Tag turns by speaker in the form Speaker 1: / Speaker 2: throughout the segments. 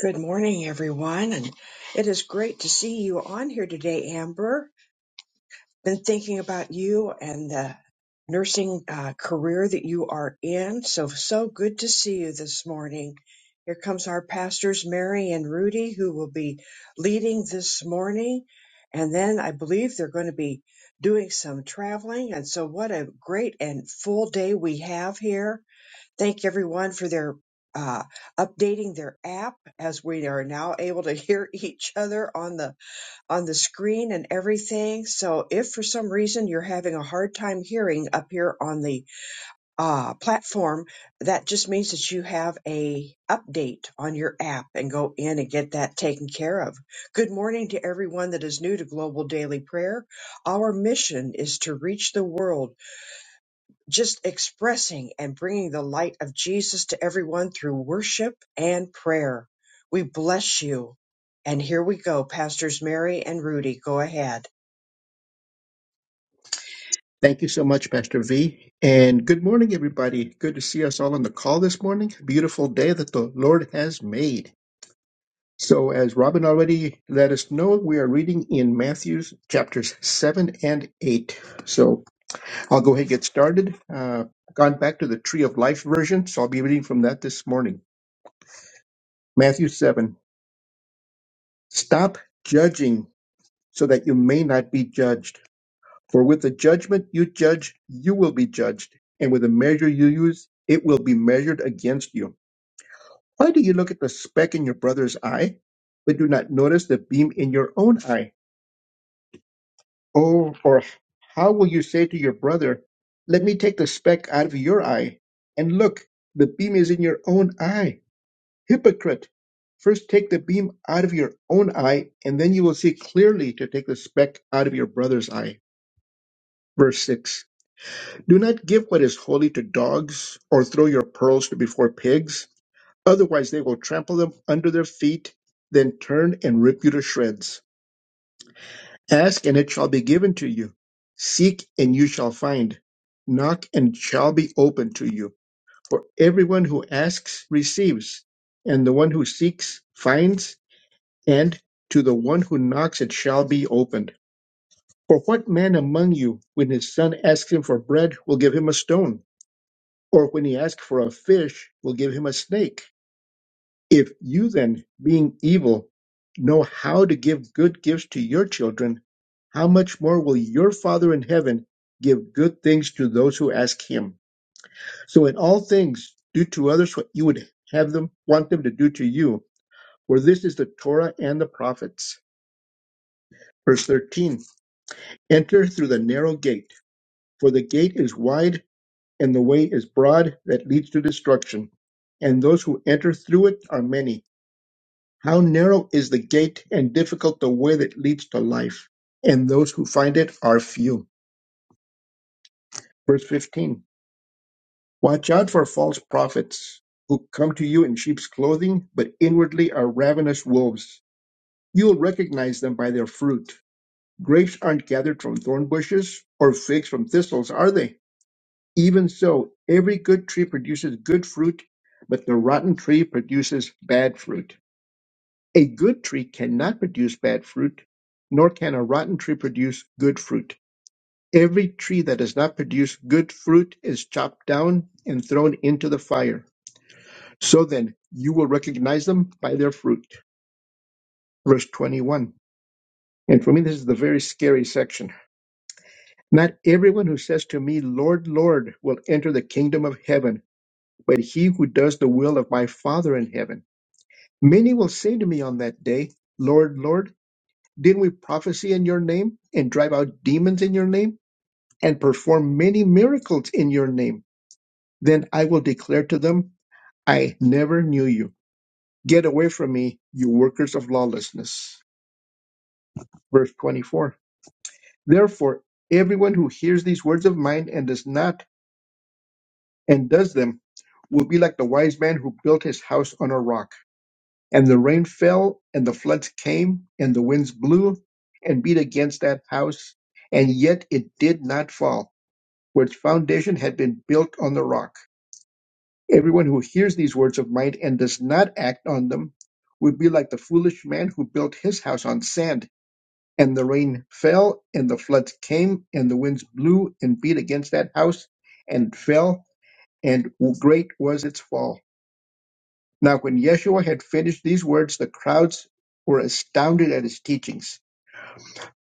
Speaker 1: Good morning, everyone. And it is great to see you on here today, Amber. Been thinking about you and the nursing uh, career that you are in. So, so good to see you this morning. Here comes our pastors, Mary and Rudy, who will be leading this morning. And then I believe they're going to be doing some traveling. And so, what a great and full day we have here. Thank everyone for their uh, updating their app as we are now able to hear each other on the on the screen and everything. So if for some reason you're having a hard time hearing up here on the uh, platform, that just means that you have a update on your app and go in and get that taken care of. Good morning to everyone that is new to Global Daily Prayer. Our mission is to reach the world just expressing and bringing the light of Jesus to everyone through worship and prayer. We bless you. And here we go, Pastors Mary and Rudy, go ahead.
Speaker 2: Thank you so much, Pastor V. And good morning, everybody. Good to see us all on the call this morning. Beautiful day that the Lord has made. So, as Robin already let us know, we are reading in Matthew's chapters 7 and 8. So, I'll go ahead and get started. Uh, gone back to the Tree of Life version, so I'll be reading from that this morning. Matthew 7. Stop judging so that you may not be judged. For with the judgment you judge, you will be judged, and with the measure you use, it will be measured against you. Why do you look at the speck in your brother's eye, but do not notice the beam in your own eye? Oh, or how will you say to your brother, Let me take the speck out of your eye? And look, the beam is in your own eye. Hypocrite! First take the beam out of your own eye, and then you will see clearly to take the speck out of your brother's eye. Verse 6. Do not give what is holy to dogs, or throw your pearls before pigs, otherwise they will trample them under their feet, then turn and rip you to shreds. Ask, and it shall be given to you. Seek, and you shall find. Knock, and it shall be opened to you. For everyone who asks receives, and the one who seeks finds, and to the one who knocks it shall be opened. For what man among you, when his son asks him for bread, will give him a stone? Or when he asks for a fish, will give him a snake. If you then, being evil, know how to give good gifts to your children, how much more will your Father in heaven give good things to those who ask him? So in all things, do to others what you would have them want them to do to you, for this is the Torah and the prophets. Verse 13 Enter through the narrow gate, for the gate is wide and the way is broad that leads to destruction, and those who enter through it are many. How narrow is the gate and difficult the way that leads to life, and those who find it are few. Verse 15 Watch out for false prophets who come to you in sheep's clothing, but inwardly are ravenous wolves. You will recognize them by their fruit. Grapes aren't gathered from thorn bushes, or figs from thistles, are they? Even so, every good tree produces good fruit, but the rotten tree produces bad fruit. A good tree cannot produce bad fruit, nor can a rotten tree produce good fruit. Every tree that does not produce good fruit is chopped down and thrown into the fire. So then, you will recognize them by their fruit. Verse 21. And for me, this is the very scary section. Not everyone who says to me, Lord, Lord, will enter the kingdom of heaven but he who does the will of my Father in heaven. Many will say to me on that day, Lord, Lord, didn't we prophesy in your name, and drive out demons in your name, and perform many miracles in your name? Then I will declare to them, I never knew you. Get away from me, you workers of lawlessness. Verse 24. Therefore, everyone who hears these words of mine and does not, and does them, will be like the wise man who built his house on a rock And the rain fell, and the floods came, and the winds blew and beat against that house, and yet it did not fall, for its foundation had been built on the rock. Everyone who hears these words of mine and does not act on them would be like the foolish man who built his house on sand. And the rain fell, and the floods came, and the winds blew and beat against that house, and it fell, and great was its fall. Now, when Yeshua had finished these words, the crowds were astounded at his teachings,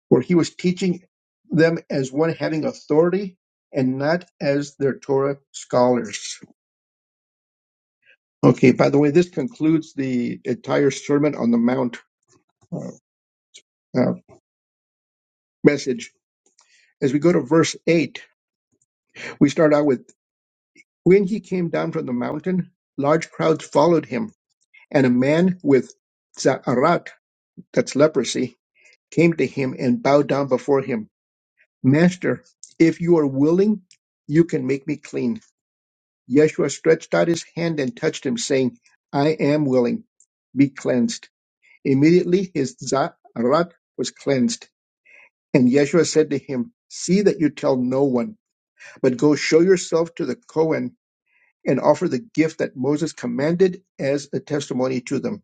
Speaker 2: for he was teaching them as one having authority and not as their Torah scholars. Okay, by the way, this concludes the entire Sermon on the Mount uh, uh, message. As we go to verse 8, we start out with When he came down from the mountain, large crowds followed him, and a man with Za'arat, that's leprosy, came to him and bowed down before him. Master, if you are willing, you can make me clean. Yeshua stretched out his hand and touched him, saying, I am willing, be cleansed. Immediately his zarat was cleansed. And Yeshua said to him, See that you tell no one, but go show yourself to the Kohen and offer the gift that Moses commanded as a testimony to them.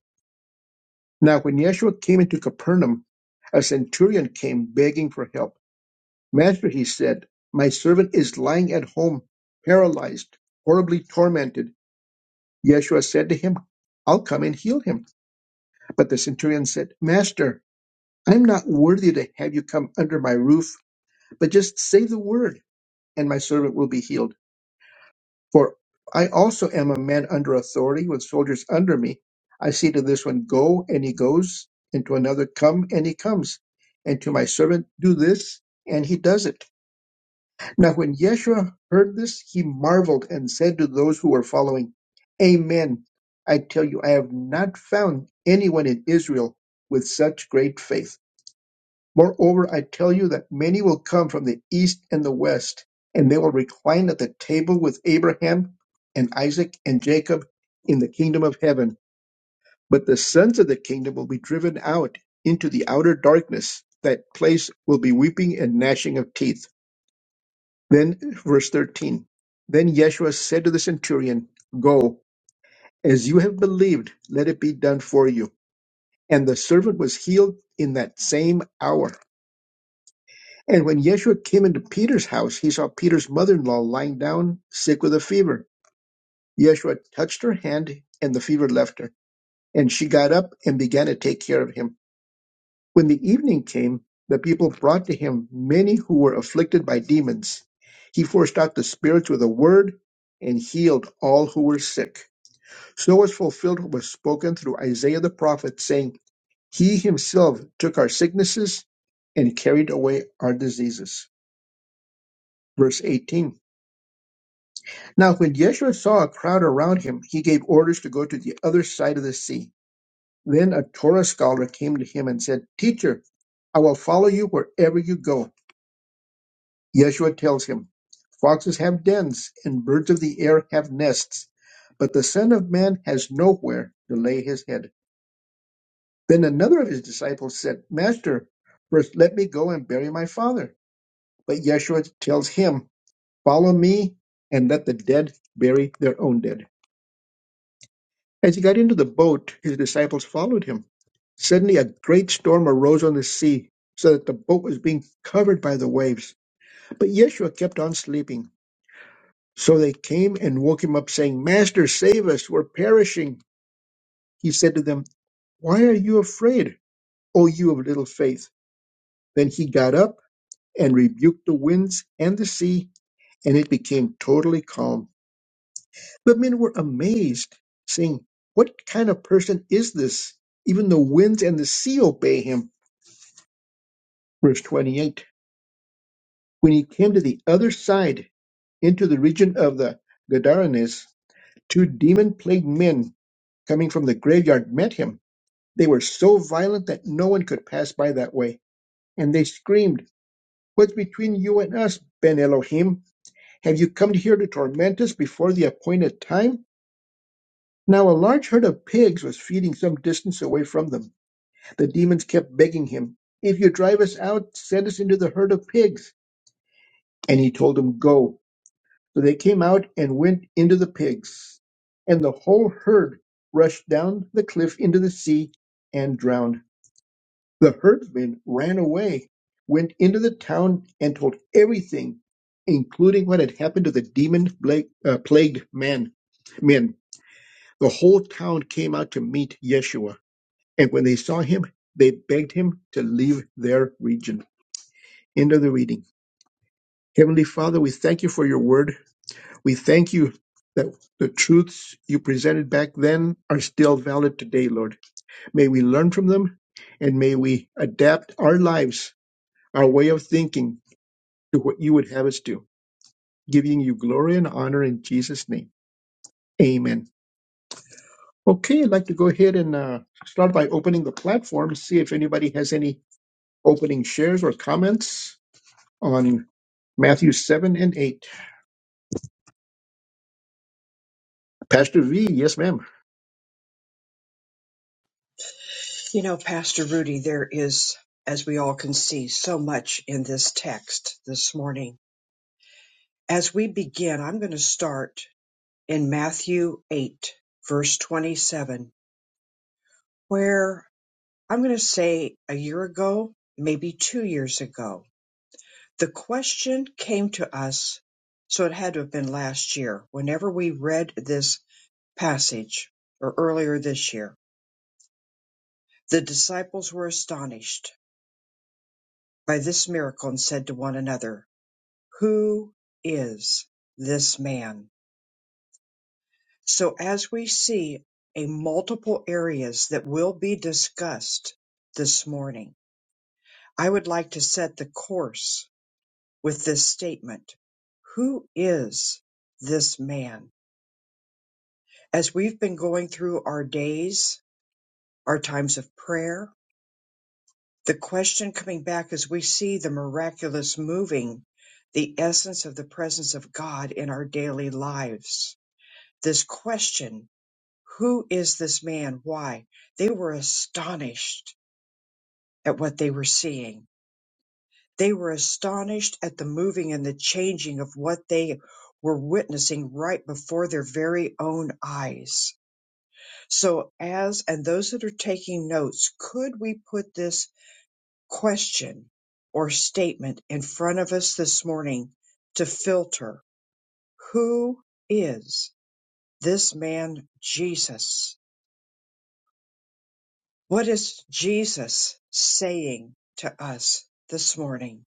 Speaker 2: Now, when Yeshua came into Capernaum, a centurion came begging for help. Master, he said, my servant is lying at home, paralyzed, horribly tormented. Yeshua said to him, I'll come and heal him. But the centurion said, Master, I'm not worthy to have you come under my roof, but just say the word, and my servant will be healed. For I also am a man under authority with soldiers under me. I say to this one, Go, and he goes, and to another, Come, and he comes, and to my servant, Do this, and he does it. Now when Yeshua heard this, he marveled and said to those who were following, Amen. I tell you, I have not found anyone in Israel with such great faith. Moreover, I tell you that many will come from the east and the west, and they will recline at the table with Abraham and Isaac and Jacob in the kingdom of heaven. But the sons of the kingdom will be driven out into the outer darkness. That place will be weeping and gnashing of teeth. Then, verse 13, then Yeshua said to the centurion, Go, as you have believed, let it be done for you. And the servant was healed in that same hour. And when Yeshua came into Peter's house, he saw Peter's mother in law lying down, sick with a fever. Yeshua touched her hand, and the fever left her. And she got up and began to take care of him. When the evening came, the people brought to him many who were afflicted by demons. He forced out the spirits with a word and healed all who were sick. So was fulfilled what was spoken through Isaiah the prophet, saying, He himself took our sicknesses and carried away our diseases. Verse 18 Now, when Yeshua saw a crowd around him, he gave orders to go to the other side of the sea. Then a Torah scholar came to him and said, Teacher, I will follow you wherever you go. Yeshua tells him, Foxes have dens and birds of the air have nests, but the Son of Man has nowhere to lay his head. Then another of his disciples said, Master, first let me go and bury my father. But Yeshua tells him, Follow me and let the dead bury their own dead. As he got into the boat, his disciples followed him. Suddenly a great storm arose on the sea, so that the boat was being covered by the waves. But Yeshua kept on sleeping. So they came and woke him up, saying, Master, save us, we're perishing. He said to them, Why are you afraid, O you of little faith? Then he got up and rebuked the winds and the sea, and it became totally calm. The men were amazed, saying, What kind of person is this? Even the winds and the sea obey him. Verse 28 When he came to the other side, into the region of the Gadarenes, two demon plagued men coming from the graveyard met him They were so violent that no one could pass by that way, and they screamed, What's between you and us, Ben Elohim? Have you come here to torment us before the appointed time? Now a large herd of pigs was feeding some distance away from them. The demons kept begging him, If you drive us out, send us into the herd of pigs. And he told them, Go. So they came out and went into the pigs. And the whole herd rushed down the cliff into the sea and drowned. The herdsman ran away, went into the town, and told everything, including what had happened to the demon uh, plagued man. Men, the whole town came out to meet Yeshua, and when they saw him, they begged him to leave their region. End of the reading. Heavenly Father, we thank you for your word. We thank you that the truths you presented back then are still valid today, Lord. May we learn from them and may we adapt our lives, our way of thinking do what you would have us do, giving you glory and honor in Jesus' name. Amen. Okay, I'd like to go ahead and uh, start by opening the platform, to see if anybody has any opening shares or comments on Matthew 7 and 8. Pastor V, yes, ma'am.
Speaker 1: You know, Pastor Rudy, there is, as we all can see, so much in this text this morning. As we begin, I'm going to start in Matthew 8, verse 27, where I'm going to say a year ago, maybe two years ago, the question came to us, so it had to have been last year, whenever we read this passage, or earlier this year. The disciples were astonished by this miracle and said to one another, Who is this man? So, as we see a multiple areas that will be discussed this morning, I would like to set the course with this statement Who is this man? as we've been going through our days, our times of prayer, the question coming back as we see the miraculous moving, the essence of the presence of God in our daily lives. This question, who is this man? Why? They were astonished at what they were seeing. They were astonished at the moving and the changing of what they were witnessing right before their very own eyes So, as and those that are taking notes, could we put this question or statement in front of us this morning to filter who is this man Jesus? What is Jesus saying to us this morning?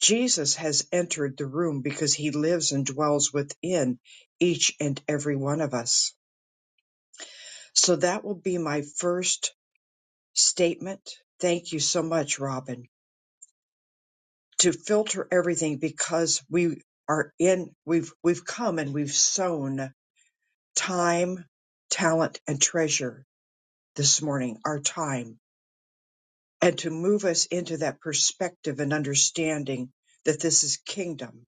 Speaker 1: Jesus has entered the room because he lives and dwells within each and every one of us. So that will be my first statement. Thank you so much, Robin to filter everything because we are in we've we've come and we've sown time talent and treasure this morning our time and to move us into that perspective and understanding that this is kingdom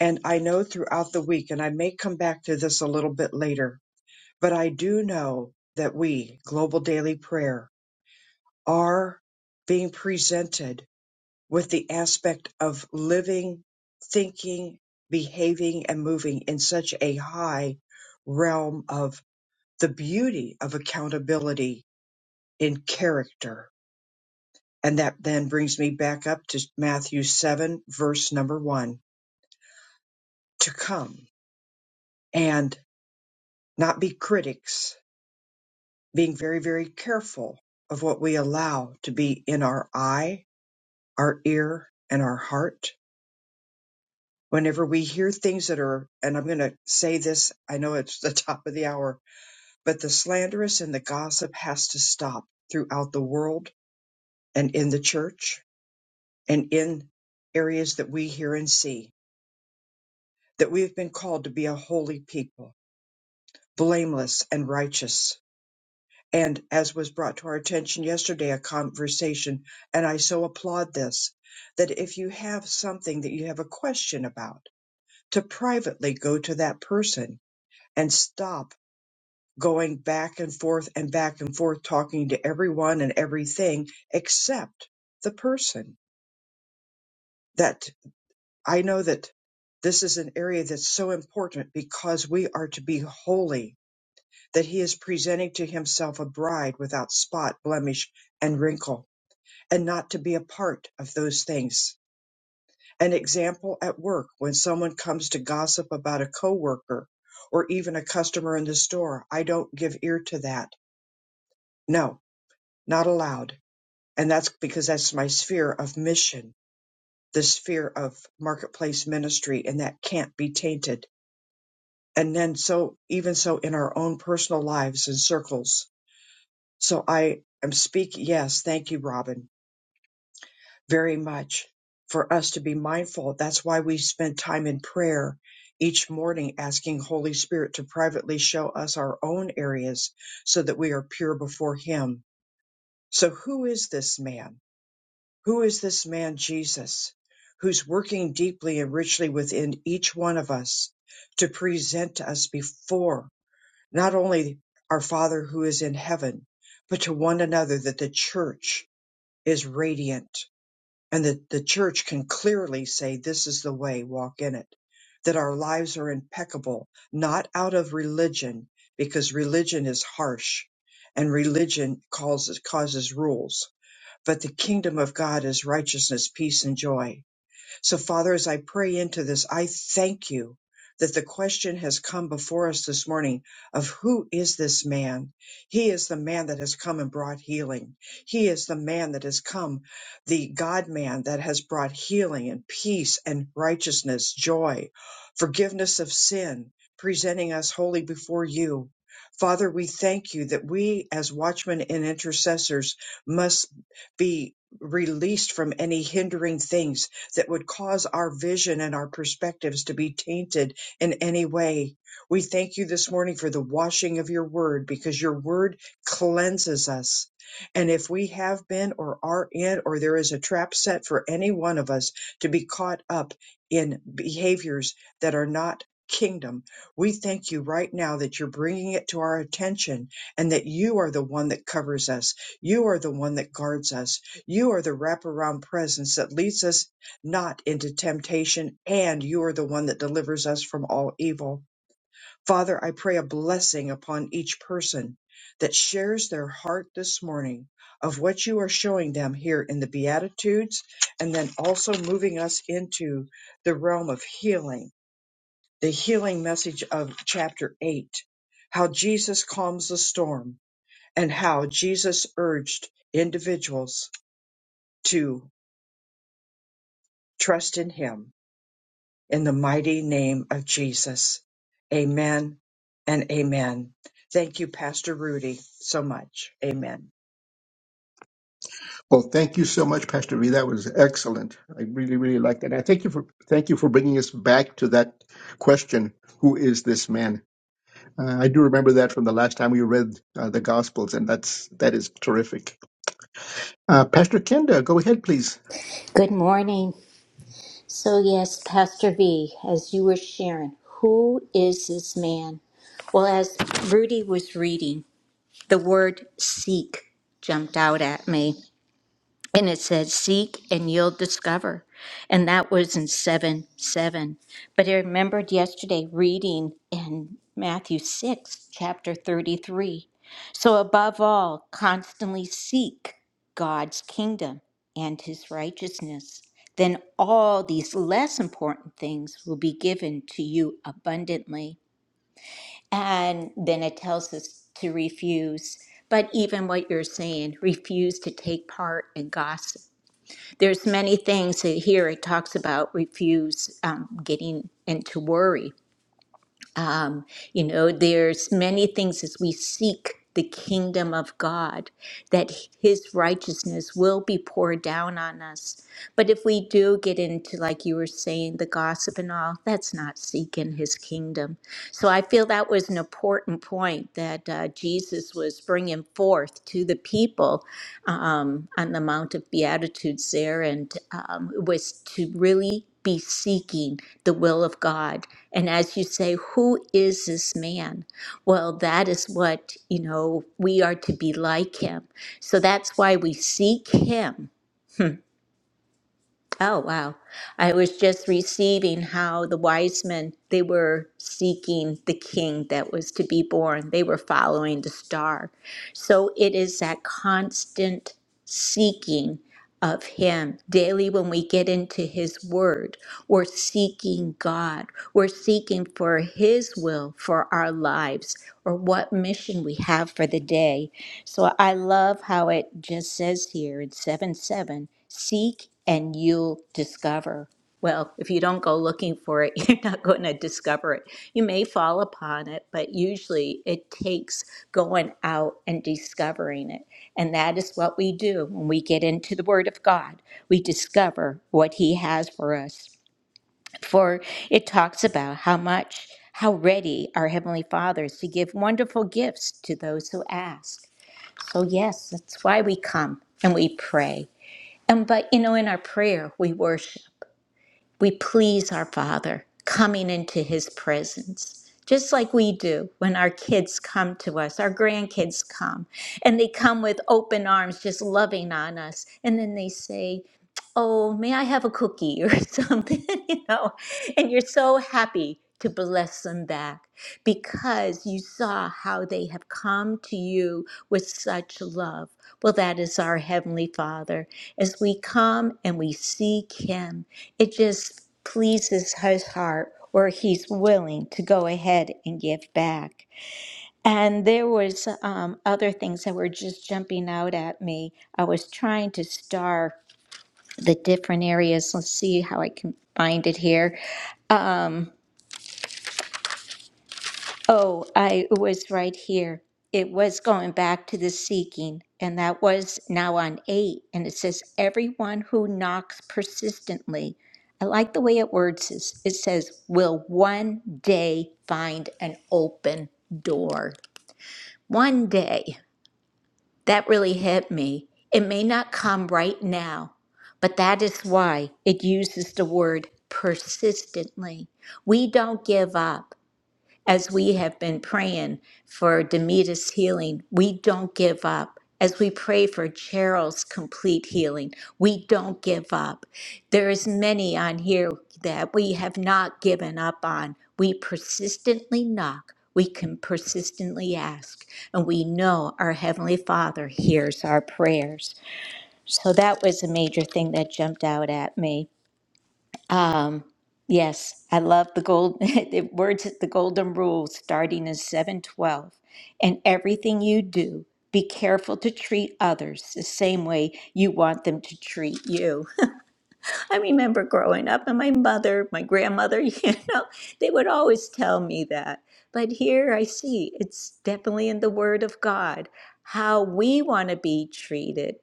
Speaker 1: and i know throughout the week and i may come back to this a little bit later but i do know that we global daily prayer are being presented with the aspect of living, thinking, behaving, and moving in such a high realm of the beauty of accountability in character. And that then brings me back up to Matthew 7, verse number one to come and not be critics, being very, very careful of what we allow to be in our eye, our ear, and our heart whenever we hear things that are, and I'm going to say this, I know it's the top of the hour, but the slanderous and the gossip has to stop throughout the world and in the church and in areas that we hear and see that we have been called to be a holy people, blameless and righteous. And as was brought to our attention yesterday, a conversation, and I so applaud this, that if you have something that you have a question about, to privately go to that person and stop going back and forth and back and forth talking to everyone and everything except the person that I know that this is an area that's so important because we are to be holy that he is presenting to himself a bride without spot blemish and wrinkle and not to be a part of those things an example at work when someone comes to gossip about a coworker or even a customer in the store i don't give ear to that no not allowed And that's because that's my sphere of mission, the sphere of marketplace ministry, and that can't be tainted. And then so even so in our own personal lives and circles. So I am speaking. Yes. Thank you, Robin, very much for us to be mindful. That's why we spend time in prayer each morning asking Holy Spirit to privately show us our own areas so that we are pure before him. So who is this man? Who is this man Jesus who's working deeply and richly within each one of us to present us before not only our Father who is in heaven, but to one another that the church is radiant and that the church can clearly say, This is the way, walk in it. That our lives are impeccable, not out of religion, because religion is harsh and religion causes, causes rules but the kingdom of God is righteousness, peace, and joy. So, Father, as I pray into this, I thank you that the question has come before us this morning of who is this man? He is the man that has come and brought healing. He is the man that has come, the God man that has brought healing and peace and righteousness, joy, forgiveness of sin, presenting us wholly before you. Father, we thank you that we as watchmen and intercessors must be released from any hindering things that would cause our vision and our perspectives to be tainted in any way. We thank you this morning for the washing of your word because your word cleanses us. And if we have been or are in, or there is a trap set for any one of us to be caught up in behaviors that are not kingdom, we thank you right now that you're bringing it to our attention and that you are the one that covers us. You are the one that guards us. You are the wraparound presence that leads us not into temptation, and you are the one that delivers us from all evil. Father, I pray a blessing upon each person that shares their heart this morning of what you are showing them here in the Beatitudes, and then also moving us into the realm of healing, the healing message of chapter 8, how Jesus calms the storm, and how Jesus urged individuals to trust in him in the mighty name of Jesus. Amen and amen. Thank you, Pastor Rudy, so much. Amen.
Speaker 2: Well, thank you so much, Pastor V. That was excellent. I really, really liked that. And I thank you for thank you for bringing us back to that question: Who is this man? Uh, I do remember that from the last time we read uh, the Gospels, and that's that is terrific. Uh, Pastor Kenda, go ahead, please.
Speaker 3: Good morning. So, yes, Pastor V, as you were sharing, who is this man? Well, as Rudy was reading, the word seek jumped out at me. And it says, Seek and you'll discover. And that was in 7 7. But I remembered yesterday reading in Matthew 6, chapter 33. So, above all, constantly seek God's kingdom and his righteousness. Then all these less important things will be given to you abundantly. And then it tells us to refuse. But even what you're saying, refuse to take part in gossip there's many things that here it talks about refuse um, getting into worry um, you know there's many things as we seek the kingdom of god that his righteousness will be poured down on us but if we do get into like you were saying the gossip and all that's not seeking his kingdom so i feel that was an important point that uh, jesus was bringing forth to the people um, on the Mount of Beatitudes there, and um, it was to really be seeking the will of God. And as you say, who is this man? Well, that is what, you know, we are to be like him. So that's why we seek him Oh, wow. I was just receiving how the wise men, they were seeking the king that was to be born. They were following the star. So it is that constant seeking of him daily when we get into his word. We're seeking God. We're seeking for his will for our lives or what mission we have for the day. So I love how it just says here in 7 7 seek and you'll discover. Well, if you don't go looking for it, you're not going to discover it. You may fall upon it, but usually it takes going out and discovering it. And that is what we do when we get into the Word of God. We discover what He has for us. For it talks about how much, how ready our Heavenly Father is to give wonderful gifts to those who ask. So yes, that's why we come and we pray. And but you know, in our prayer, we worship we please our Father coming into His presence, just like we do when our kids come to us, our grandkids come, and they come with open arms, just loving on us. And then they say, Oh, may I have a cookie or something, you know? And you're so happy to bless them back because you saw how they have come to you with such love. Well, that is our Heavenly Father as we come and we seek Him. It just pleases his heart where he's willing to go ahead and give back. And there was um, other things that were just jumping out at me. I was trying to star the different areas. Let's see how I can find it here. Um, Oh, I was right here. It was going back to the seeking, and that was now on eight. And it says, Everyone who knocks persistently. I like the way it words this. It says, Will one day find an open door. One day. That really hit me. It may not come right now, but that is why it uses the word persistently. We don't give up as we have been praying for Demita's healing, we don't give up. As we pray for Cheryl's complete healing, we don't give up. There is many on here that we have not given up on. We persistently knock. We can persistently ask, and we know our Heavenly Father hears our prayers. So that was a major thing that jumped out at me. Um, yes, I love the gold the words the golden rule starting in 712. And everything you do, be careful to treat others the same way you want them to treat you. I remember growing up and my mother, my grandmother, you know, they would always tell me that. But here I see it's definitely in the word of God how we want to be treated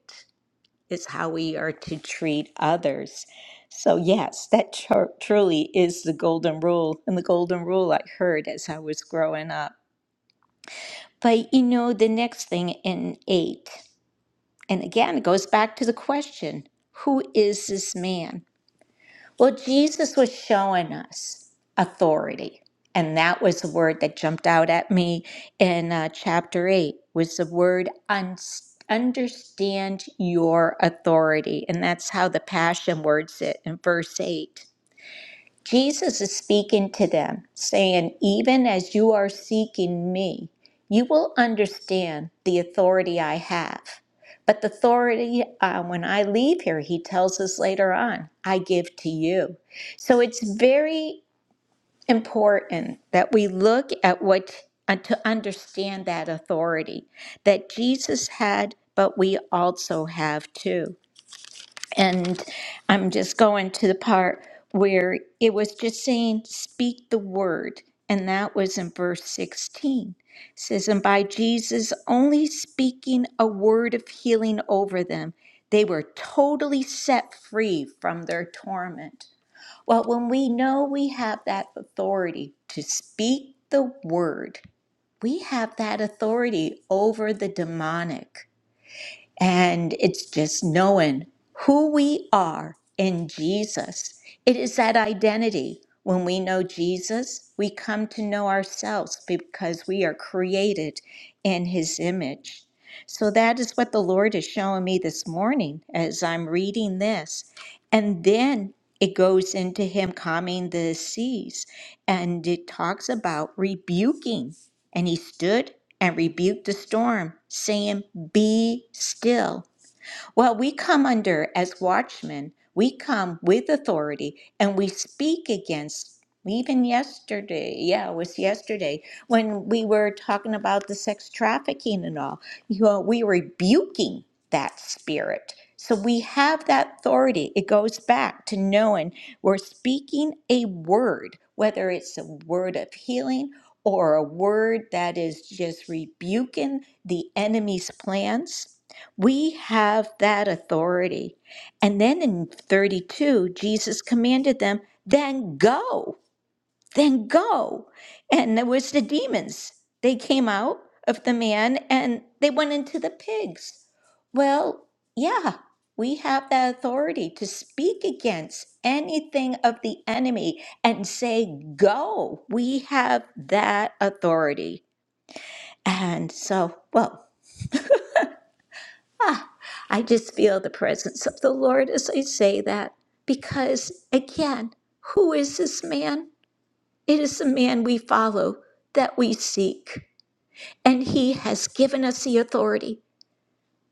Speaker 3: is how we are to treat others. So, yes, that tru- truly is the golden rule, and the golden rule I heard as I was growing up. But you know, the next thing in eight, and again, it goes back to the question who is this man? Well, Jesus was showing us authority. And that was the word that jumped out at me in uh, chapter 8 was the word un- understand your authority. And that's how the passion words it in verse 8. Jesus is speaking to them, saying, Even as you are seeking me, you will understand the authority I have. But the authority, uh, when I leave here, he tells us later on, I give to you. So it's very important that we look at what, uh, to understand that authority that Jesus had, but we also have too. And I'm just going to the part where it was just saying, speak the word. And that was in verse 16. It says, And by Jesus only speaking a word of healing over them, they were totally set free from their torment. Well, when we know we have that authority to speak the word, we have that authority over the demonic. And it's just knowing who we are in Jesus. It is that identity. When we know Jesus, we come to know ourselves because we are created in his image. So that is what the Lord is showing me this morning as I'm reading this. And then it goes into him calming the seas and it talks about rebuking. And he stood and rebuked the storm, saying, Be still. Well, we come under, as watchmen, we come with authority and we speak against. Even yesterday, yeah, it was yesterday when we were talking about the sex trafficking and all, you know, we were rebuking that spirit. So we have that authority. It goes back to knowing we're speaking a word, whether it's a word of healing or a word that is just rebuking the enemy's plans we have that authority. And then in 32, Jesus commanded them, then go, then go. And there was the demons. They came out of the man and they went into the pigs. Well, yeah, we have that authority to speak against anything of the enemy and say, go. We have that authority. And so, well, Ah, I just feel the presence of the Lord as I say that because, again, who is this man? It is the man we follow that we seek. And he has given us the authority.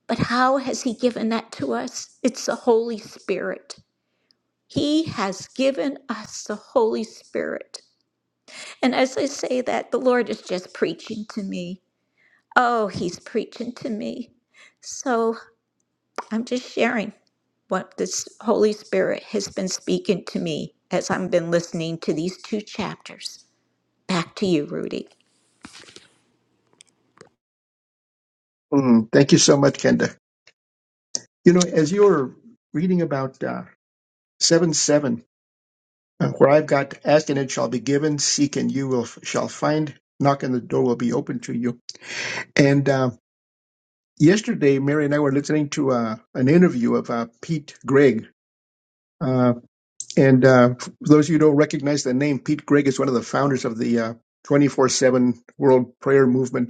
Speaker 3: But how has he given that to us? It's the Holy Spirit. He has given us the Holy Spirit. And as I say that, the Lord is just preaching to me. Oh, he's preaching to me. so. I'm just sharing what this Holy Spirit has been speaking to me as I've been listening to these two chapters. Back to you, Rudy.
Speaker 2: Mm, thank you so much, Kenda. You know, as you were reading about uh, 7 7, uh, where I've got ask and it shall be given, seek and you will shall find, knock and the door will be open to you. And uh, yesterday, Mary and I were listening to uh, an interview of uh, Pete Gregg. Uh, and uh, for those of you who don't recognize the name, Pete Gregg is one of the founders of the uh, 24 7 World Prayer Movement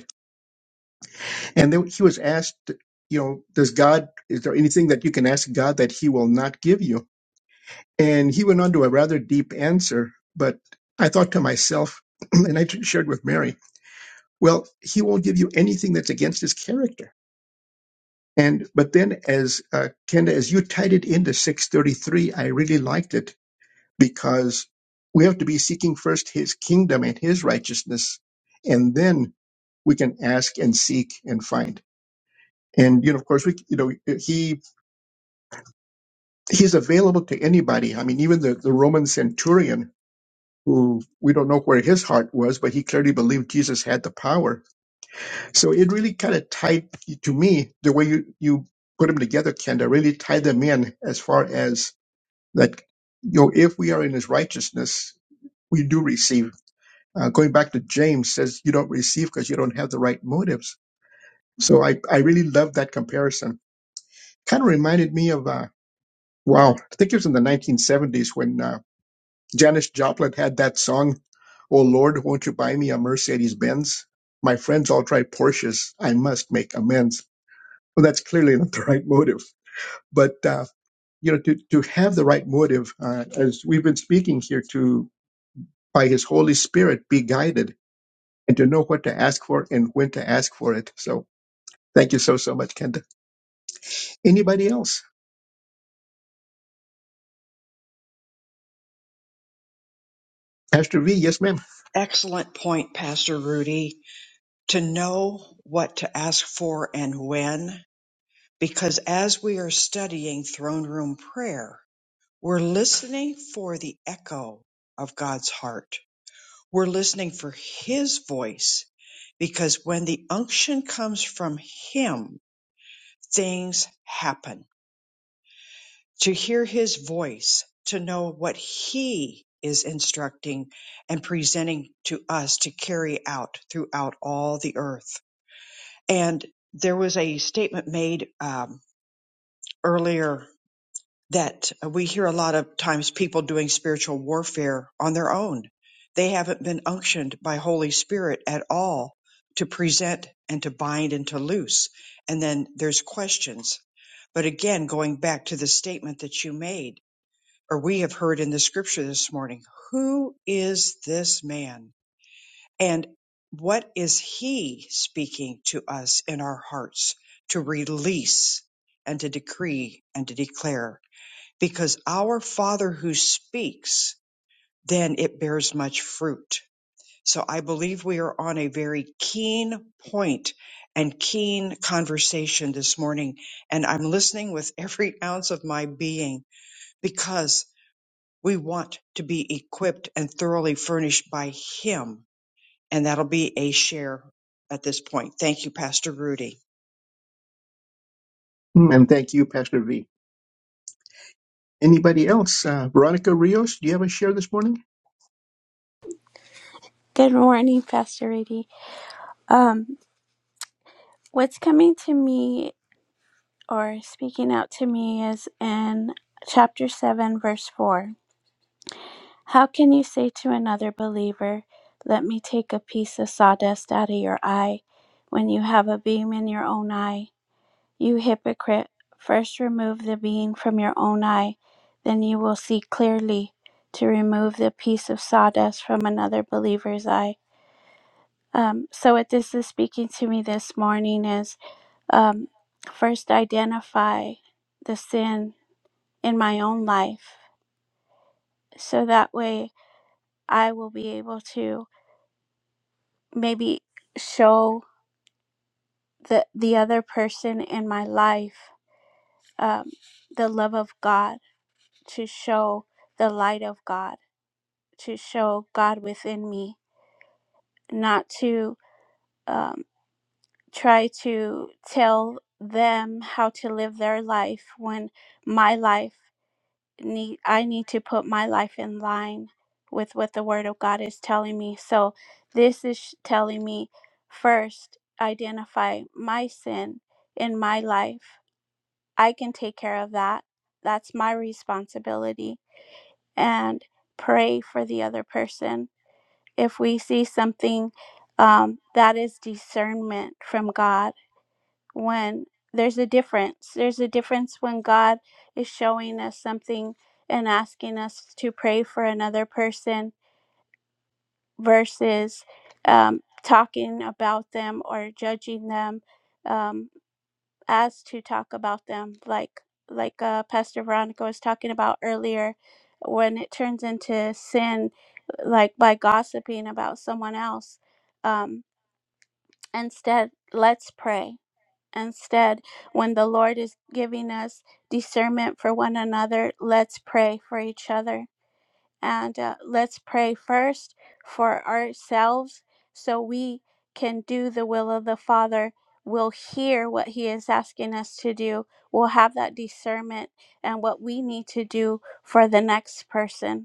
Speaker 2: And then he was asked, you know, does God, is there anything that you can ask God that he will not give you? And he went on to a rather deep answer. But I thought to myself, and I shared with Mary, well, he won't give you anything that's against his character. And, but then as, uh, Kenda, as you tied it into 633, I really liked it because we have to be seeking first his kingdom and his righteousness. And then we can ask and seek and find. And, you know, of course, we, you know, he he's available to anybody. I mean, even the, the Roman centurion, who we don't know where his heart was, but he clearly believed Jesus had the power. So it really kind of tied to me the way you, you put them together, Kenda, really tied them in as far as that, you know, if we are in his righteousness, we do receive. Uh, going back to James says, you don't receive because you don't have the right motives. So I, I really love that comparison. Kind of reminded me of, uh, wow, I think it was in the 1970s when uh, Janis Joplin had that song, Oh Lord, won't you buy me a Mercedes Benz? My friends all drive Porsches. I must make amends. Well, that's clearly not the right motive. But, uh, you know, to, to have the right motive, uh, as we've been speaking here to, by his Holy Spirit, be guided and to know what to ask for and when to ask for it. So thank you so, so much, Kenda. Anybody else? Pastor V, yes, ma'am.
Speaker 1: Excellent point, Pastor Rudy, to know what to ask for and when, because as we are studying throne room prayer, we're listening for the echo of God's heart. We're listening for His voice, because when the unction comes from Him, things happen to hear his voice, to know what he is instructing and presenting to us to carry out throughout all the earth. And there was a statement made um, earlier that we hear a lot of times people doing spiritual warfare on their own. They haven't been unctioned by Holy Spirit at all to present and to bind and to loose. And then there's questions. But again, going back to the statement that you made, or we have heard in the scripture this morning. Who is this man? And what is he speaking to us in our hearts to release and to decree and to declare? Because our Father who speaks, then it bears much fruit. So I believe we are on a very keen point and keen conversation this morning. And I'm listening with every ounce of my being because we want to be equipped and thoroughly furnished by Him. And that'll be a share at this point. Thank you, Pastor Rudy.
Speaker 2: Mm, And thank you, Pastor V. Anybody else? Uh, Veronica Rios, do you have a share this morning?
Speaker 4: Good morning, Pastor Rudy. Um, what's coming to me or speaking out to me is in chapter 7, verse 4. How can you say to another believer, Let me take a piece of sawdust out of your eye, when you have a beam in your own eye? You hypocrite, first remove the beam from your own eye, then you will see clearly to remove the piece of sawdust from another believer's eye. Um, so, what this is speaking to me this morning is um, first identify the sin in my own life so that way I will be able to maybe show the, the other person in my life um, the love of God, to show the light of God, to show God within me, not to um, try to tell them how to live their life when my life need I need to put my life in line with what the word of God is telling me. So this is sh- telling me first identify my sin in my life. I can take care of that. That's my responsibility and pray for the other person. If we see something um, that is discernment from God when there's a difference. There's a difference when God is showing us something and asking us to pray for another person versus um, talking about them or judging them um, as to talk about them, like like uh, Pastor Veronica was talking about earlier, when it turns into sin, like by gossiping about someone else. Um, instead, let's pray Instead, when the Lord is giving us discernment for one another, let's pray for each other. And uh, let's pray first for ourselves so we can do the will of the Father. We'll hear what He is asking us to do. We'll have that discernment and what we need to do for the next person.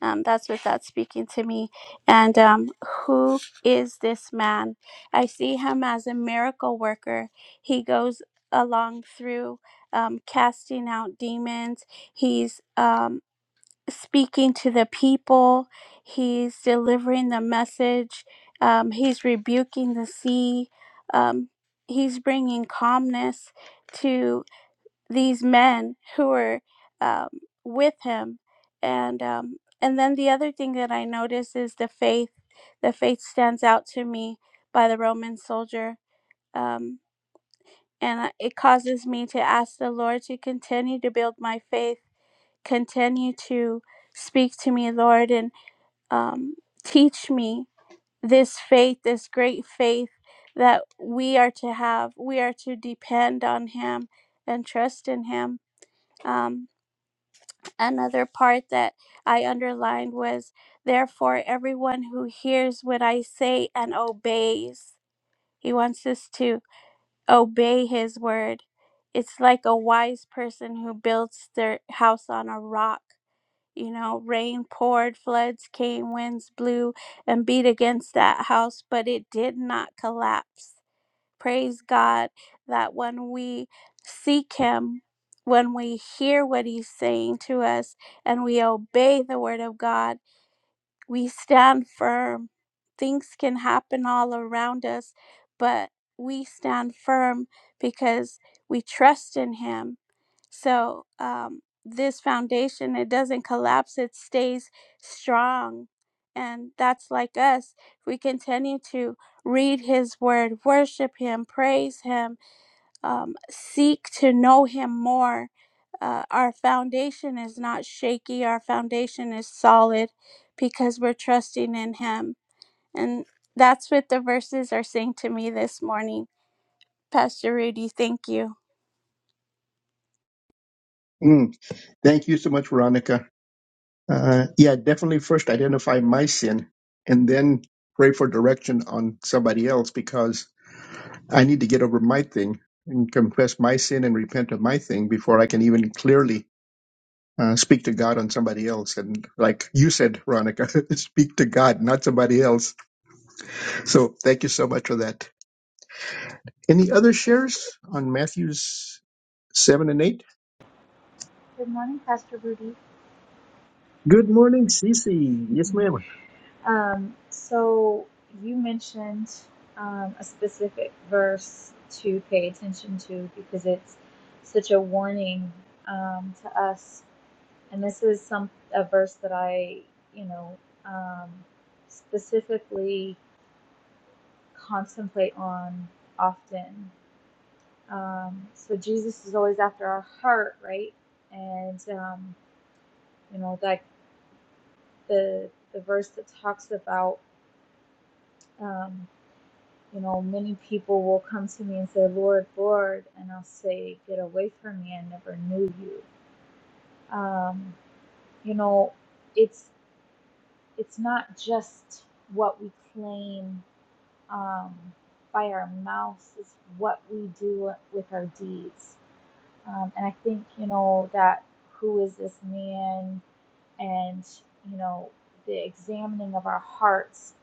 Speaker 4: Um, that's without speaking to me. And um, who is this man? I see him as a miracle worker. He goes along through um, casting out demons, he's um, speaking to the people, he's delivering the message, um, he's rebuking the sea, um, he's bringing calmness. to these men who were um, with him and um, and then the other thing that i notice is the faith the faith stands out to me by the roman soldier um, and I- it causes me to ask the lord to continue to build my faith continue to speak to me lord and um, teach me this faith this great faith that we are to have we are to depend on him and trust in him Um, another part that I underlined was therefore everyone who hears what I say and obeys. He wants us to obey his word. It's like a wise person who builds their house on a rock. You know, rain poured, floods came, winds blew and beat against that house, but it did not collapse. Praise God that when we seek Him, when we hear what He's saying to us, and we obey the Word of God, we stand firm. Things can happen all around us, but we stand firm because we trust in Him. So, um, this foundation, it doesn't collapse, it stays strong. And that's like us. We continue to read His Word, worship Him, praise Him um, seek to know Him more. Uh, our foundation is not shaky, our foundation is solid because we're trusting in Him. And that's what the verses are saying to me this morning. Pastor Rudy, thank you.
Speaker 2: Mm, Thank you so much, Veronica. Uh, yeah, definitely first identify my sin and then pray for direction on somebody else because I need to get over my thing and confess my sin and repent of my thing before I can even clearly uh, speak to God on somebody else. And like you said, Veronica, speak to God, not somebody else. So thank you so much for that. Any other shares on Matthew's 7 and 8?
Speaker 5: Good morning, Pastor Rudy.
Speaker 2: Good morning, Cece. Yes,
Speaker 5: Mm-hmm.
Speaker 2: ma'am.
Speaker 5: Um, so you mentioned um, a specific verse to pay attention to because it's such a warning um, to us. And this is some a verse that I, you know, um, specifically contemplate on often. Um, so Jesus is always after our heart, right? And um, you know, like the the verse that talks about. um, you know, many people will come to me and say, Lord, Lord, and I'll say, Get away from me, I never knew you. Um, you know, it's it's not just what we claim um, by our mouths, it's what we do with our deeds. Um, and I think, you know, that who is this man and, you know, the examining of our hearts.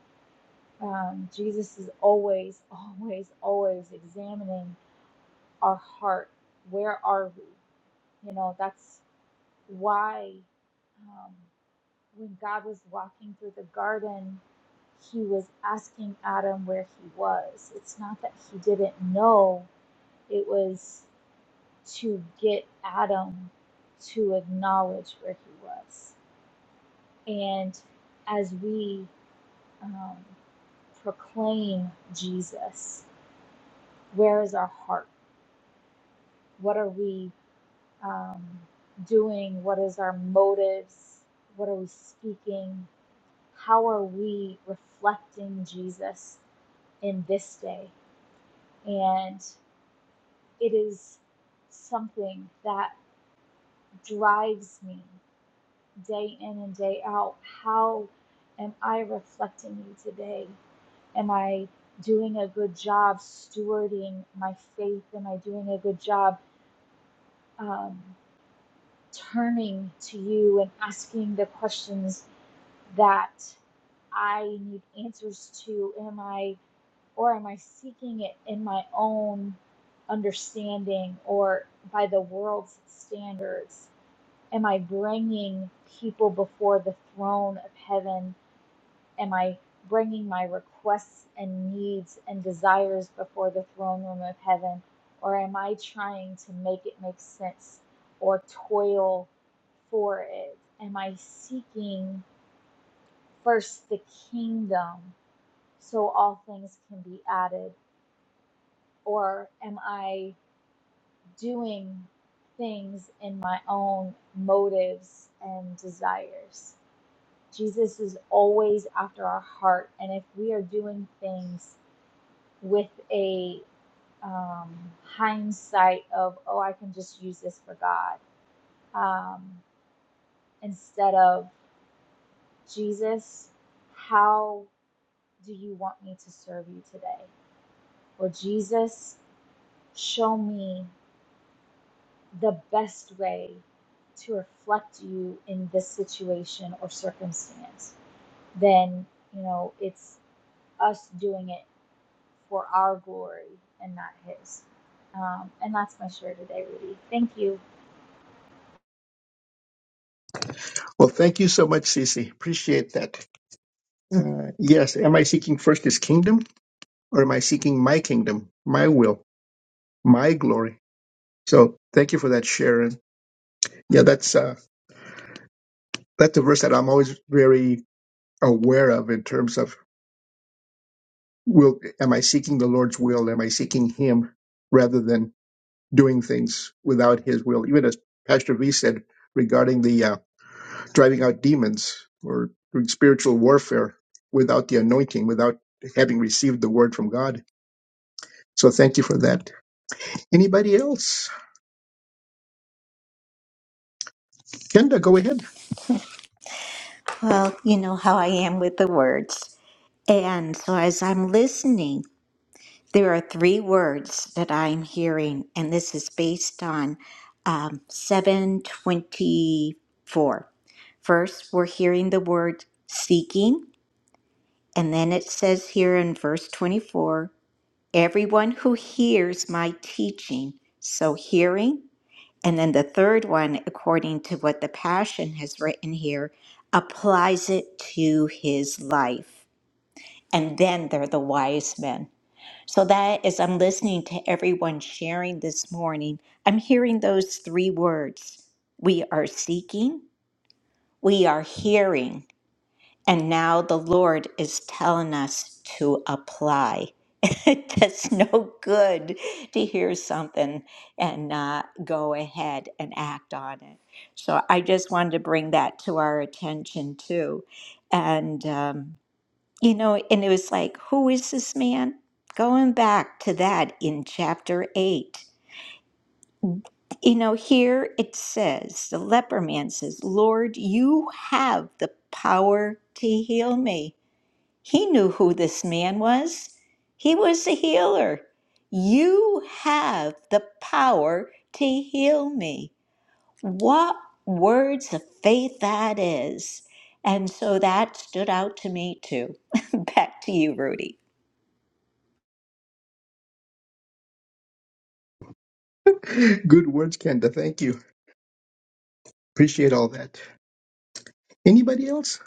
Speaker 5: Um, Jesus is always, always, always examining our heart. Where are we? You know, that's why um, when God was walking through the garden, he was asking Adam where he was. It's not that he didn't know, it was to get Adam to acknowledge where he was. And as we um, proclaim Jesus, where is our heart? What are we? um, doing, what is our motives, what are we speaking, how are we reflecting Jesus in this day. And it is something that drives me day in and day out. How am I reflecting you today? Am I doing a good job stewarding my faith? Am I doing a good job um, turning to you and asking the questions that I need answers to? Am I, or am I seeking it in my own understanding or by the world's standards? Am I bringing people before the throne of heaven? Am I bringing my requests and needs and desires before the throne room of heaven? Or am I trying to make it make sense or toil for it? Am I seeking? first the kingdom so all things can be added? Or am I doing things in my own motives and desires? Jesus is always after our heart. And if we are doing things with a um, hindsight of, oh, I can just use this for God, um, instead of Jesus, how do you want me to serve you today? Or Jesus, Show me the best way to reflect you in this situation or circumstance. Then, you know, it's us doing it for our glory and not His. Um, and that's my share today, Rudy. Thank you.
Speaker 2: Well, thank you so much, Cece. Appreciate that. Uh, yes. Am I seeking first his kingdom or am I seeking my kingdom, my will, my glory? So thank you for that, Sharon. Yeah, that's, uh, that's a verse that I'm always very aware of in terms of will, am I seeking the Lord's will? Am I seeking him rather than doing things without his will? Even as Pastor V said regarding the, uh, driving out demons or doing spiritual warfare without the anointing, without having received the word from God. So thank you for that. Anybody else? Kenda, go ahead.
Speaker 3: Well, you know how I am with the words. And so as I'm listening, there are three words that I'm hearing, and this is based on um, 724. First, we're hearing the word seeking, and then it says here in verse 24 Everyone who hears my teaching, so hearing. And then the third one, according to what the Passion has written here, applies it to his life. And then they're the wise men. So that as I'm listening to everyone sharing this morning, I'm hearing those three words. We are seeking, we are hearing, and now the Lord is telling us to apply. It does no good to hear something and not go ahead and act on it. So I just wanted to bring that to our attention too. And, um, you know, and it was like, who is this man? Going back to that in chapter 8. You know, here it says, the leper man says, Lord, you have the power to heal me. He knew who this man was. He was the healer. You have the power to heal me. What words of faith that is. And so that stood out to me too. Back to you, Rudy.
Speaker 2: Good words, Kenda. Thank you. Appreciate all that. Anybody else?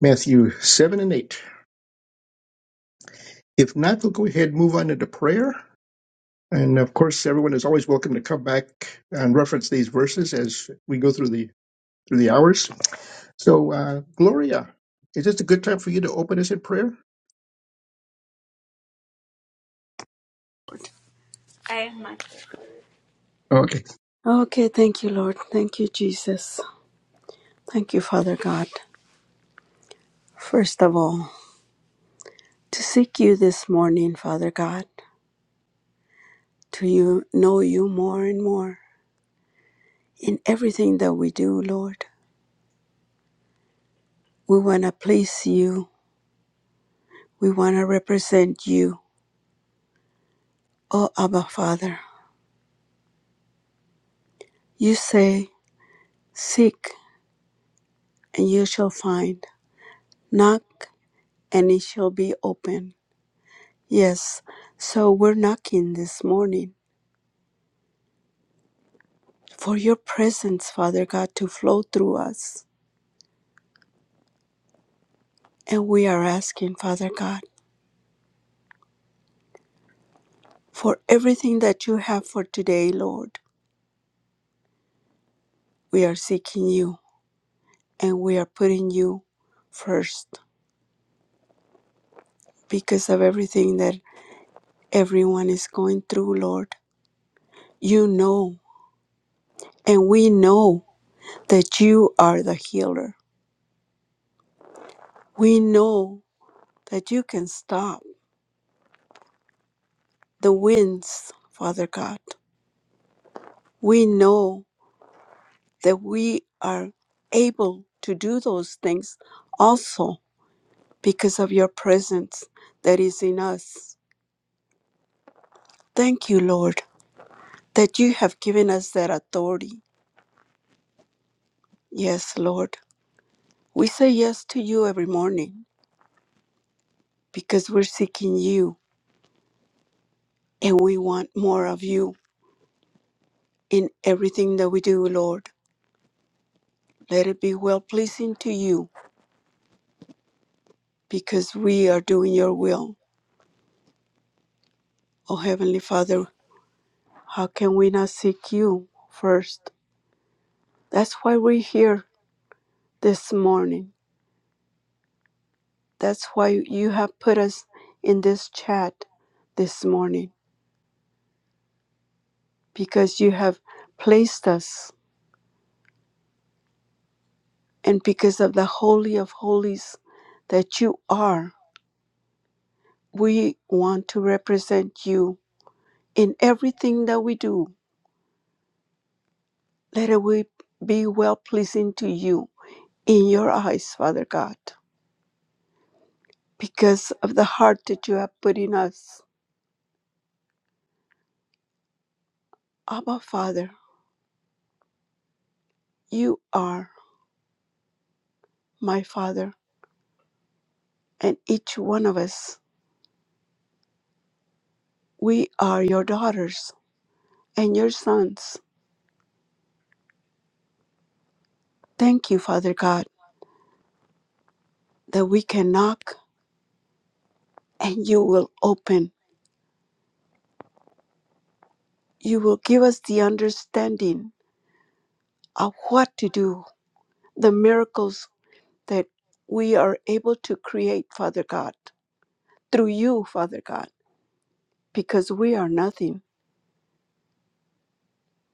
Speaker 2: Matthew 7 and 8. If not, we'll go ahead and move on into prayer. And of course, everyone is always welcome to come back and reference these verses as we go through the through the hours. So, uh, Gloria, is this a good time for you to open us in prayer? Okay.
Speaker 4: Okay, thank you, Lord. Thank you, Jesus. Thank you, Father God. First of all, to seek you this morning, Father God, to you know you more and more in everything that we do, Lord. We want to please you We want to represent you, O Abba Father. You say, Seek and you shall find, knock and it shall be open. Yes, so we're knocking this morning for your presence, Father God, to flow through us. And we are asking, Father God, for everything that you have for today, Lord. We are seeking you and we are putting you first because of everything that everyone is going through, Lord. You know And we know that you are the healer. We know that you can stop the winds, Father God. We know that we are able to do those things also because of your presence that is in us. Thank you, Lord, that you have given us that authority. Yes, Lord. We say yes to you every morning because we're seeking you and we want more of you in everything that we do, Lord. Let it be well pleasing to you because we are doing your will. Oh, Heavenly Father, how can we not seek you first? That's why we're here this morning. That's why you have put us in this chat this morning because you have placed us and because of the Holy of Holies that you are. We want to represent you in everything that we do. Let it we- be well pleasing to you in your eyes, Father God, because of the heart that you have put in us. Abba, Father, you are my Father, and each one of us, we are your daughters and your sons. Thank you, Father God, that we can knock and you will open. You will give us the understanding of what to do, the miracles that we are able to create, Father God, through you, Father God, because we are nothing.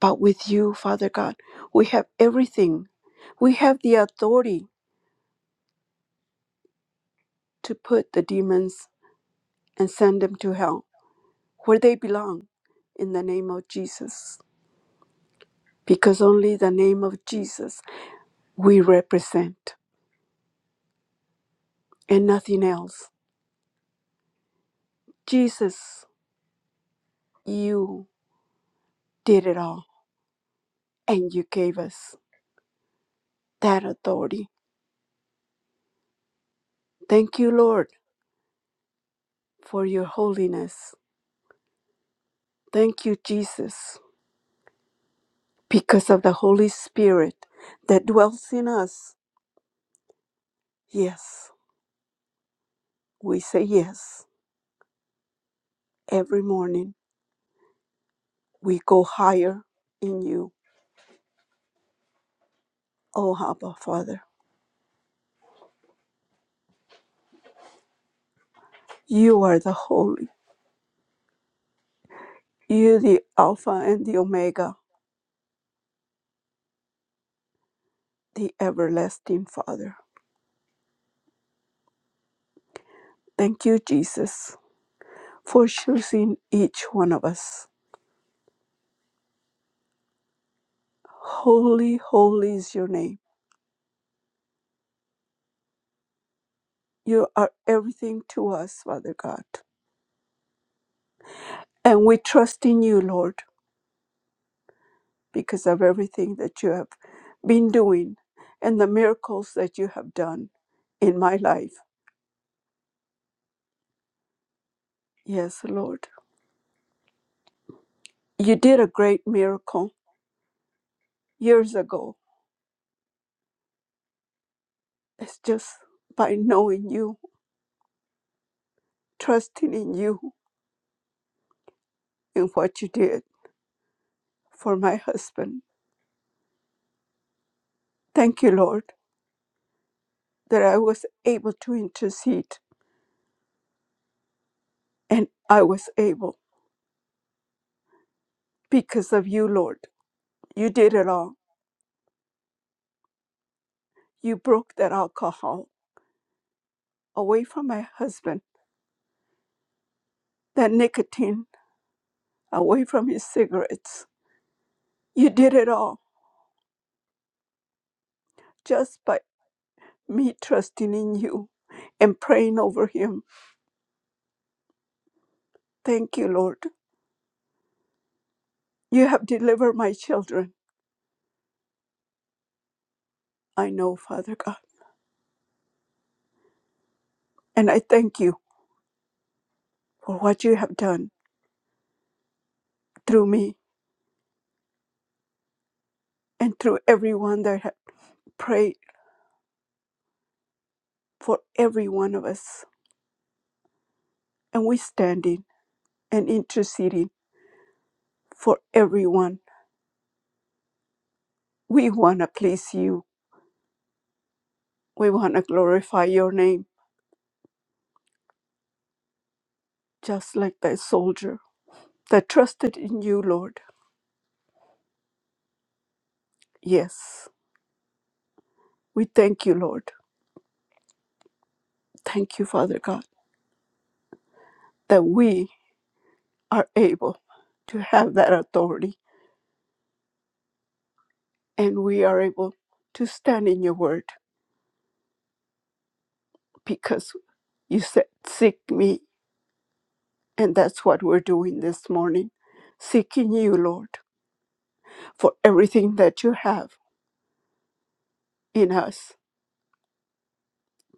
Speaker 4: But with you, Father God, we have everything. We have the authority to put the demons and send them to hell where they belong in the name of Jesus. Because only the name of Jesus we represent and nothing else. Jesus, you did it all and you gave us that authority. Thank you, Lord, for your holiness. Thank you, Jesus, because of the Holy Spirit that dwells in us Yes, we say yes every morning. We go higher in you, O Abba Father. You are the Holy, you the Alpha and the Omega, the everlasting Father. Thank you, Jesus, for choosing each one of us. Holy, holy is your name. You are everything to us, Father God. And we trust in you, Lord. because of everything that you have been doing and the miracles that you have done in my life. Yes, Lord. You did a great miracle years ago. It's just by knowing you, trusting in you and what you did for my husband. Thank you, Lord, that I was able to intercede and I was able because of you, Lord. You did it all. You broke that alcohol away from my husband, that nicotine away from his cigarettes. You did it all just by me trusting in you and praying over him. Thank you, Lord. You have delivered my children. I know, Father God. And I thank you for what you have done through me and through everyone that have prayed for every one of us. And we standing and interceding for everyone. We want to please you. We want to glorify your name, just like that soldier that trusted in you, Lord Yes, we thank you, Lord. Thank you, Father God, that we are able to have that authority and we are able to stand in your word because you said, Seek me. And that's what we're doing this morning, seeking you, Lord, for everything that you have in us.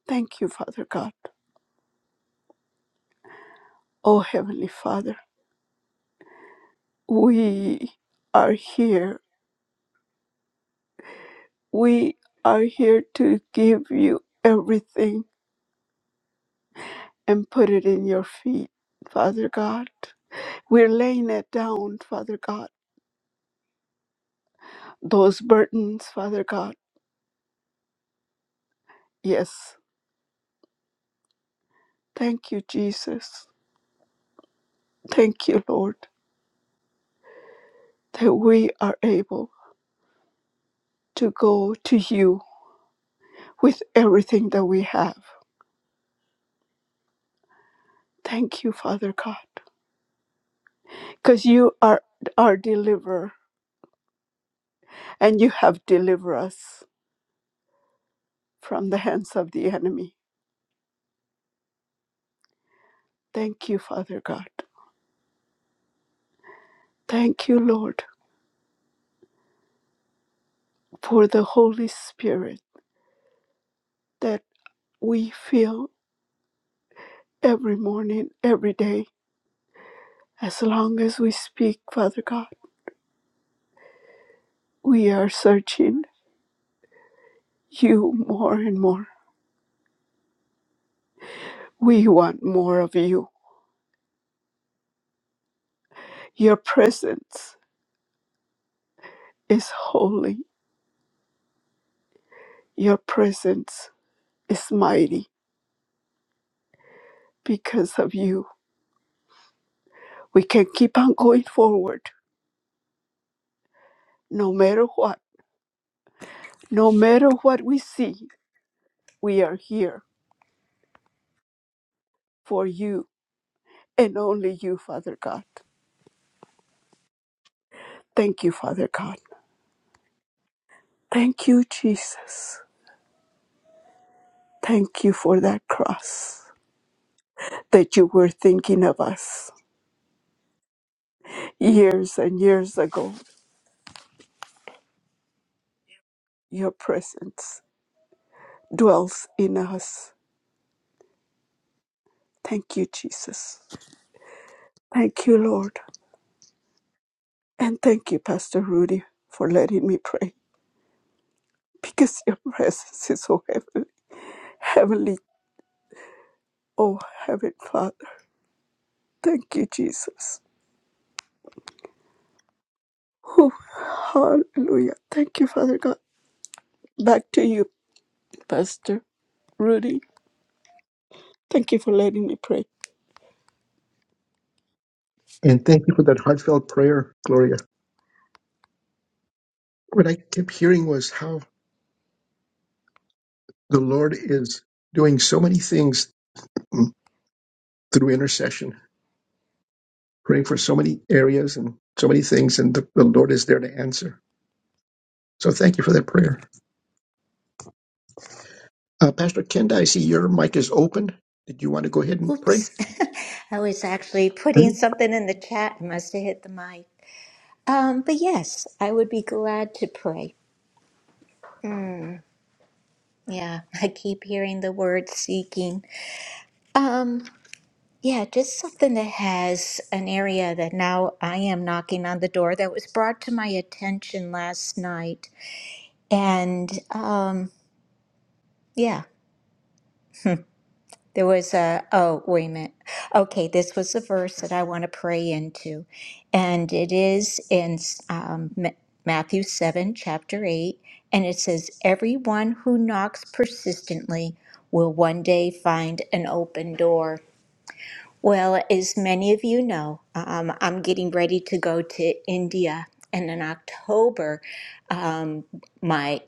Speaker 4: Thank you, Father God. Oh, Heavenly Father, we are here. We are here to give you everything and put it in your feet, Father God. We're laying it down, Father God. Those burdens, Father God. Yes. Thank you, Jesus. Thank you, Lord, that we are able to go to you with everything that we have. Thank you, Father God, because you are our deliverer and you have delivered us from the hands of the enemy. Thank you, Father God. Thank you, Lord, for the Holy Spirit. that. we feel every morning, every day. As long as we speak, Father God, we are searching you more and more. We want more of you. Your presence is holy, your presence is mighty because of you. We can keep on going forward no matter what, no matter what we see. We are here for you and only you, Father God. Thank you, Father God. Thank you, Jesus. Thank you for that cross that you were thinking of us years and years ago. Your presence dwells in us. Thank you, Jesus. Thank you, Lord. And thank you, Pastor Rudy, for letting me pray because your presence is so heavenly. heavenly. Oh, Heavenly Father. Thank you, Jesus. Oh, hallelujah. Thank you, Father God. Back to you, Pastor Rudy. Thank you for letting me pray.
Speaker 2: And thank you for that heartfelt prayer, Gloria. What I kept hearing was how the Lord is doing so many things mm, through intercession, praying for so many areas and so many things, and the, the Lord is there to answer. So, thank you for that prayer. Uh, Pastor Kenda, I see your mic is open. Did you want to go ahead and pray?
Speaker 3: Oops. I was actually
Speaker 2: Pray.
Speaker 3: putting something in the chat and must have hit the mic. Um, but yes, I would be glad to pray. Mm, yeah, I keep hearing the word seeking. Um. Yeah, just something that has an area that now I am knocking on the door that was brought to my attention last night. And um, yeah, there was a, oh, wait a minute. Okay, this was the verse that I want to pray into. And it is in um, Ma- Matthew 7, chapter 8. And it says, Everyone who knocks persistently will one day find an open door. Well, as many of you know, um, I'm getting ready to go to India, and in October, um, my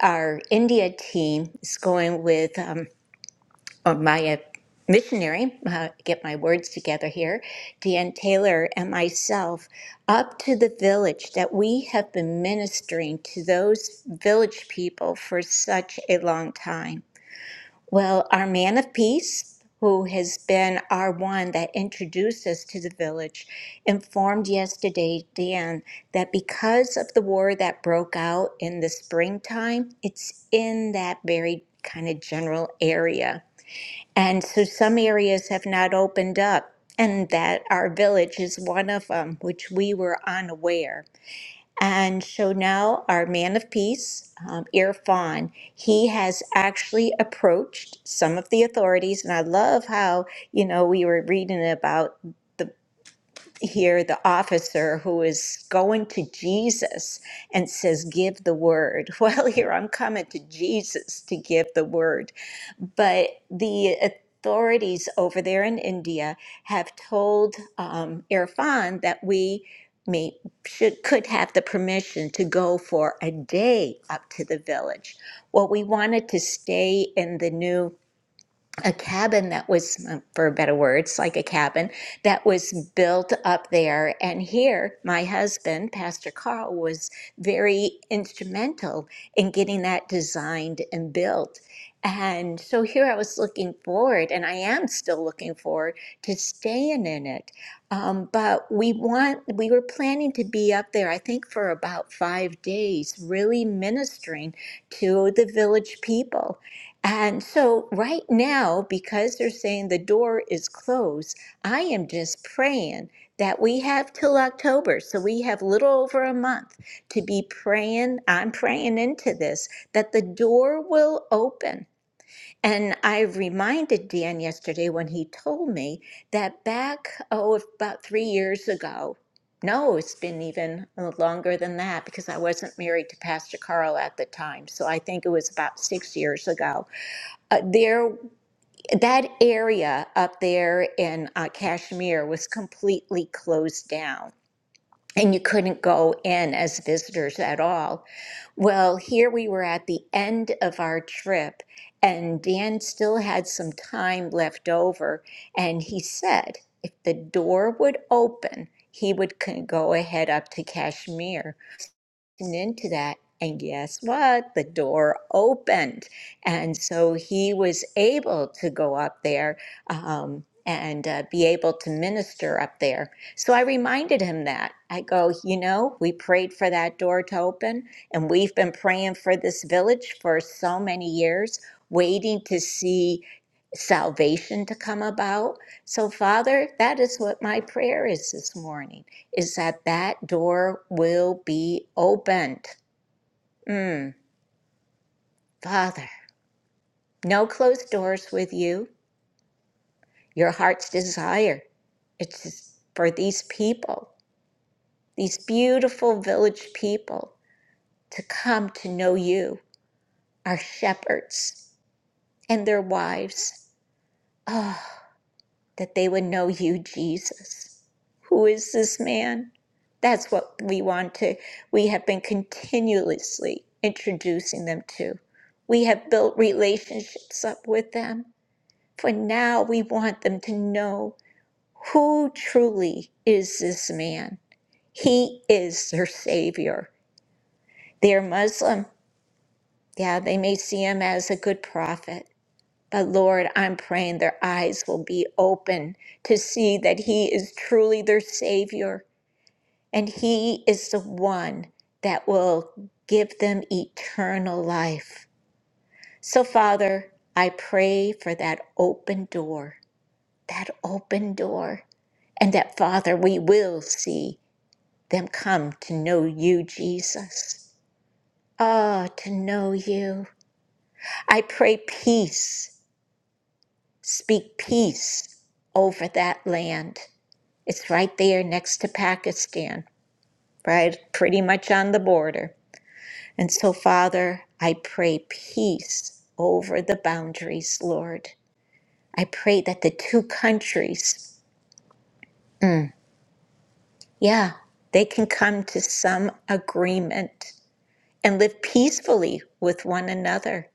Speaker 3: our India team is going with um, uh, my uh, missionary. Uh, get my words together here, Dan Taylor and myself, up to the village that we have been ministering to those village people for such a long time. Well, our man of peace, who has been our one that introduced us to the village, informed yesterday, Dan, that because of the war that broke out in the springtime, it's in that very kind of general area. And so some areas have not opened up, and that our village is one of them, which we were unaware. And so now our man of peace, um, Irfan, he has actually approached some of the authorities, and I love how you know we were reading about the here the officer who is going to Jesus and says, "Give the word." Well, here I'm coming to Jesus to give the word but the authorities over there in India have told um, Irfan that we may, should could have the permission to go for a day up to the village. Well, we wanted to stay in the new a cabin that was, uh, for better words, like a cabin that was built up there. And here, my husband, Pastor Carl, was very instrumental in getting that designed and built. And so here I was looking forward, and I am still looking forward to staying in it. Um, but we want, we were planning to be up there, I think, for about five days, really ministering to the village people. And so, right now, because they're saying the door is closed, I am just praying that we have till October. So, we have little over a month to be praying. I'm praying into this that the door will open. And I reminded Dan yesterday when he told me that back, oh, about three years ago, no, it's been even longer than that because I wasn't married to Pastor Carl at the time. So I think it was about six years ago uh, there that area up there in uh, Kashmir was completely closed down and you couldn't go in as visitors at all. Well, here we were at the end of our trip and Dan still had some time left over and he said if the door would open, he would c- go ahead up to Kashmir into that. And guess what? The door opened. And so he was able to go up there um, and uh, be able to minister up there. So I reminded him that. I go, you know, we prayed for that door to open, and we've been praying for this village for so many years, waiting to see salvation to come about. So, Father, that is what my prayer is this morning is that that door will be opened. Mm, Father, no closed doors with you. Your heart's desire it's for these people, these beautiful village people, to come to know you, our shepherds and their wives. Oh, that they would know you, Jesus. Who is this man? That's what we want to, we have been continuously introducing them to. We have built relationships up with them. For now, we want them to know who truly is this man. He is their Savior. They're Muslim. Yeah, they may see him as a good prophet, But Lord, I'm praying their eyes will be open to see that He is truly their Savior and He is the one that will give them eternal life. So, Father, I pray for that open door, that open door, and that, Father, we will see them come to know you, Jesus. Ah, to know you. I pray peace. Speak peace over that land. It's right there next to Pakistan, right? Pretty much on the border. And so, Father, I pray peace over the boundaries, Lord. I pray that the two countries, mm, yeah, they can come to some agreement and live peacefully with one another.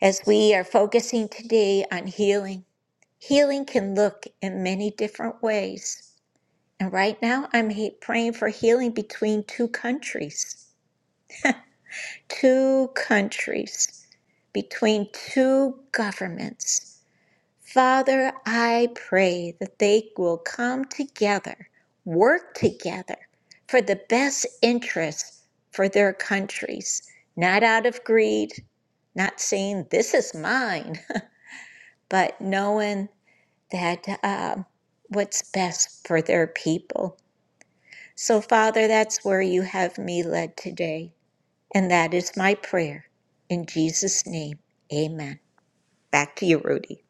Speaker 3: As we are focusing today on healing, healing can look in many different ways. And right now, I'm he- praying for healing between two countries two countries, between two governments. Father, I pray that they will come together, work together for the best interests for their countries, not out of greed, not saying this is mine, but knowing that um, what's best for their people. So, Father, that's where you have me led today and that is my prayer. In Jesus' name, amen. Back to you, Rudy.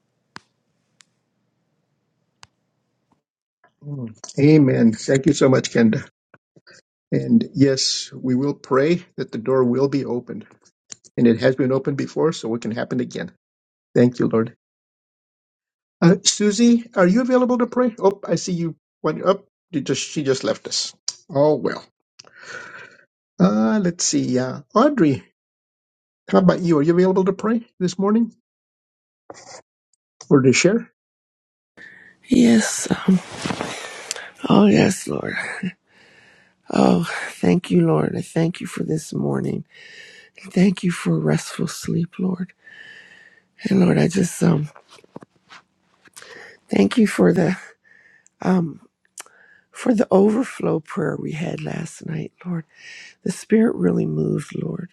Speaker 2: Mm. Amen. Thank you so much, Kenda. And yes, we will pray that the door will be open and it has been opened before, so it can happen again. Thank you, Lord. Uh, Susie, are you available to pray? Oh, I see you went up. You just she just left us. Oh well. Uh, let's see. Uh, Audrey, how about you? Are you available to pray this morning or to share?
Speaker 6: Yes. sir. Oh, yes, Lord. Oh, thank you, Lord. I thank you for this morning. Thank you for restful sleep, Lord. And Lord, I just um thank you for the for the overflow prayer we had last night, Lord. The Spirit really moved, Lord,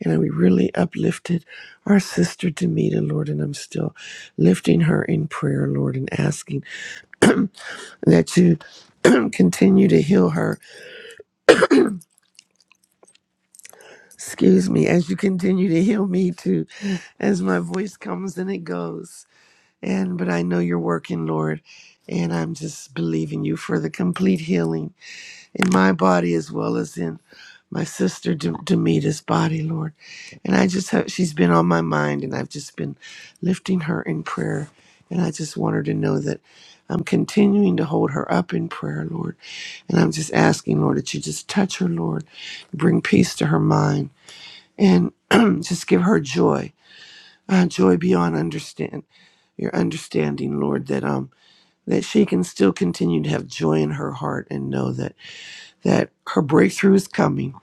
Speaker 6: and we really uplifted our sister Demita, Lord. And I'm still lifting her in prayer, Lord, and asking that you continue to heal her Excuse me as you continue to heal me too, as my voice comes and it goes. And but I know you're working, Lord, and I'm just believing you for the complete healing in my body as well as in my sister De- Demita's body, Lord. And I just have she's been on my mind, and I've just been lifting her in prayer, and I just want her to know that. I'm continuing to hold her up in prayer, Lord. And I'm just asking, Lord, that you just touch her, Lord. Bring peace to her mind and just give her joy, uh, joy beyond understand your understanding, Lord. That um that she can still continue to have joy in her heart and know that that her breakthrough is coming,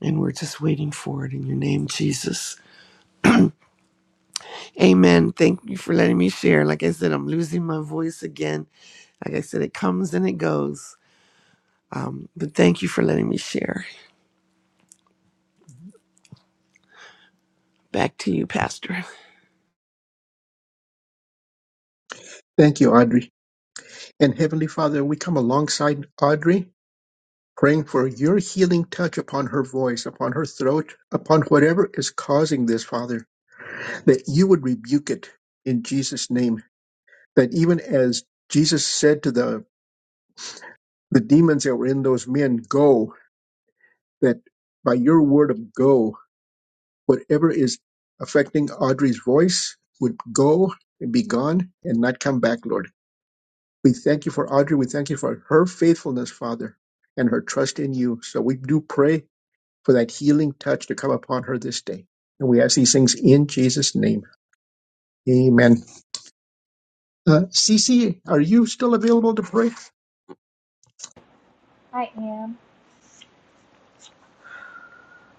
Speaker 6: and we're just waiting for it in your name, Jesus. Amen. Thank you for letting me share. Like I said, I'm losing my voice again. Like I said, it comes and it goes. But thank you for letting me share. Back to you, Pastor.
Speaker 2: Thank you, Audrey. And Heavenly Father, we come alongside Audrey, praying for your healing touch upon her voice, upon her throat, upon whatever is causing this, Father, that you would rebuke it in Jesus' name. That even as Jesus said to the the demons that were in those men go that by your word of go whatever is affecting audrey's voice would go and be gone and not come back lord we thank you for audrey we thank you for her faithfulness father and her trust in you so we do pray for that healing touch to come upon her this day and we ask these things in jesus name amen uh, cc are you still available to pray
Speaker 5: I am,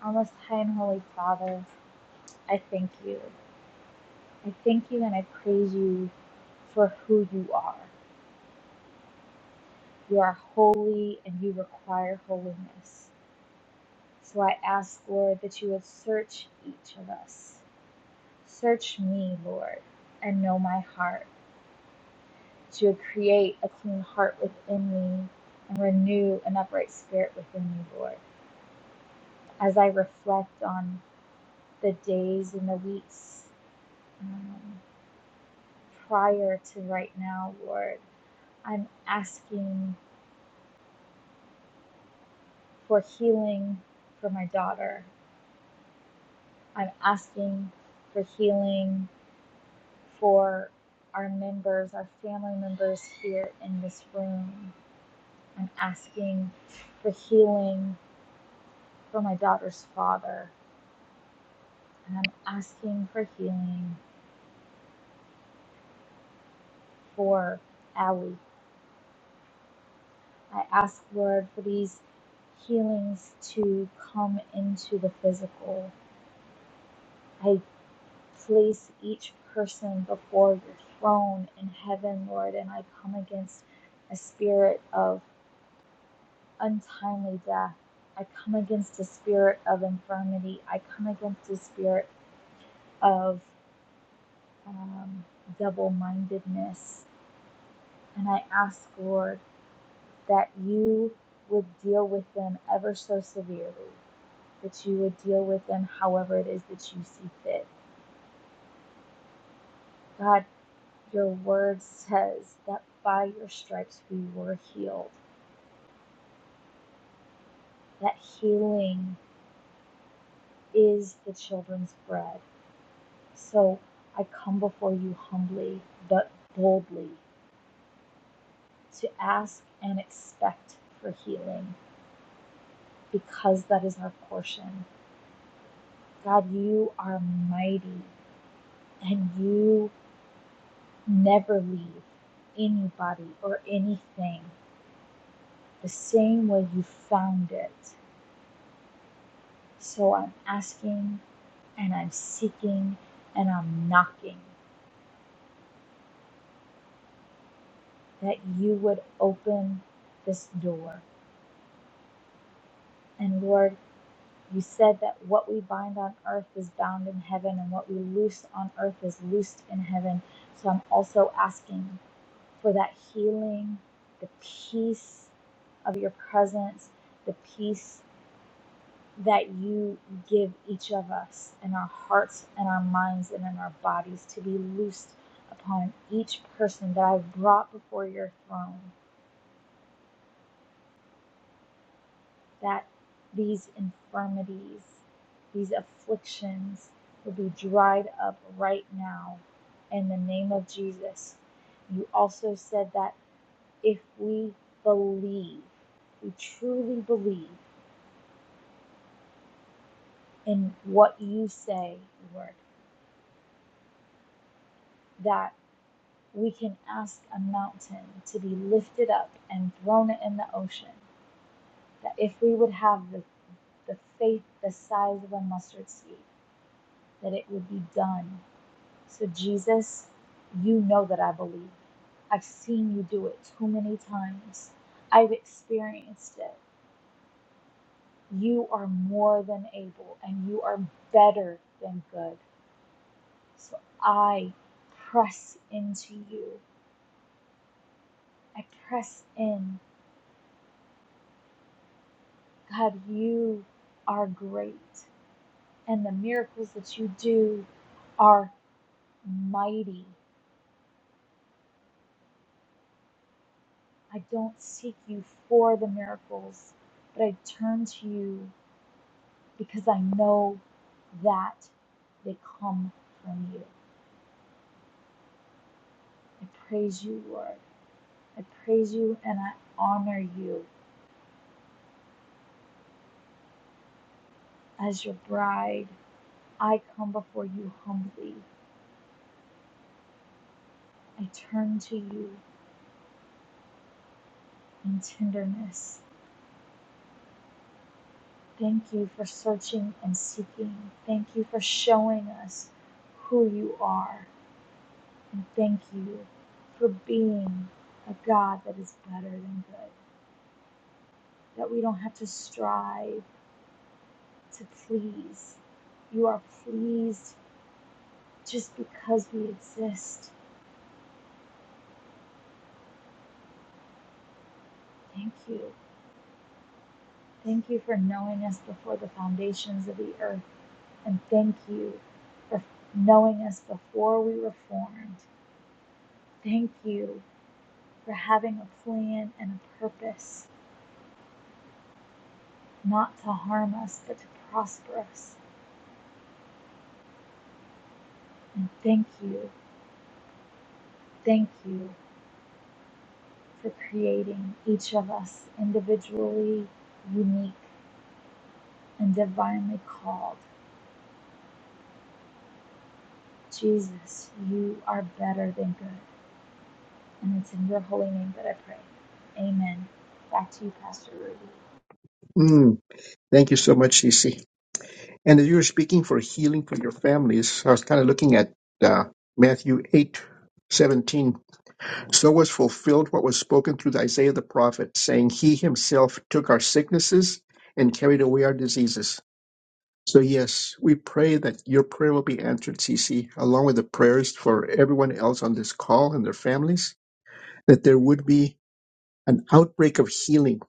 Speaker 5: our most high and holy Father, I thank you. I thank you and I praise you for who you are. You are holy and you require holiness. So I ask, Lord, that you would search each of us. Search me, Lord, and know my heart. That you would create a clean heart within me and renew an upright spirit within me, Lord. As I reflect on the days and the weeks um, prior to right now, Lord, I'm asking for healing for my daughter. I'm asking for healing for our members, our family members here in this room. I'm asking for healing for my daughter's father, and I'm asking for healing for Allie. I ask, Lord, for these healings to come into the physical. I place each person before your throne in heaven, Lord, and I come against a spirit of untimely death. I come against the spirit of infirmity. I come against the spirit of um, double mindedness. And I ask, Lord, that you would deal with them ever so severely, that you would deal with them however it is that you see fit. God, your word says that by your stripes we were healed, that healing is the children's bread. So I come before you humbly but boldly to ask and expect for healing because that is our portion. God, you are mighty and you never leave anybody or anything the same way you found it. So I'm asking and I'm seeking and I'm knocking that you would open this door. And Lord, You said that what we bind on earth is bound in heaven, and what we loose on earth is loosed in heaven. So I'm also asking for that healing, the peace of your presence, the peace that you give each of us in our hearts and our minds and in our bodies to be loosed upon each person that I've brought before your throne. that these infirmities, these afflictions will be dried up right now in the name of Jesus. You also said that if we believe, we truly believe in what you say, Lord, that we can ask a mountain to be lifted up and thrown in the ocean. That if we would have the, the faith the size of a mustard seed, that it would be done So, Jesus, you know that I believe. I've seen you do it too many times. I've experienced it. You are more than able and you are better than good. So, I press into you. I press in. God, you are great. And the miracles that you do are mighty. I don't seek you for the miracles, but I turn to you because I know that they come from you. I praise you, Lord. I praise you and I honor you as your bride. I come before you humbly. I turn to you in tenderness. Thank you for searching and seeking. Thank you for showing us who you are. And thank you for being a God that is better than good, that we don't have to strive to please. You are pleased just because we exist. Thank you. Thank you for knowing us before the foundations of the earth. And thank you for knowing us before we were formed. Thank you for having a plan and a purpose, not to harm us, but to prosper us. And thank you, thank you for creating each of us individually, unique, and divinely called Jesus, you are better than good. And it's in your holy name that I pray. Amen. Back to you, Pastor Rudy.
Speaker 2: Mm, thank you so much Cece. And as you were speaking for healing for your families, I was kind of looking at uh, Matthew 8 17. So was fulfilled what was spoken through Isaiah the prophet, saying, He himself took our sicknesses and carried away our diseases. So, yes, we pray that your prayer will be answered, CC, along with the prayers for everyone else on this call and their families, that there would be an outbreak of healing,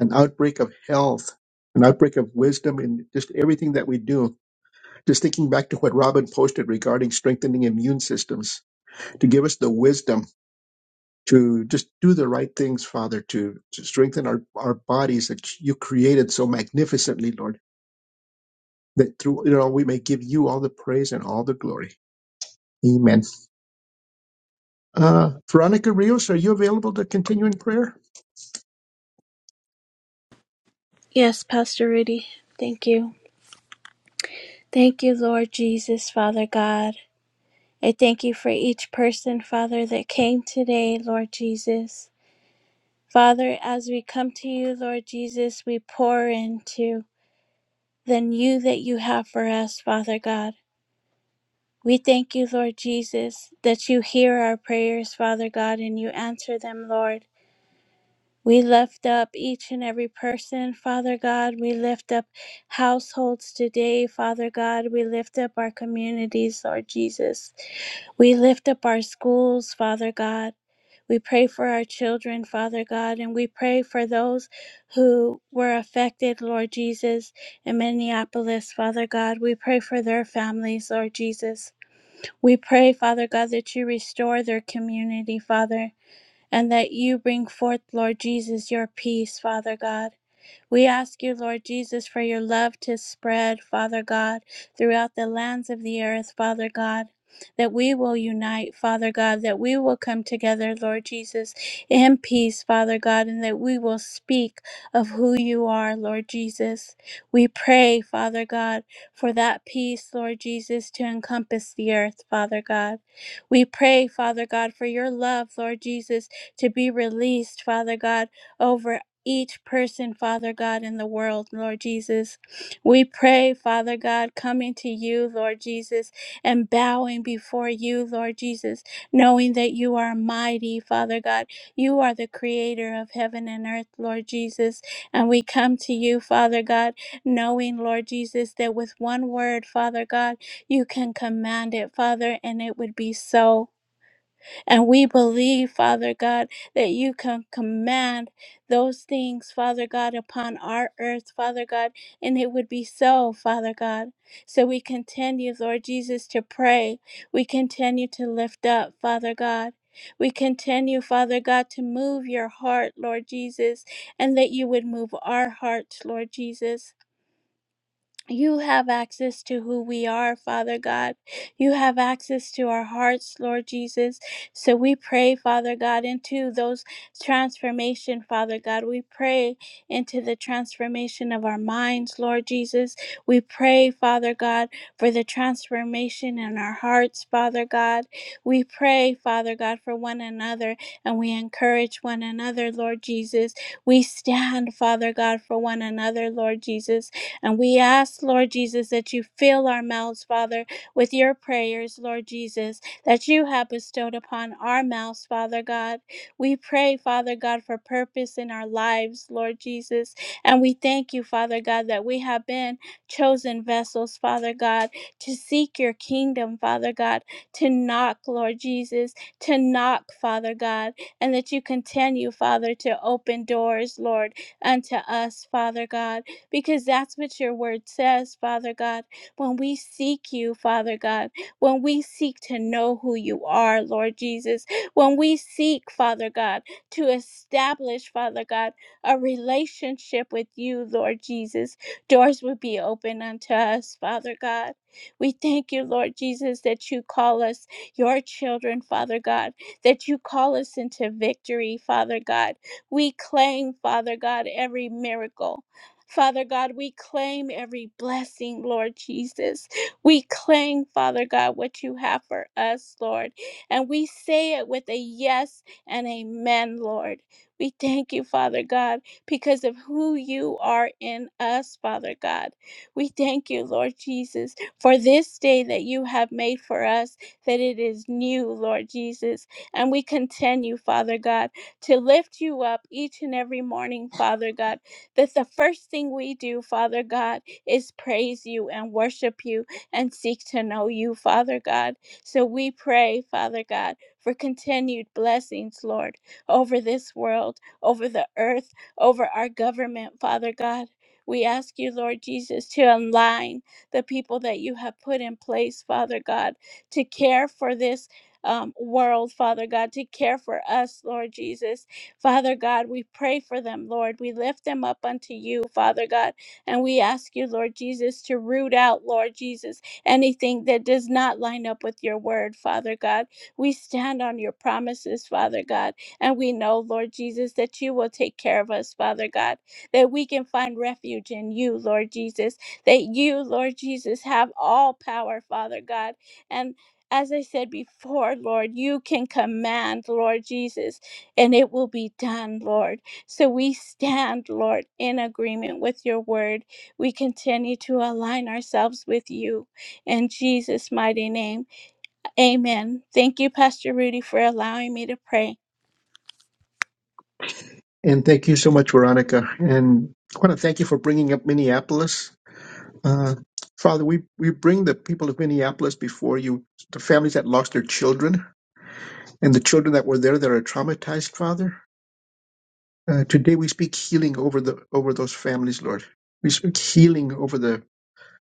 Speaker 2: an outbreak of health, an outbreak of wisdom in just everything that we do just thinking back to what Robin posted regarding strengthening immune systems, to give us the wisdom to just do the right things, Father, to, to strengthen our, our bodies that you created so magnificently, Lord, that through it all we may give you all the praise and all the glory. Amen. Uh, Veronica Rios, are you available to continue in prayer?
Speaker 4: Yes, Pastor Rudy. Thank you. Thank you, Lord Jesus, Father God. I thank you for each person, Father, that came today, Lord Jesus. Father, as we come to you, Lord Jesus, we pour into the new that you have for us, Father God. We thank you, Lord Jesus, that you hear our prayers, Father God, and you answer them, Lord. We lift up each and every person, Father God. We lift up households today, Father God. We lift up our communities, Lord Jesus. We lift up our schools, Father God. We pray for our children, Father God, and we pray for those who were affected, Lord Jesus, in Minneapolis, Father God. We pray for their families, Lord Jesus. We pray, Father God, that you restore their community, Father and that you bring forth, Lord Jesus, your peace, Father God. We ask you, Lord Jesus, for your love to spread, Father God, throughout the lands of the earth, Father God. That we will unite, Father God, that we will come together, Lord Jesus, in peace, Father God, and that we will speak of who you are, Lord Jesus. We pray, Father God, for that peace, Lord Jesus, to encompass the earth, Father God. We pray, Father God, for your love, Lord Jesus, to be released, Father God, over each person, Father God, in the world, Lord Jesus. We pray, Father God, coming to you, Lord Jesus, and bowing before you, Lord Jesus, knowing that you are mighty, Father God. You are the creator of heaven and earth, Lord Jesus. And we come to you, Father God, knowing, Lord Jesus, that with one word, Father God, you can command it, Father, and it would be so. And we believe, Father God, that you can command those things, Father God, upon our earth, Father God, and it would be so, Father God. So we continue, Lord Jesus, to pray. We continue to lift up, Father God. We continue, Father God, to move your heart, Lord Jesus, and that you would move our hearts, Lord Jesus. You have access to who we are, Father God. You have access to our hearts, Lord Jesus. So we pray, Father God, into those transformation, Father God. We pray into the transformation of our minds, Lord Jesus. We pray, Father God, for the transformation in our hearts, Father God. We pray, Father God, for one another and we encourage one another, Lord Jesus. We stand, Father God, for one another, Lord Jesus. And we ask, Lord Jesus, that you fill our mouths, Father, with your prayers, Lord Jesus, that you have bestowed upon our mouths, Father God. We pray, Father God, for purpose in our lives, Lord Jesus. And we thank you, Father God, that we have been chosen vessels, Father God, to seek your kingdom, Father God, to knock, Lord Jesus, to knock, Father God, and that you continue, Father, to open doors, Lord, unto us, Father God because that's what your word says, Father God. When we seek you, Father God, when we seek to know who you are, Lord Jesus, when we seek, Father God, to establish, Father God, a relationship with you, Lord Jesus, doors would be open unto us, Father God. We thank you, Lord Jesus, that you call us your children, Father God, that you call us into victory, Father God. We claim, Father God, every miracle. Father God, we claim every blessing, Lord Jesus. We claim, Father God, what you have for us, Lord. And we say it with a yes and amen, Lord. We thank you, Father God, because of who you are in us, Father God. We thank you, Lord Jesus, for this day that you have made for us, that it is new, Lord Jesus. And we continue, Father God, to lift you up each and every morning, Father God that the first thing we do, Father God, is praise you and worship you and seek to know you, Father God. So we pray, Father God, for continued blessings, Lord, over this world, over the earth, over our government, Father God. We ask you, Lord Jesus, to align the people that you have put in place, Father God, to care for this um, world, Father God, to care for us, Lord Jesus Father God, we pray for them, Lord. We lift them up unto you, Father God, and we ask you, Lord Jesus, to root out, Lord Jesus, anything that does not line up with your word, Father God. We stand on your promises, Father God, and we know, Lord Jesus, that you will take care of us, Father God, that we can find refuge in you, Lord Jesus, that you, Lord Jesus, have all power, Father God, and as I said before, Lord, you can command, Lord Jesus and it will be done, Lord. So we stand, Lord, in agreement with your word. We continue to align ourselves with you in Jesus' mighty name. Amen. Thank you, Pastor Rudy, for allowing me to pray.
Speaker 2: And thank you so much, Veronica. And I want to thank you for bringing up Minneapolis. Uh, Father, we, we bring the people of Minneapolis before you, the families that lost their children. and the children that were there that are traumatized, Father. Uh, today we speak healing over the over those families, Lord. We speak healing over the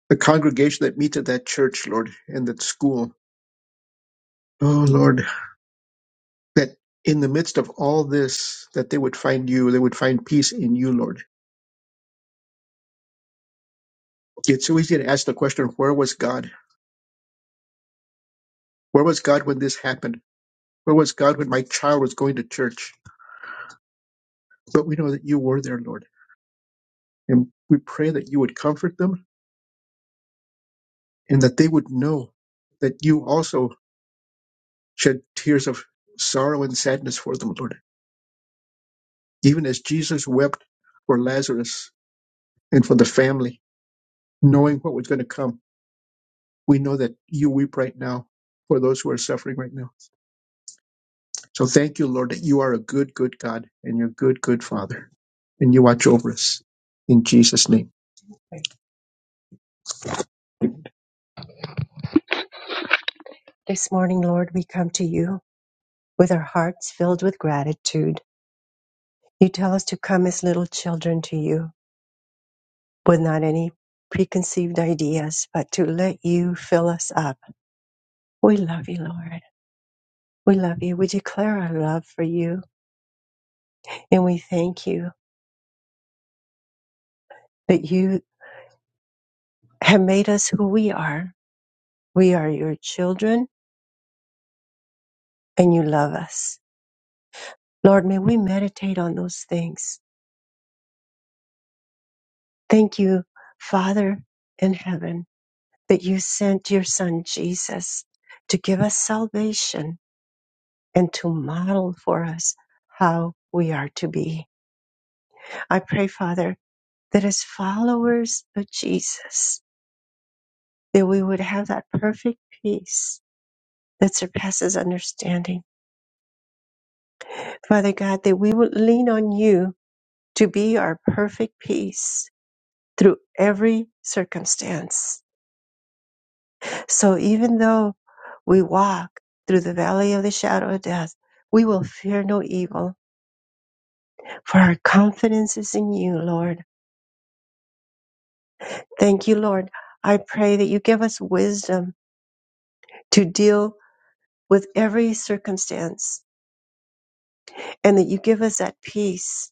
Speaker 2: the congregation that meets at that church, Lord, and that school. Oh Lord, that in the midst of all this, that they would find you, they would find peace in you, Lord. It's so easy to ask the question, where was God? Where was God when this happened? Where was God when my child was going to church? But we know that you were there, Lord. And we pray that you would comfort them and that they would know that you also shed tears of sorrow and sadness for them, Lord, even as Jesus wept for Lazarus and for the family, knowing what was going to come. We know that you weep right now for those who are suffering right now. So thank you, Lord, that you are a good, good God and you're a good, good Father, and you watch over us. In Jesus' name. This morning, Lord, we come to you with our hearts filled with gratitude. You tell us to come as little children to you. with not any preconceived ideas, but to let you fill us up. We love you, Lord. We love you. We declare our love for you and we thank you that you have made us who we are. We are your children and you love us. Lord, may we meditate on those things. Thank you, Father in heaven, that you sent your son Jesus to give us salvation and to model for us how we are to be. I pray, Father, that as followers of Jesus, that we would have that perfect peace that surpasses understanding. Father God, that we would lean on you to be our perfect peace through every circumstance. So even though we walk through the valley of the shadow of death, we will fear no evil, for our confidence is in you, Lord. Thank you, Lord. I pray that you give us wisdom to deal with every circumstance and that you give us that peace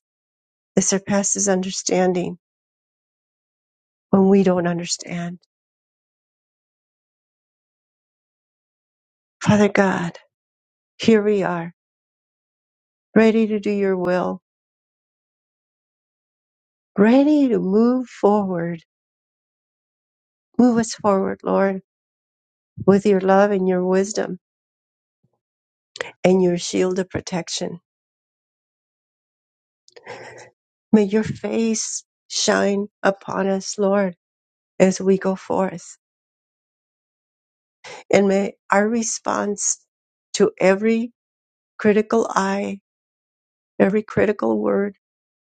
Speaker 2: that surpasses understanding when we don't understand. Father God, here we are, ready to do your will, ready to move forward. Move us forward, Lord, with your love and your wisdom and your shield of protection. May your face shine upon us, Lord, as we go forth. And may our response to every critical eye, every critical word,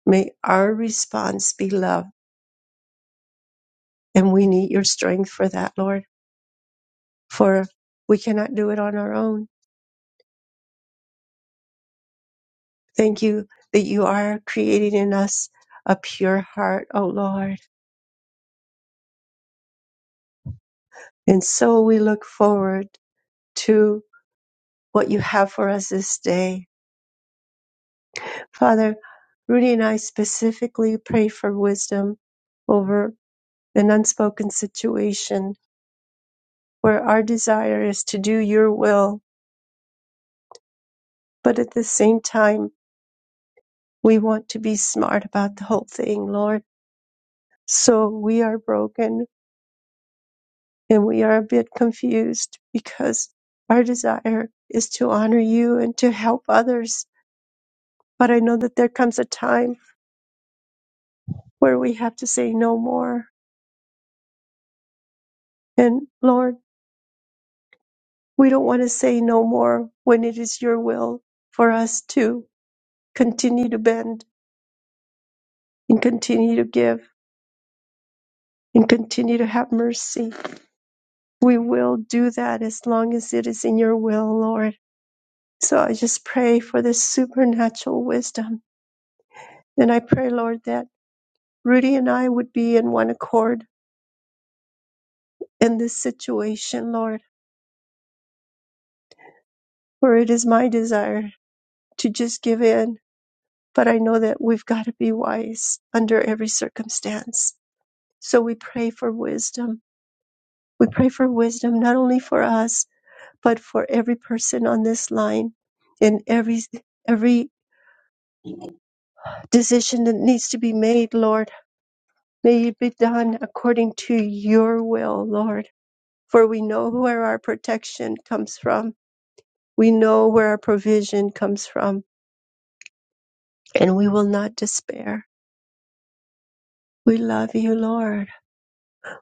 Speaker 2: may our response be love And we need your strength for that, Lord, for we cannot do it on our own. Thank you that you are creating in us a pure heart, O Lord. And so we look forward to what you have for us this day. Father, Rudy and I specifically pray for wisdom over an unspoken situation where our desire is to do your will, but at the same time, we want to be smart about the whole thing, Lord. So we are broken and we are a bit confused because our desire is to honor you and to help others. But I know that there comes a time where we have to say no more. And Lord, we don't want to say no more when it is your will for us to continue to bend and continue to give and continue to have mercy. We will do that as long as it is in your will, Lord. So I just pray for this supernatural wisdom And I pray, Lord, that Rudy and I would be in one accord in this situation, Lord, where it is my desire to just give in. But I know that we've got to be wise under every circumstance. So we pray for wisdom. We pray for wisdom, not only for us, but for every person on this line in every, every decision that needs to be made, Lord. May it be done according to your will, Lord. For we know where our protection comes from We know where our provision comes from, and we will not despair. We love you, Lord.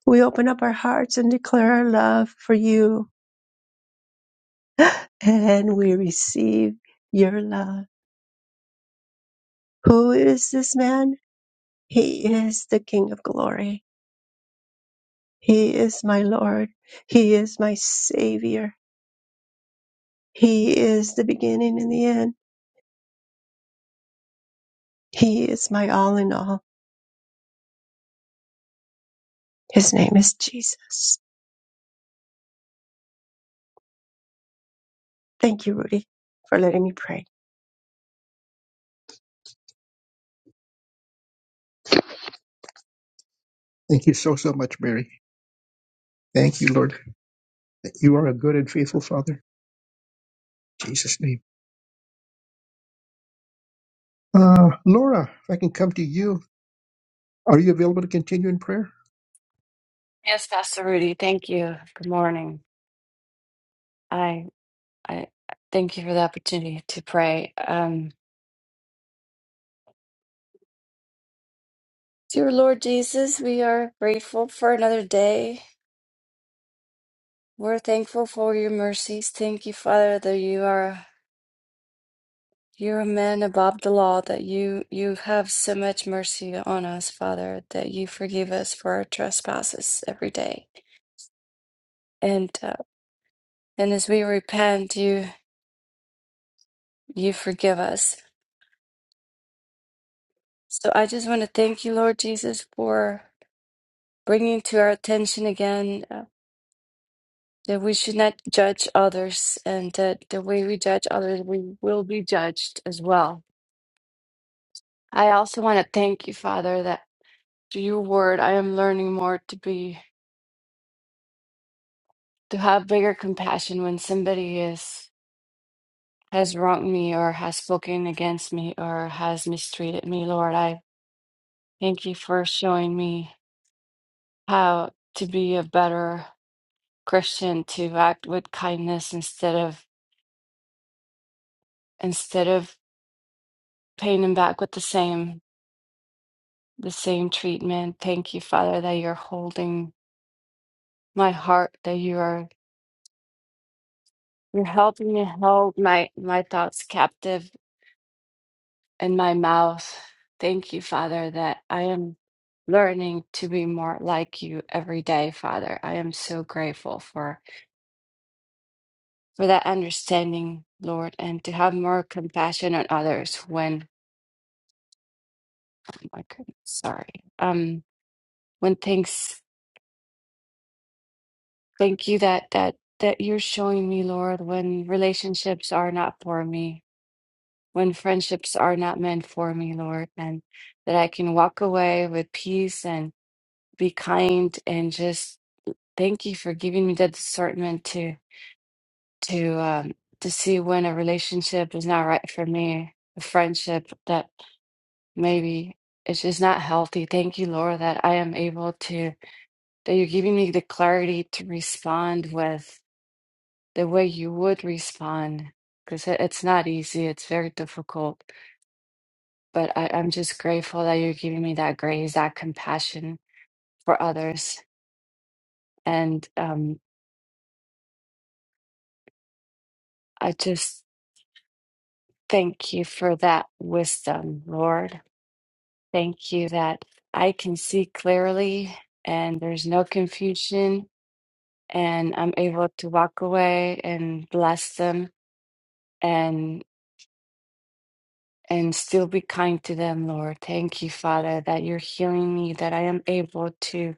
Speaker 2: We open up our hearts and declare our love for you, and we receive your love. Who is this man? He is the King of glory. He is my Lord. He is my Savior. He is the beginning and the end. He is my all in all. His name is Jesus. Thank you, Rudy, for letting me pray. Thank you so, so much, Mary. Thank you, Lord. that You are a good and faithful Father. In Jesus' name. Uh, Laura, if I can come to you, are you available to continue in prayer?
Speaker 7: Yes, Pastor Rudy, thank you. Good morning. I I thank you for the opportunity to pray. Um, dear Lord Jesus, we are grateful for another day. We're thankful for your mercies. Thank you, Father, that you are you're a man above the law, that you you have so much mercy on us, Father, that you forgive us for our trespasses every day. And uh, and as we repent, you you forgive us. So I just want to thank you, Lord Jesus, for bringing to our attention again uh, that we should not judge others and that the way we judge others, we will be judged as well. I also want to thank you, Father, that through your word, I am learning more to be, to have bigger compassion when somebody is, has wronged me or has spoken against me or has mistreated me, Lord. I thank you for showing me how to be a better Christian, to act with kindness instead of, instead of paying them back with the same the same treatment. Thank you, Father, that you're holding my heart, that you are you're helping me hold my my thoughts captive in my mouth. Thank you, Father, that I am learning to be more like you every day, Father. I am so grateful for for that understanding, Lord, and to have more compassion on others when oh my goodness, sorry. Um when things Thank you that that that you're showing me, Lord, when relationships are not for me, when friendships are not meant for me, Lord, and that I can walk away with peace and be kind and just thank you for giving me the discernment to to um to see when a relationship is not right for me, a friendship that maybe it's just not healthy. Thank you, Lord, that I am able to that you're giving me the clarity to respond with. the way you would respond because it's not easy it's very difficult but I, i'm just grateful that you're giving me that grace that compassion for others and um, i just thank you for that wisdom lord thank you that i can see clearly and there's no confusion and i'm able to walk away and bless them and still be kind to them, Lord. Thank you, Father, that you're healing me, that I am able to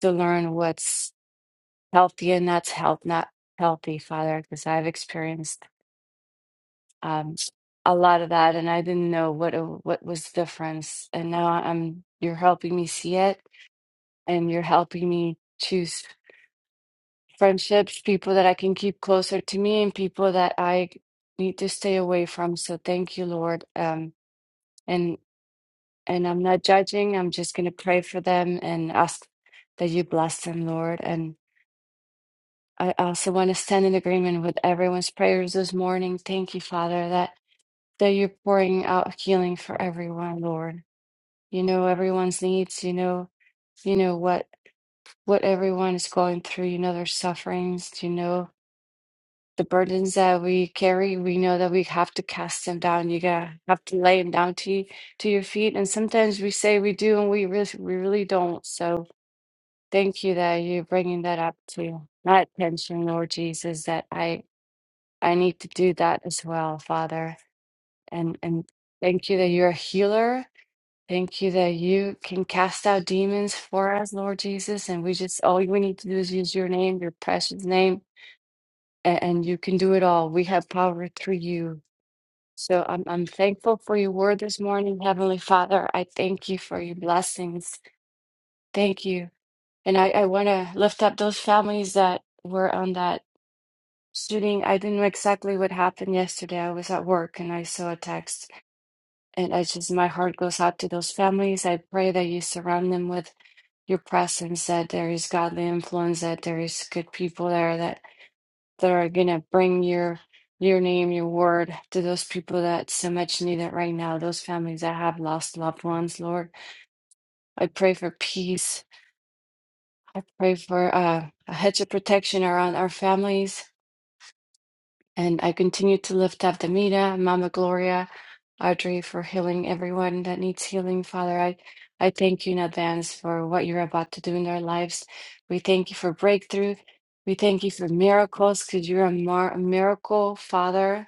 Speaker 7: to learn what's healthy and not health not healthy, Father, because I've experienced um, a lot of that, and I didn't know what it- what was the difference. And now I'm you're helping me see it, and you're helping me choose friendships, people that I can keep closer to me, and people that I need to stay away from. So thank you, Lord. Um, and I'm not judging. I'm just going to pray for them and ask that you bless them, Lord. And I also want to stand in agreement with everyone's prayers this morning. Thank you, Father, that that you're pouring out healing for everyone, Lord. You know everyone's needs. You know, you know what what everyone is going through. You know their sufferings. You know the burdens that we carry. We know that we have to cast them down. You got have to lay them down to you, to your feet. And sometimes we say we do, and we really we really don't. So Thank you that you're bringing that up to my attention, Lord Jesus, that I I need to do that as well, Father. And and thank you that you're a healer. Thank you that you can cast out demons for us, Lord Jesus. And we just all we need to do is use your name, your precious name, and, and you can do it all. We have power through you. So I'm I'm thankful for your word this morning, Heavenly Father. I thank you for your blessings. Thank you. And I, I want to lift up those families that were on that shooting. I didn't know exactly what happened yesterday. I was at work and I saw a text, and I just, my heart goes out to those families. I pray that you surround them with your presence, that there is godly influence, that there is good people there that, that are going to bring your your name, your word to those people that so much need it right now, those families that have lost loved ones, Lord. I pray for peace I pray for uh, a hedge of protection around our families, and I continue to lift up Demita, Mama Gloria, Audrey for healing everyone that needs healing. Father, I, I thank you in advance for what you're about to do in their lives. We thank you for breakthrough. We thank you for miracles because you're a, mar- a miracle, Father.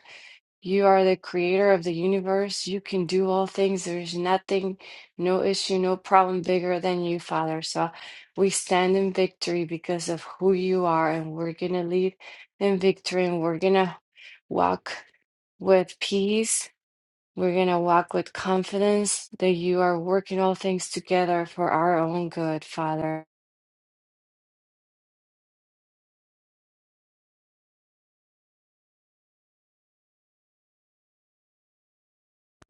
Speaker 7: You are the creator of the universe. You can do all things. There's nothing, no issue, no problem bigger than you, Father. So we stand in victory because of who you are, and we're going to lead in victory and we're going to walk with peace. We're going to walk with confidence that you are working all things together for our own good, Father.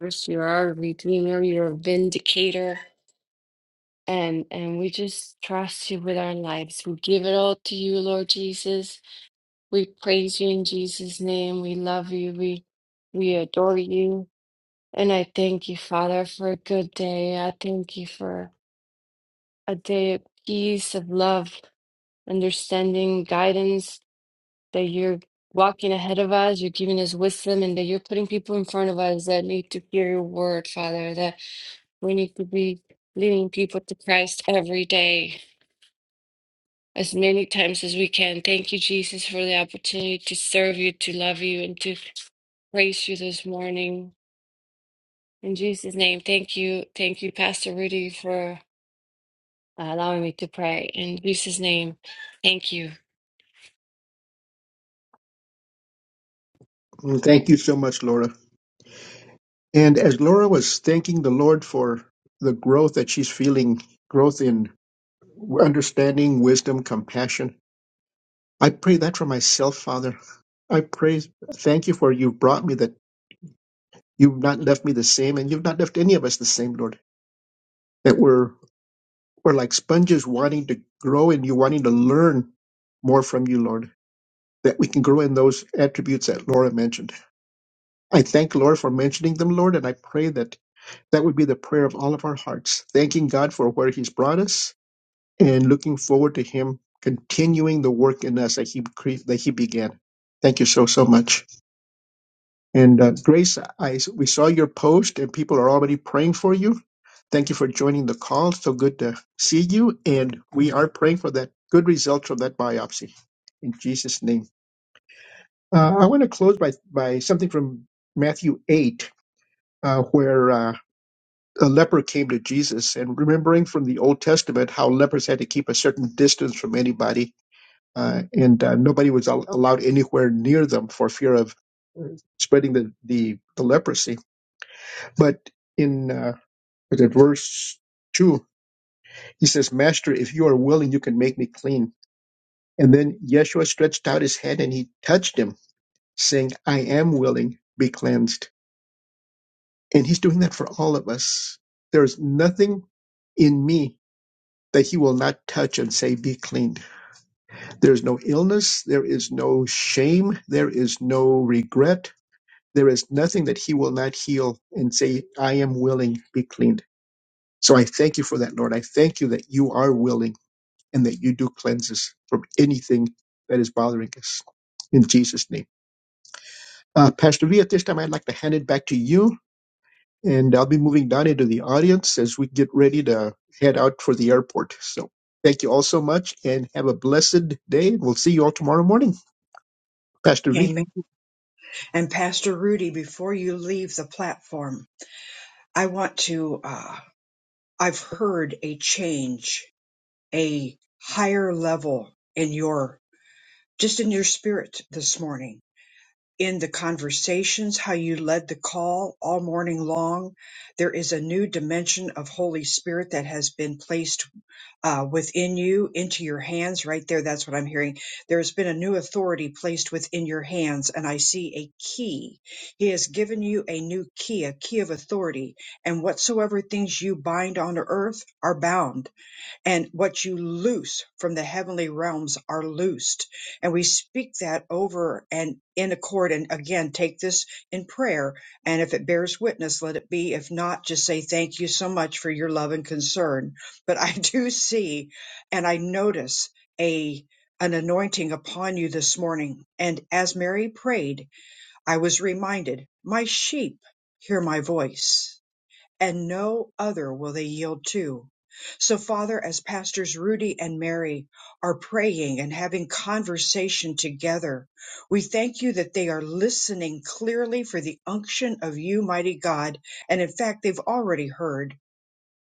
Speaker 7: First, you are our redeemer, you're a vindicator. and and we just trust you with our lives. We give it all to you, Lord Jesus. We praise you in Jesus' name. We love you. We we adore you. And I thank you, Father, for a good day. I thank you for a day of peace, of love, understanding, guidance, that you're walking ahead of us, you're giving us wisdom, and that you're putting people in front of us that need to hear your word, Father, that we need to be leading people to Christ every day. as many times as we can. Thank you, Jesus, for the opportunity to serve you, to love you, and to praise you this morning. In Jesus' name, thank you. Thank you, Pastor Rudy, for allowing me to pray. In Jesus' name, thank you.
Speaker 2: Mm, Thank you so much, Laura. And as Laura was thanking the Lord for the growth that she's feeling, growth in understanding, wisdom, compassion, I pray that for myself, Father. I pray, thank you for you've brought me that you've not left me the same and you've not left any of us the same, Lord. That we're, we're like sponges wanting to grow and you wanting to learn more from you, Lord that we can grow in those attributes that Laura mentioned. I thank Laura for mentioning them, Lord, and I pray that that would be the prayer of all of our hearts, thanking God for where He's brought us and looking forward to Him continuing the work in us that He cre- that He began. Thank you so so much. And uh, Grace, I we saw your post, and people are already praying for you. Thank you for joining the call. So good to see you, and we are praying for that good results from that biopsy. In Jesus' name. Uh, I want to close by by something from Matthew eight, uh, where uh, a leper came to Jesus, and remembering from the Old Testament how lepers had to keep a certain distance from anybody, uh, and uh, nobody was al- allowed anywhere near them for fear of uh, spreading the the, the leprosy. But in uh, was it verse two, he says, "Master, if you are willing, you can make me clean." And then Yeshua stretched out his hand and he touched him, saying, "I am willing. Be cleansed." And he's doing that for all of us. There's nothing in me that he will not touch and say, be cleaned. There's no illness. There is no shame. There is no regret. There is nothing that he will not heal and say, I am willing, be cleaned. So I thank you for that, Lord. I thank you that you are willing and that you do cleanse us from anything that is bothering us. In Jesus' name. Uh, Pastor V, at this time, I'd like to hand it back to you and I'll be moving down into the audience as we get ready to head out for the airport. So thank you all so much and have a blessed day. We'll see you all tomorrow morning. Pastor V.
Speaker 1: Amen. And Pastor Rudy, before you leave the platform, I want to, uh, I've heard a change, a higher level in your, just in your spirit this morning, in the conversations, how you led the call all morning long. There is a new dimension of Holy Spirit that has been placed uh, within you into your hands right there. That's what I'm hearing. There has been a new authority placed within your hands, and I see a key. He has given you a new key, a key of authority, and whatsoever things you bind on earth are bound and what you loose from the heavenly realms are loosed. And we speak that over and in accord. And again, take this in prayer. And if it bears witness, let it be. If not, just say thank you so much for your love and concern. But I do see and I notice a an anointing upon you this morning. And as Mary prayed, I was reminded, my sheep hear my voice and no other will they yield to. So, Father, as Pastors Rudy and Mary are praying and having conversation together, we thank you that they are listening clearly for the unction of you, mighty God. And in fact, they've already heard.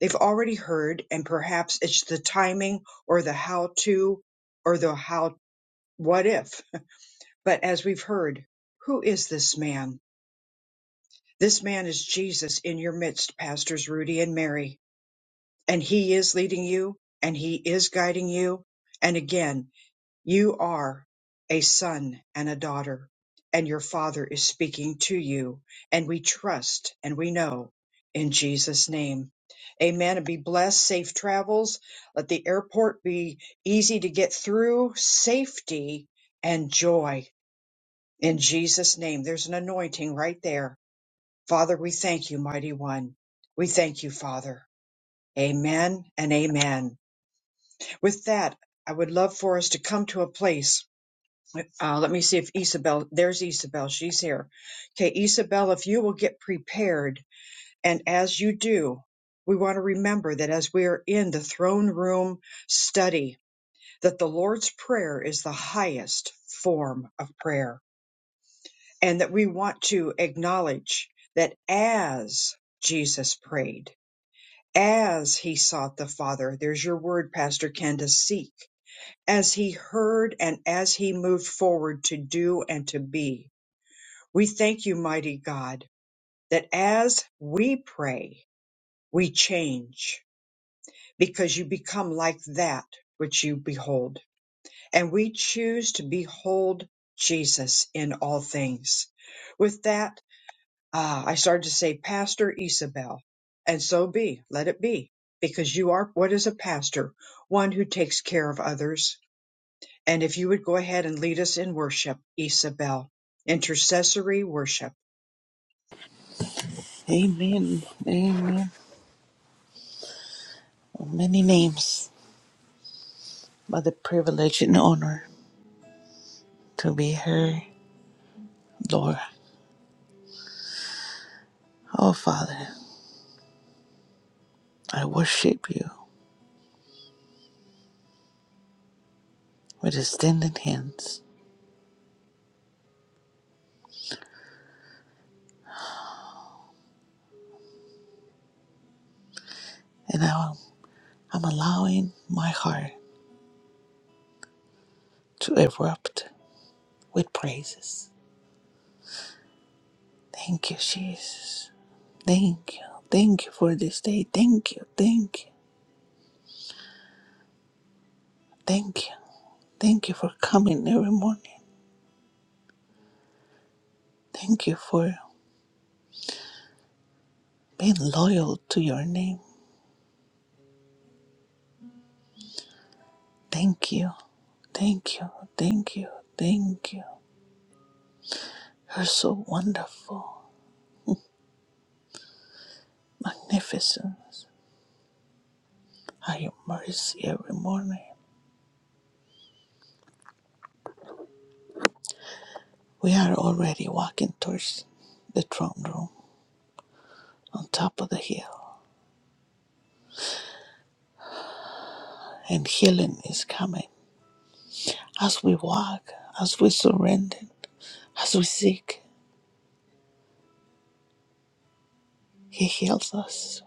Speaker 1: They've already heard, and perhaps it's the timing or the how to or the how, what if. But as we've heard, who is this man? This man is Jesus in your midst, Pastors Rudy and Mary. and he is leading you and he is guiding you. And again, you are a son and a daughter and your father is speaking to you and we trust and we know in Jesus name. Amen and be blessed. Safe travels. Let the airport be easy to get through. Safety and joy in Jesus name. There's an anointing right there. Father, we thank you, mighty one. We thank you, Father. Amen and amen. With that, I would love for us to come to a place. Uh, let me see if Isabel, there's Isabel, she's here. Okay, Isabel, if you will get prepared, and as you do, we want to remember that as we are in the throne room study, that the Lord's Prayer is the highest form of prayer, and that we want to acknowledge that as Jesus prayed, as he sought the Father, there's your word, Pastor Ken, to seek as he heard and as he moved forward to do and to be. We thank you, mighty God, that as we pray, we change because you become like that which you behold. And we choose to behold Jesus in all things. With that, ah, I started to say, Pastor Isabel, and so be, let it be, because you are what is a pastor? One who takes care of others And if you would go ahead and lead us in worship, Isabel, intercessory worship.
Speaker 8: Amen. Amen. Many names, but the privilege and honor to be here, Lord. Oh, Father, I worship you with extended hands, and now I'm allowing my heart to erupt with praises. Thank you, Jesus. Thank you. Thank you for this day. Thank you. Thank you. Thank you. Thank you for coming every morning. Thank you for being loyal to your name. Thank you. Thank you. Thank you. Thank you. You're so wonderful, magnificent. Are your mercy every morning. We are already walking towards the throne room on top of the hill, and healing is coming. As we walk, as we surrender, as we seek, He heals us.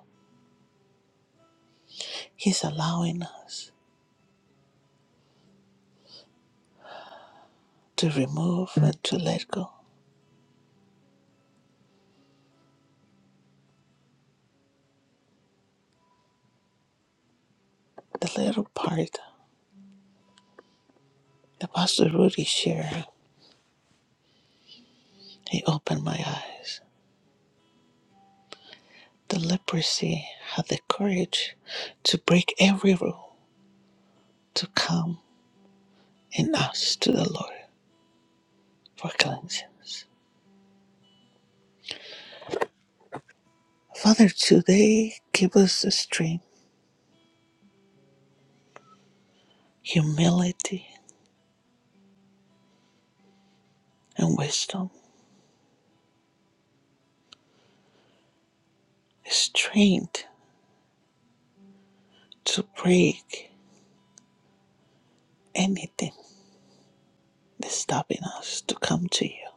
Speaker 8: He's allowing us to remove and to let go. The little part that Pastor Rudy shared, he opened my eyes. The leprosy had the courage to break every rule to come and ask to the Lord for cleansings. Father, today give us the strength, humility, and wisdom, strength to break anything that's stopping us to come to you,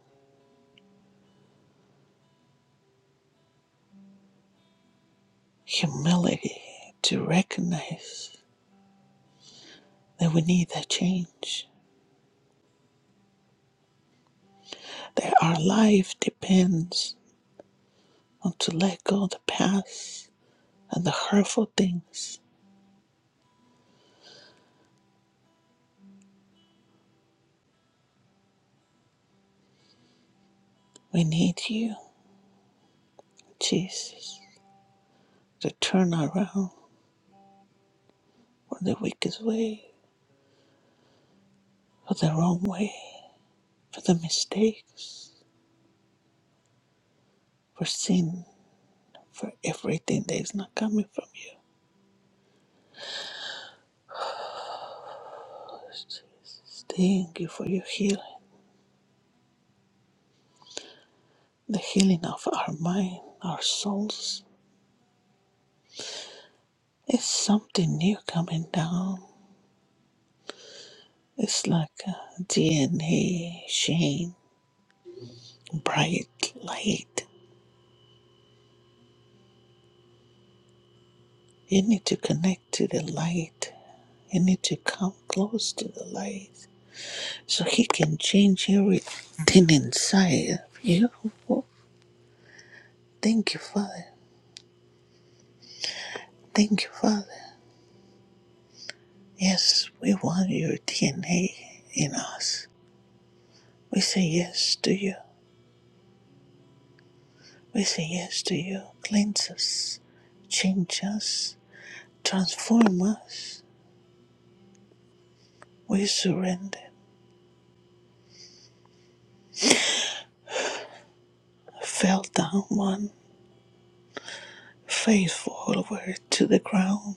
Speaker 8: humility to recognize that we need a change, that our life depends on to let go of the past and the hurtful things. We need you, Jesus, to turn around for the wicked way, for the wrong way, for the mistakes, for sin, for everything that is not coming from you. Thank you for your healing. The healing of our mind, our souls. It's something new coming down. It's like a DNA chain, bright light. You need to connect to the light You need to come close to the light so He can change everything inside of you. Thank you, Father. Thank you, Father. Yes, we want your DNA in us. We say yes to you. We say yes to you. Cleanse us, change us, transform us. We surrender. Fell down one faithful word to the ground.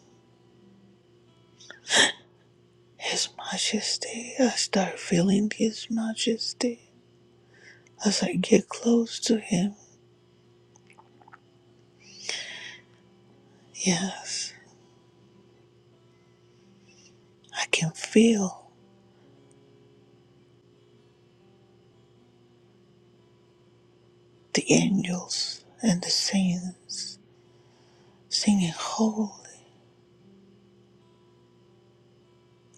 Speaker 8: His Majesty, I start feeling His Majesty. As I get close to him, yes, I can feel the angels and the saints singing holy.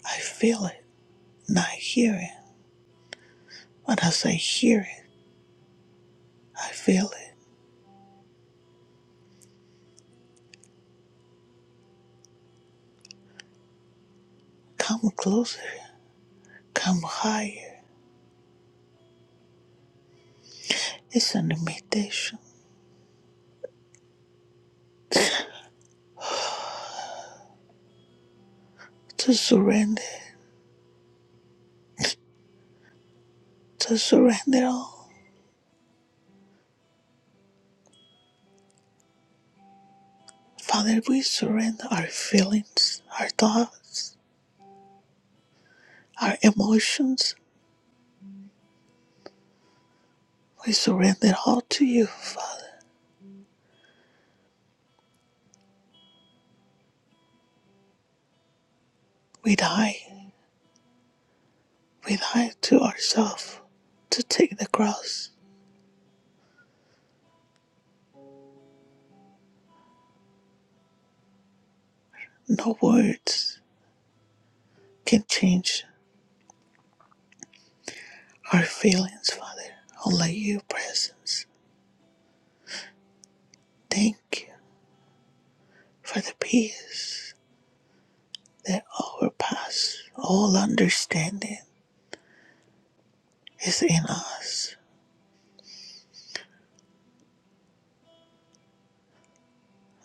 Speaker 8: I feel it, not hear it, but as I hear it, I feel it. Come closer, come higher. It's an invitation to surrender, to surrender all. Father, we surrender our feelings, our thoughts, our emotions. We surrender all to you, Father. We die. We lie to ourselves to take the cross. No words can change our feelings, Father. Only your presence. Thank you for the peace that overpasses all understanding is in us.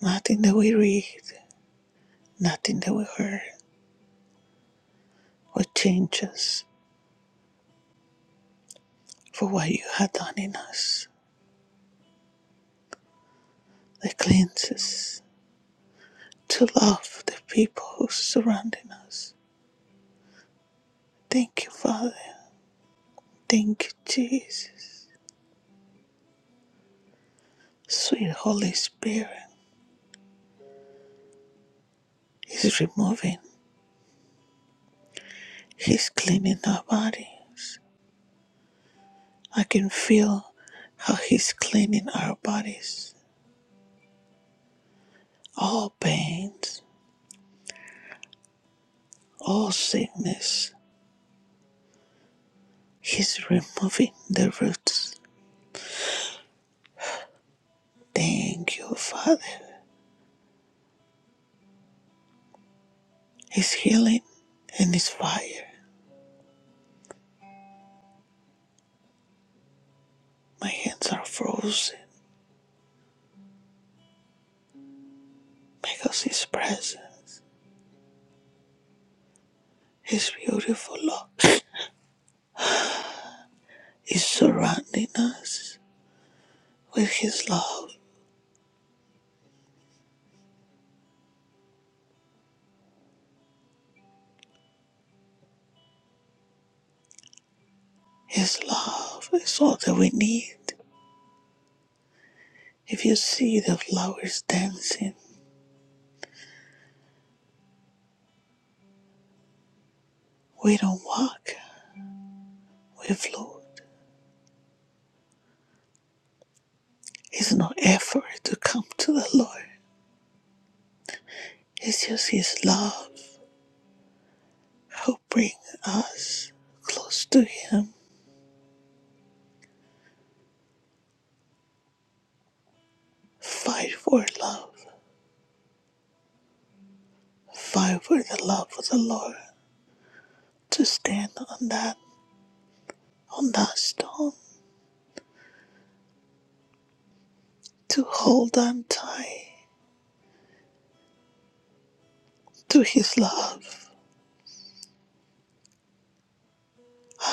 Speaker 8: Nothing that we read, nothing that we heard will change us for what you have done in us. That cleanses to love the people who surrounding us. Thank you, Father Thank you, Jesus. Sweet Holy Spirit He's removing, He's cleaning our bodies. I can feel how He's cleaning our bodies. All pains, all sickness, He's removing the roots. Thank you, Father. He's healing and His fire. My hands are frozen because His presence, His beautiful love, is surrounding us with His love. His love is all that we need. If you see the flowers dancing, we don't walk, we float. It's no effort to come to the Lord. It's just His love who brings us close to Him. Fight for love. Fight for the love of the Lord. To stand on that on that stone. To hold on tight to His love.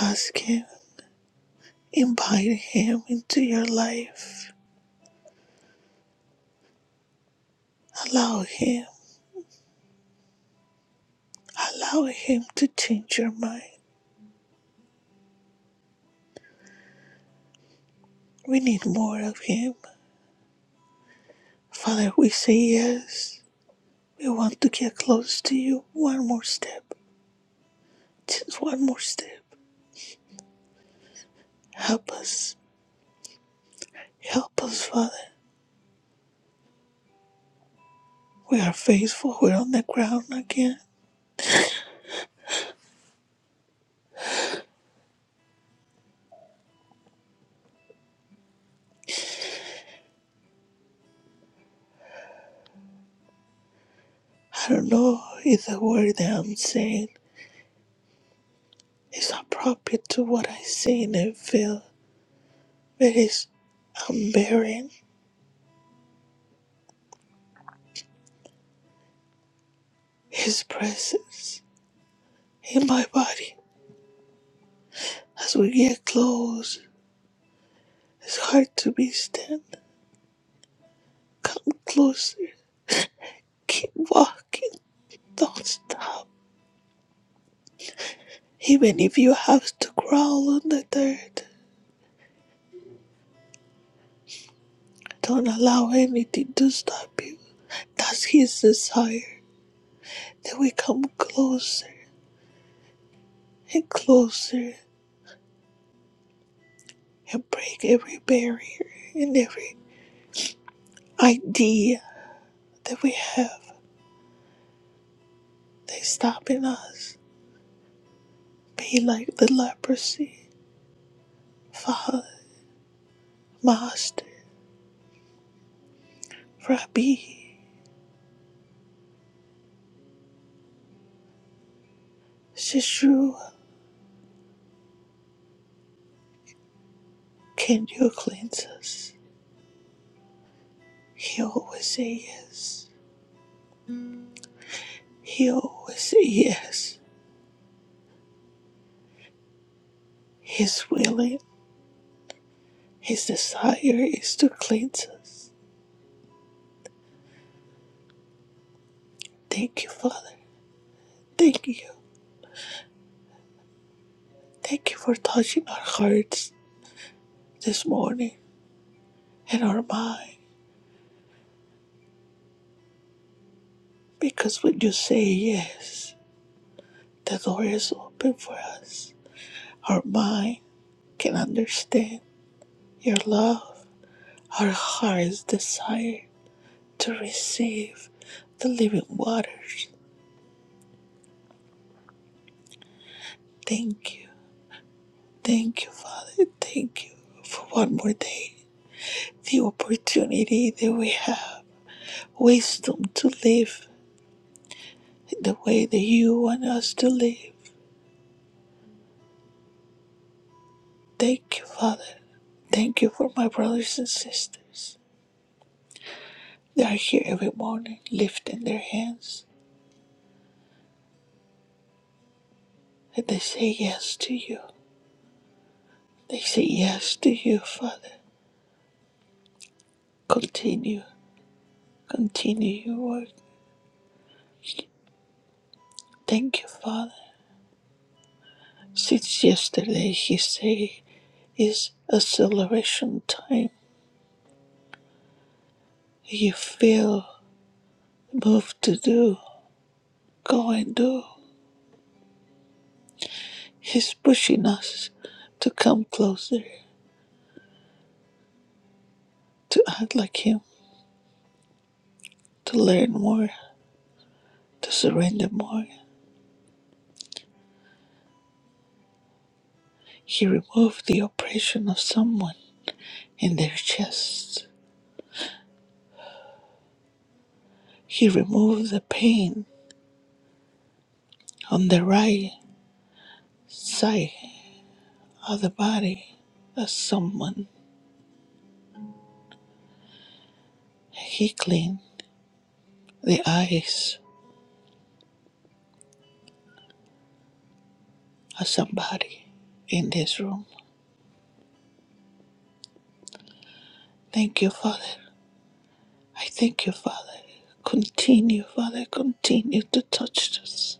Speaker 8: Ask Him. Invite Him into your life. Allow Him, allow Him to change your mind. We need more of Him. Father, we say yes. We want to get close to you. One more step, just one more step. Help us, help us, Father. We are faithful. We're on the ground again. I don't know if the word that I'm saying is appropriate to what I see and feel, but it's I'm bearing His presence in my body as we get close It's hard to be stand. Come closer. Keep walking. Don't stop. Even if you have to crawl on the dirt, don't allow anything to stop you. That's his desire that we come closer and closer and break every barrier and every idea that we have that's stopping us. Be like the leprosy. Father, Master, Rabbi, Sheshu, Can you cleanse us? He always says yes. He always says yes. He's willing. His desire is to cleanse us. Thank you, Father. Thank you. Thank you for touching our hearts this morning and our mind. Because when you say yes, the door is open for us. Our mind can understand your love. Our hearts desire to receive the living waters. Thank you. Thank you, Father. Thank you for one more day, the opportunity that we have, wisdom to live the way that you want us to live. Thank you, Father. Thank you for my brothers and sisters. They are here every morning lifting their hands and they say yes to you. They say yes to you, Father. Continue, continue your work. Thank you, Father. Since yesterday, He say is acceleration time you feel moved to do, go and do. He's pushing us to come closer, to act like Him, to learn more, to surrender more. He removed the oppression of someone in their chest. He removed the pain on the right side of the body of someone. He cleaned the eyes of somebody in this room. Thank you, Father. I thank you, Father. Continue, Father, continue to touch us.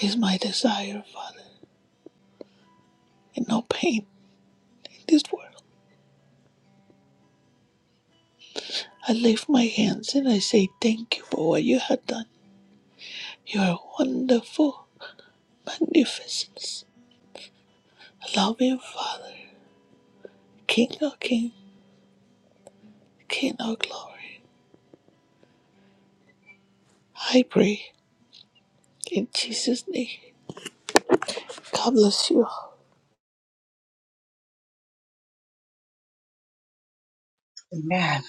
Speaker 8: Is my desire, Father, and no pain in this world. I lift my hands and I say thank you for what you have done. You are wonderful, magnificence, loving Father, King of King, King of Glory. I pray in Jesus' name. God bless you.
Speaker 1: Amen.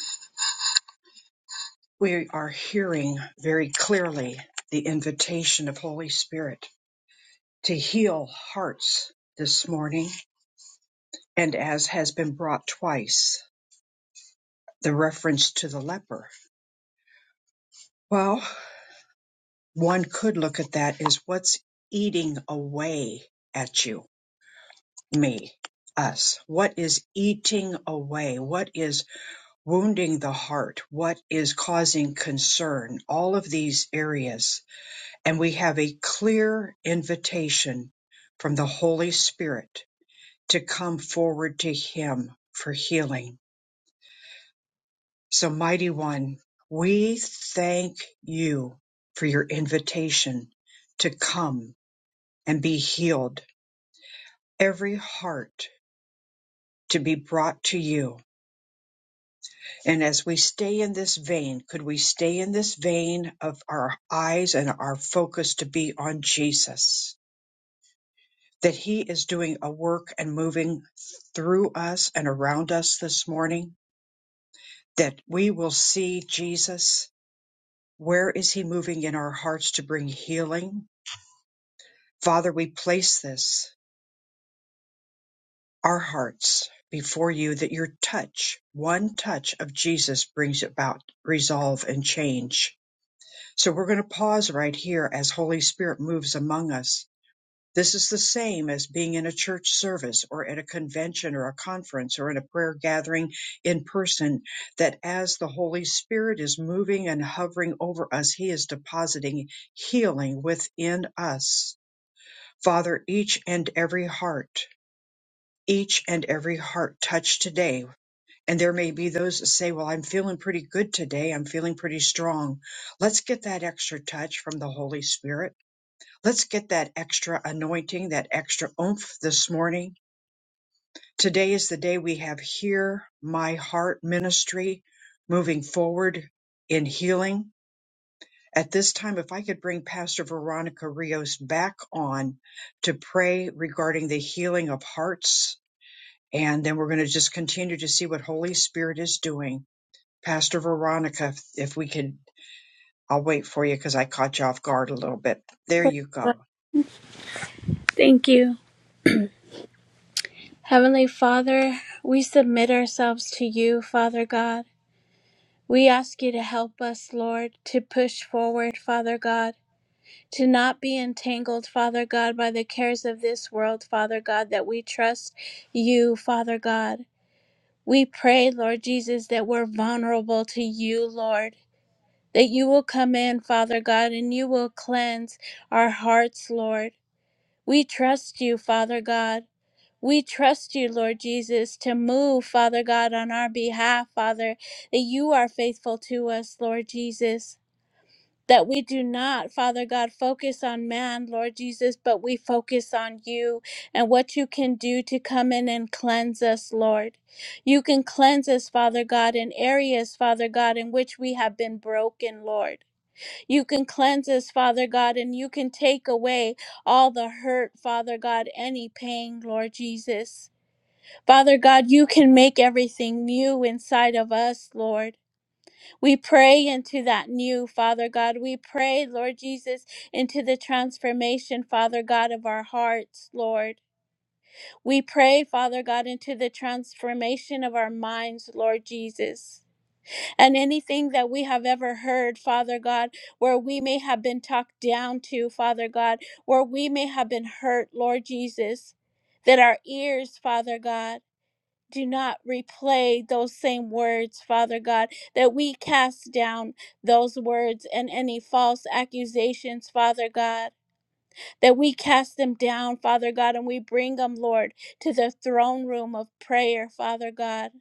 Speaker 1: We are hearing very clearly the invitation of Holy Spirit to heal hearts this morning. And as has been brought twice, the reference to the leper. Well, one could look at that as what's eating away at you, me, us. What is eating away? What is wounding the heart, what is causing concern, all of these areas. And we have a clear invitation from the Holy Spirit to come forward to Him for healing. So, Mighty One, we thank you for your invitation to come and be healed, every heart to be brought to you And as we stay in this vein, could we stay in this vein of our eyes and our focus to be on Jesus? That He is doing a work and moving through us and around us this morning, that we will see Jesus. Where is He moving in our hearts to bring healing? Father, we place this, our hearts, before you, that your touch, one touch of Jesus brings about resolve and change So we're going to pause right here as Holy Spirit moves among us. This is the same as being in a church service or at a convention or a conference or in a prayer gathering in person, that as the Holy Spirit is moving and hovering over us, He is depositing healing within us. Father, each and every heart, each and every heart touched today and there may be those that say, Well, I'm feeling pretty good today. I'm feeling pretty strong. Let's get that extra touch from the Holy Spirit. Let's get that extra anointing, that extra oomph this morning. Today is the day we have Hear My Heart ministry moving forward in healing. At this time, if I could bring Pastor Veronica Rios back on to pray regarding the healing of hearts, and then we're going to just continue to see what Holy Spirit is doing Pastor Veronica, if, if we could, I'll wait for you because I caught you off guard a little bit. There you go.
Speaker 4: Thank you. Heavenly Father, we submit ourselves to you, Father God. We ask you to help us, Lord, to push forward, Father God. to not be entangled, Father God, by the cares of this world, Father God, that we trust you, Father God. We pray, Lord Jesus, that we're vulnerable to you, Lord, that you will come in, Father God, and you will cleanse our hearts, Lord. We trust you, Father God. We trust you, Lord Jesus, to move, Father God, on our behalf, Father, that you are faithful to us, Lord Jesus that we do not, Father God, focus on man, Lord Jesus, but we focus on you and what you can do to come in and cleanse us, Lord. You can cleanse us, Father God, in areas, Father God, in which we have been broken, Lord. You can cleanse us, Father God, and you can take away all the hurt, Father God, any pain, Lord Jesus. Father God, you can make everything new inside of us, Lord. We pray into that new, Father God. We pray, Lord Jesus, into the transformation, Father God, of our hearts, Lord. We pray, Father God, into the transformation of our minds, Lord Jesus. And anything that we have ever heard, Father God, where we may have been talked down to, Father God, where we may have been hurt, Lord Jesus, that our ears, Father God, do not replay those same words, Father God, that we cast down those words and any false accusations, Father God, that we cast them down, Father God, and we bring them, Lord, to the throne room of prayer, Father God,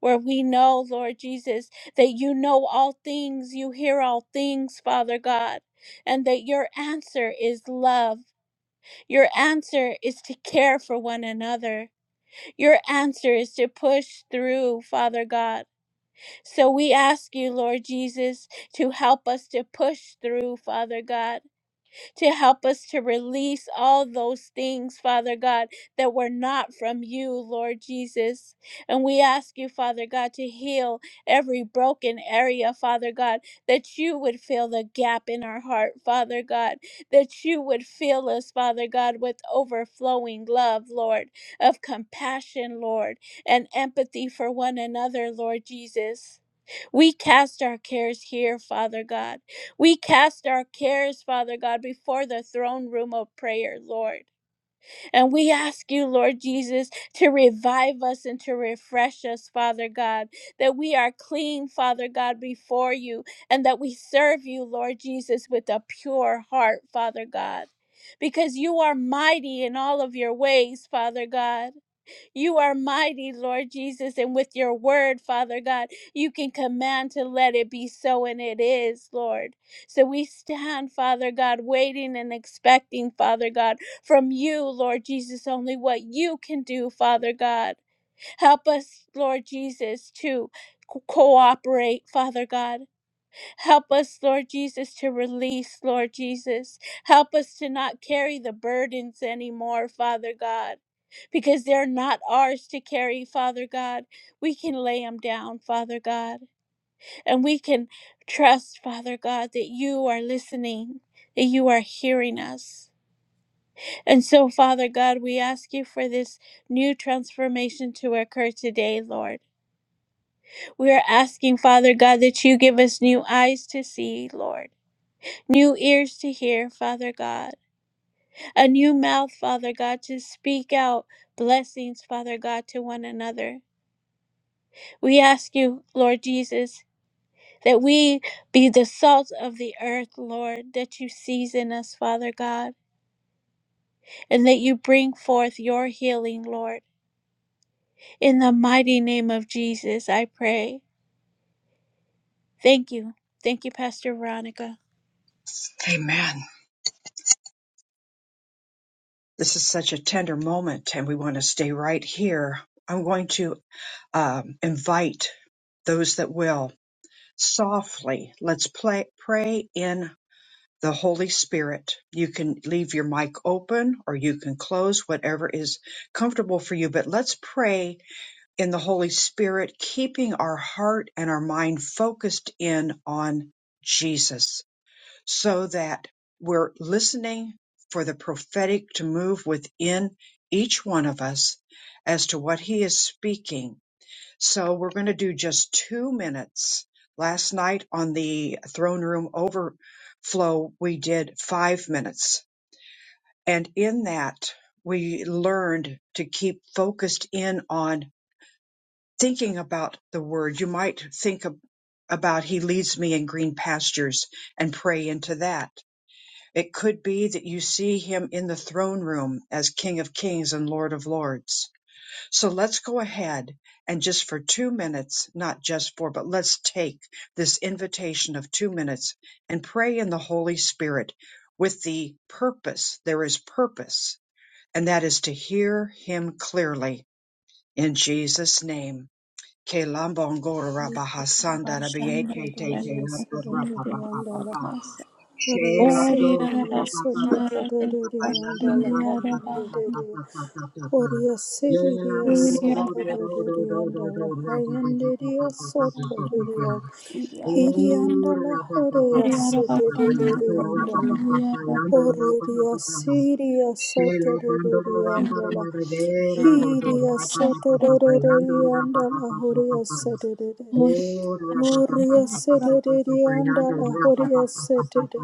Speaker 4: where we know, Lord Jesus, that you know all things, you hear all things, Father God. And that your answer is love. Your answer is to care for one another. Your answer is to push through, Father God. So we ask you, Lord Jesus, to help us to push through, Father God to help us to release all those things, Father God, that were not from you, Lord Jesus. And we ask you, Father God, to heal every broken area, Father God, that you would fill the gap in our heart, Father God, that you would fill us, Father God, with overflowing love, Lord, of compassion, Lord, and empathy for one another, Lord Jesus. We cast our cares here, Father God. We cast our cares, Father God, before the throne room of prayer, Lord. And we ask you, Lord Jesus, to revive us and to refresh us, Father God, that we are clean, Father God, before you, and that we serve you, Lord Jesus, with a pure heart, Father God. Because you are mighty in all of your ways, Father God. You are mighty, Lord Jesus, and with your word, Father God, you can command to let it be so, and it is, Lord. So we stand, Father God, waiting and expecting, Father God, from you, Lord Jesus, only what you can do, Father God. Help us, Lord Jesus, to co- cooperate, Father God. Help us, Lord Jesus, to release, Lord Jesus. Help us to not carry the burdens anymore, Father God, because they're not ours to carry, Father God. We can lay them down, Father God, and we can trust, Father God, that you are listening, that you are hearing us. And so, Father God, we ask you for this new transformation to occur today, Lord. We are asking, Father God, that you give us new eyes to see, Lord new ears to hear, Father God, a new mouth, Father God, to speak out blessings, Father God, to one another. We ask you, Lord Jesus, that we be the salt of the earth, Lord, that you season us, Father God, and that you bring forth your healing, Lord. In the mighty name of Jesus, I pray. Thank you. Thank you, Pastor Veronica.
Speaker 1: Amen. This is such a tender moment, and we want to stay right here. I'm going to um, invite those that will softly. Let's play, pray in the Holy Spirit. You can leave your mic open or you can close, whatever is comfortable for you, but let's pray in the Holy Spirit, keeping our heart and our mind focused in on Jesus so that we're listening for the prophetic to move within each one of us as to what he is speaking. So we're going to do just two minutes. Last night on the throne room overflow, we did five minutes. And in that, we learned to keep focused in on thinking about the word, you might think ab- about He leads me in green pastures and pray into that. It could be that you see Him in the throne room as King of Kings and Lord of Lords. So let's go ahead and just for two minutes, not just four, but let's take this invitation of two minutes and pray in the Holy Spirit with the purpose. There is purpose, and that is to hear Him clearly in Jesus' name. Ke lambongora rabahasanda
Speaker 9: andala.
Speaker 1: rabieke te te rato
Speaker 9: Dadadiyasodododiyandala.
Speaker 1: rabababababa. She la do
Speaker 4: Ori araba shandara araba
Speaker 1: ayando
Speaker 9: Oriyasiririyasodododiyandala
Speaker 4: shindi araba
Speaker 9: hayandiriyo.
Speaker 1: rabababababababababa. Ye la do do
Speaker 4: ori
Speaker 1: do do
Speaker 4: araba
Speaker 1: do do do do do
Speaker 9: Oriyasiririyasodododiyandala hayandiriyasodododiya.
Speaker 4: shindi araba
Speaker 1: Oh
Speaker 9: Hiriyandala
Speaker 4: ori araba
Speaker 1: rabababababababa
Speaker 4: shandara
Speaker 1: yato
Speaker 4: araba
Speaker 9: horiyasiririyandala.
Speaker 4: shindi
Speaker 1: rababababa yando rababababa. She la rambara
Speaker 9: Oriyasiriyasodododiyandala.
Speaker 1: marade la do do
Speaker 4: araba iksha
Speaker 1: yando
Speaker 9: Hiriyasodododiyandala
Speaker 1: rababababababa.
Speaker 9: horiyasiririyandala.
Speaker 4: ori
Speaker 1: Oh,
Speaker 9: Horia sedede
Speaker 1: rapapapapapapapapapayando,
Speaker 9: andala, horia sedede,
Speaker 1: rapapapapapapa.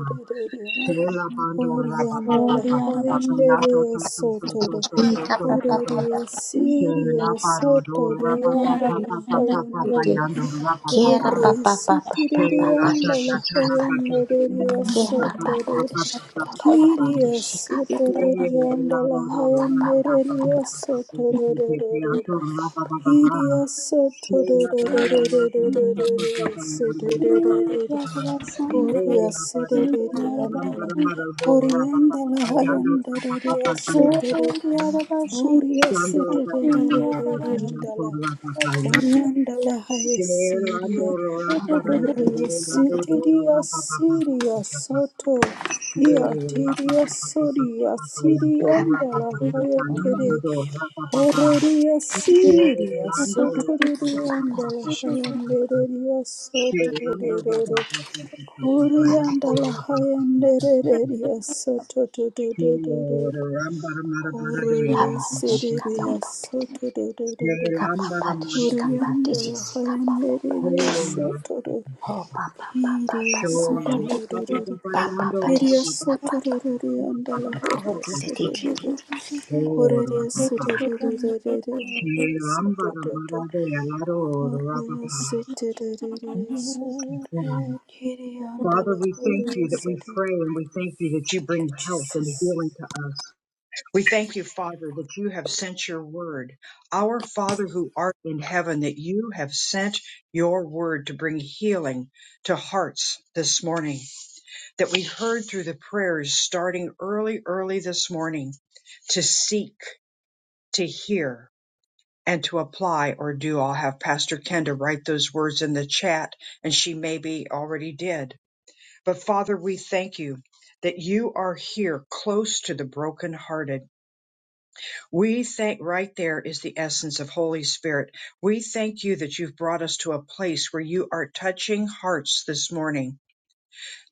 Speaker 1: Shela bando,
Speaker 9: horia
Speaker 4: araba
Speaker 9: andala,
Speaker 4: ori araba
Speaker 1: rapapapapapapapa,
Speaker 9: hayandere
Speaker 1: yato, to, to, to, to,
Speaker 9: sotore,
Speaker 1: to, to, to, to, to.
Speaker 9: horia
Speaker 4: shindi
Speaker 9: siria
Speaker 1: Shela parodo,
Speaker 9: sotore
Speaker 4: ori araba
Speaker 9: andala,
Speaker 4: shandara araba
Speaker 9: hayandere,
Speaker 3: de
Speaker 1: rapapapapapapapayando,
Speaker 3: kera pa
Speaker 1: rapapapa.
Speaker 9: horia
Speaker 3: pa pa pa pa
Speaker 9: sitiri
Speaker 3: pa
Speaker 1: Shela
Speaker 3: pa de
Speaker 1: cha,
Speaker 9: andala,
Speaker 1: cha,
Speaker 3: shi
Speaker 1: cha, la,
Speaker 3: pa
Speaker 1: pa, to, to,
Speaker 9: hayandere
Speaker 3: ke pa pa pa
Speaker 9: sotore,
Speaker 3: de shi ka pa
Speaker 1: rapapapapapapapapa.
Speaker 3: de de
Speaker 9: kiria
Speaker 3: shi ka
Speaker 4: shindi araba ori araba shandara shindi araba ori araba
Speaker 9: sotore
Speaker 1: Shela
Speaker 9: andala,
Speaker 1: rodo,
Speaker 9: hayandere
Speaker 1: rapapapapapapapa,
Speaker 9: sotore.
Speaker 1: yato, rapapapapa. Shelando
Speaker 4: shandara
Speaker 9: Oriandala Orianda la haya Siria, Kuria Sitiria Siria Soto, Iatiria Soria Siria
Speaker 3: pa de
Speaker 9: la
Speaker 3: de
Speaker 9: haya Tere, Horaria Siria Soto
Speaker 4: shindi
Speaker 9: Rianda la
Speaker 4: araba
Speaker 9: haya Nereria Soto
Speaker 1: Shiramba Baba
Speaker 9: Rero,
Speaker 1: Baba Baba Baba
Speaker 3: ka ta ta
Speaker 9: Orianda
Speaker 3: pa
Speaker 9: la
Speaker 3: de
Speaker 1: Yakuraba
Speaker 9: haya Nereria Soto Rero,
Speaker 1: Shiramba Mara Mara Dera
Speaker 3: pa
Speaker 9: Horaria
Speaker 3: pa
Speaker 1: Baba
Speaker 3: de
Speaker 4: Thank
Speaker 3: shi pa
Speaker 9: Siria
Speaker 3: pa de de
Speaker 9: Soto Rero.
Speaker 3: ka pa
Speaker 1: Shiramba
Speaker 3: pa
Speaker 1: Mara
Speaker 3: de shi pa
Speaker 1: Baba
Speaker 3: de de
Speaker 9: Huriyandala
Speaker 3: si pa pa pa
Speaker 9: hayandiriya
Speaker 3: de
Speaker 1: Shora
Speaker 9: sotoror
Speaker 3: ho pa pa pa pa
Speaker 9: hiriya
Speaker 3: pa pa pa
Speaker 1: Shora
Speaker 4: you.
Speaker 1: Baba
Speaker 9: sotororor
Speaker 1: Baba
Speaker 3: pa pa
Speaker 1: Yando
Speaker 3: pa de
Speaker 9: hiriya
Speaker 1: Baba
Speaker 3: shi
Speaker 1: Baba
Speaker 3: pa pa
Speaker 9: sotorororiyandala
Speaker 1: Baba
Speaker 3: ho
Speaker 9: huriya
Speaker 3: di
Speaker 1: Baba
Speaker 3: de di di di
Speaker 9: sotororor
Speaker 3: di
Speaker 1: Shora
Speaker 9: huriya
Speaker 1: Baba
Speaker 9: sotororororororiya
Speaker 1: Shiramba Mara
Speaker 9: sotororor
Speaker 1: Dera Rora
Speaker 9: huriya sotorororiya sotoror
Speaker 1: Baba Father,
Speaker 9: hiriyandala
Speaker 1: we thank
Speaker 9: huriya
Speaker 1: you that we
Speaker 9: sotoror.
Speaker 1: pray and we thank you that you
Speaker 9: Thank
Speaker 1: bring
Speaker 9: you,
Speaker 1: health and
Speaker 9: Jesus.
Speaker 1: healing to us. We thank you, Father, that you have sent your word. Our Father who art in heaven, that you have sent your word to bring healing to hearts this morning, that we heard through the prayers starting early, early this morning to seek, to hear, and to apply or do. I'll have Pastor Kenda write those words in the chat, and she maybe already did. But Father, we thank you that you are here close to the brokenhearted We thank right there is the essence of Holy Spirit. We thank you that you've brought us to a place where you are touching hearts this morning,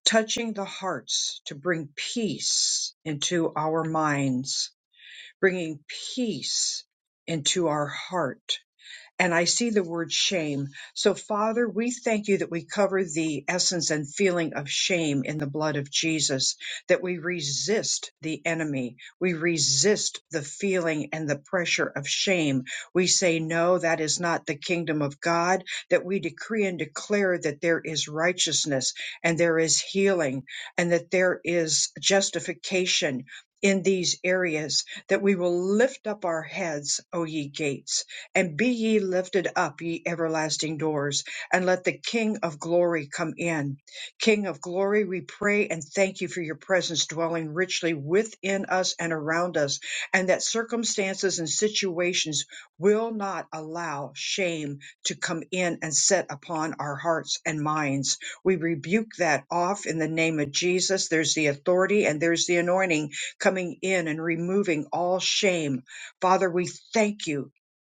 Speaker 1: touching the hearts to bring peace into our minds, bringing peace into our heart and I see the word shame. So, Father, we thank you that we cover the essence and feeling of shame in the blood of Jesus, that we resist the enemy. We resist the feeling and the pressure of shame. We say, No, that is not the kingdom of God, that we decree and declare that there is righteousness and there is healing and that there is justification. In these areas, that we will lift up our heads, O ye gates, and be ye lifted up, ye everlasting doors, and let the King of glory come in. King of glory, we pray and thank you for your presence dwelling richly within us and around us, and that circumstances and situations will not allow shame to come in and set upon our hearts and minds. We rebuke that off in the name of Jesus. There's the authority and there's the anointing coming in and removing all shame. Father, we thank you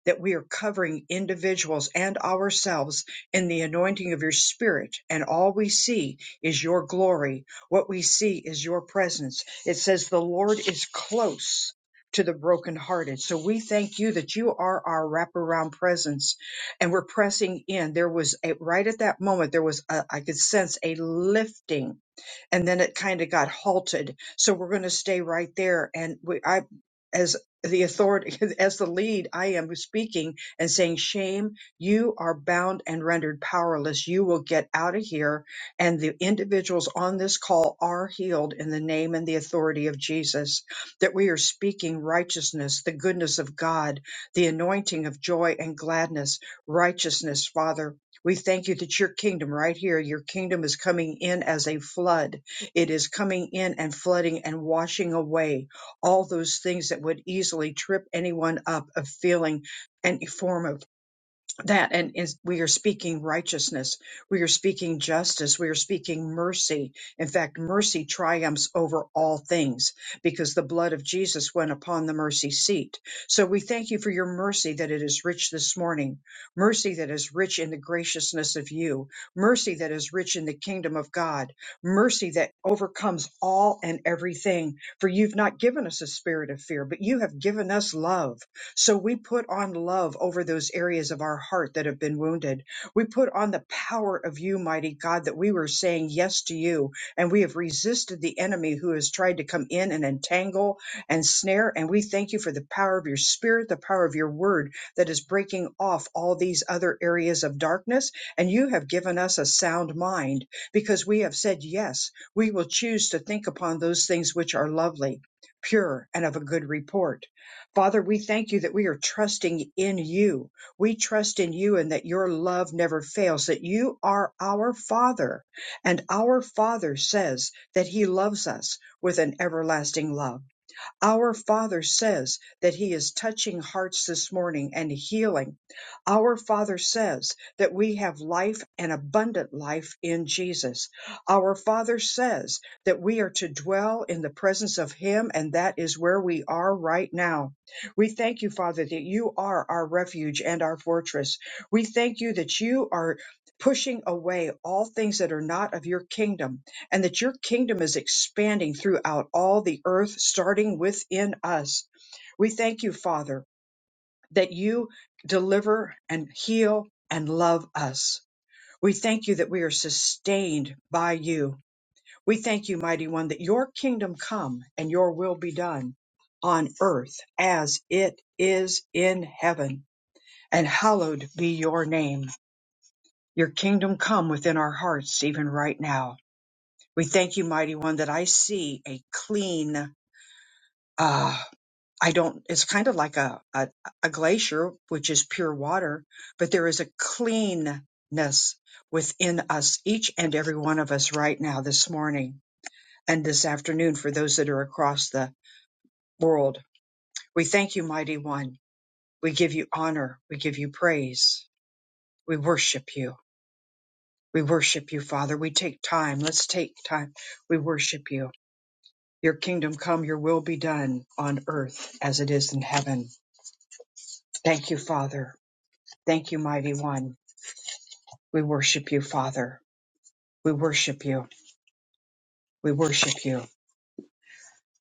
Speaker 1: that we are covering individuals and ourselves in the anointing of your spirit. And all we see is your glory. What we see is your presence. It says the Lord is close to the brokenhearted. So we thank you that you are our wraparound presence and we're pressing in. There was a, right at that moment, there was a, I could sense a lifting and then it kind of got halted. So we're going to stay right there. And we, I, as the authority, as the lead, I am speaking and saying, shame, you are bound and rendered powerless. You will get out of here. And the individuals on this call are healed in the name and the authority of Jesus, that we are speaking righteousness, the goodness of God, the anointing of joy and gladness, righteousness, Father. We thank you that your kingdom right here, your kingdom is coming in as a flood it is coming in and flooding and washing away all those things that would easily trip anyone up of feeling any form of that and is we are speaking righteousness we are speaking justice we are speaking mercy in fact mercy triumphs over all things because the blood of jesus went upon the mercy seat so we thank you for your mercy that it is rich this morning mercy that is rich in the graciousness of you mercy that is rich in the kingdom of god mercy that overcomes all and everything for you've not given us a spirit of fear but you have given us love so we put on love over those areas of our heart that have been wounded. We put on the power of you, mighty God, that we were saying yes to you and we have resisted the enemy who has tried to come in and entangle and snare. And we thank you for the power of your spirit, the power of your word that is breaking off all these other areas of darkness. And you have given us a sound mind because we have said yes, we will choose to think upon those things which are lovely, pure, and of a good report Father, we thank you that we are trusting in you. We trust in you and that your love never fails, that you are our Father. And our Father says that he loves us with an everlasting love. Our Father says that He is touching hearts this morning and healing. Our Father says that we have life and abundant life in Jesus. Our Father says that we are to dwell in the presence of Him, and that is where we are right now. We thank you, Father, that you are our refuge and our fortress. We thank you that you are pushing away all things that are not of your kingdom and that your kingdom is expanding throughout all the earth, starting within us. We thank you, Father, that you deliver and heal and love us. We thank you that we are sustained by you. We thank you, Mighty One, that your kingdom come and your will be done on earth as it is in heaven. And hallowed be your name. Your kingdom come within our hearts, even right now. We thank you, Mighty One, that I see a clean uh, I don't, it's kind of like a, a, a glacier, which is pure water, but there is a cleanness within us, each and every one of us right now, this morning and this afternoon for those that are across the world. We thank you, mighty one. We give you honor. We give you praise. We worship you. We worship you, Father. We take time. Let's take time. We worship you. Your kingdom come, your will be done on earth as it is in heaven. Thank you, Father. Thank you, mighty one. We worship you, Father. We worship you. We worship you.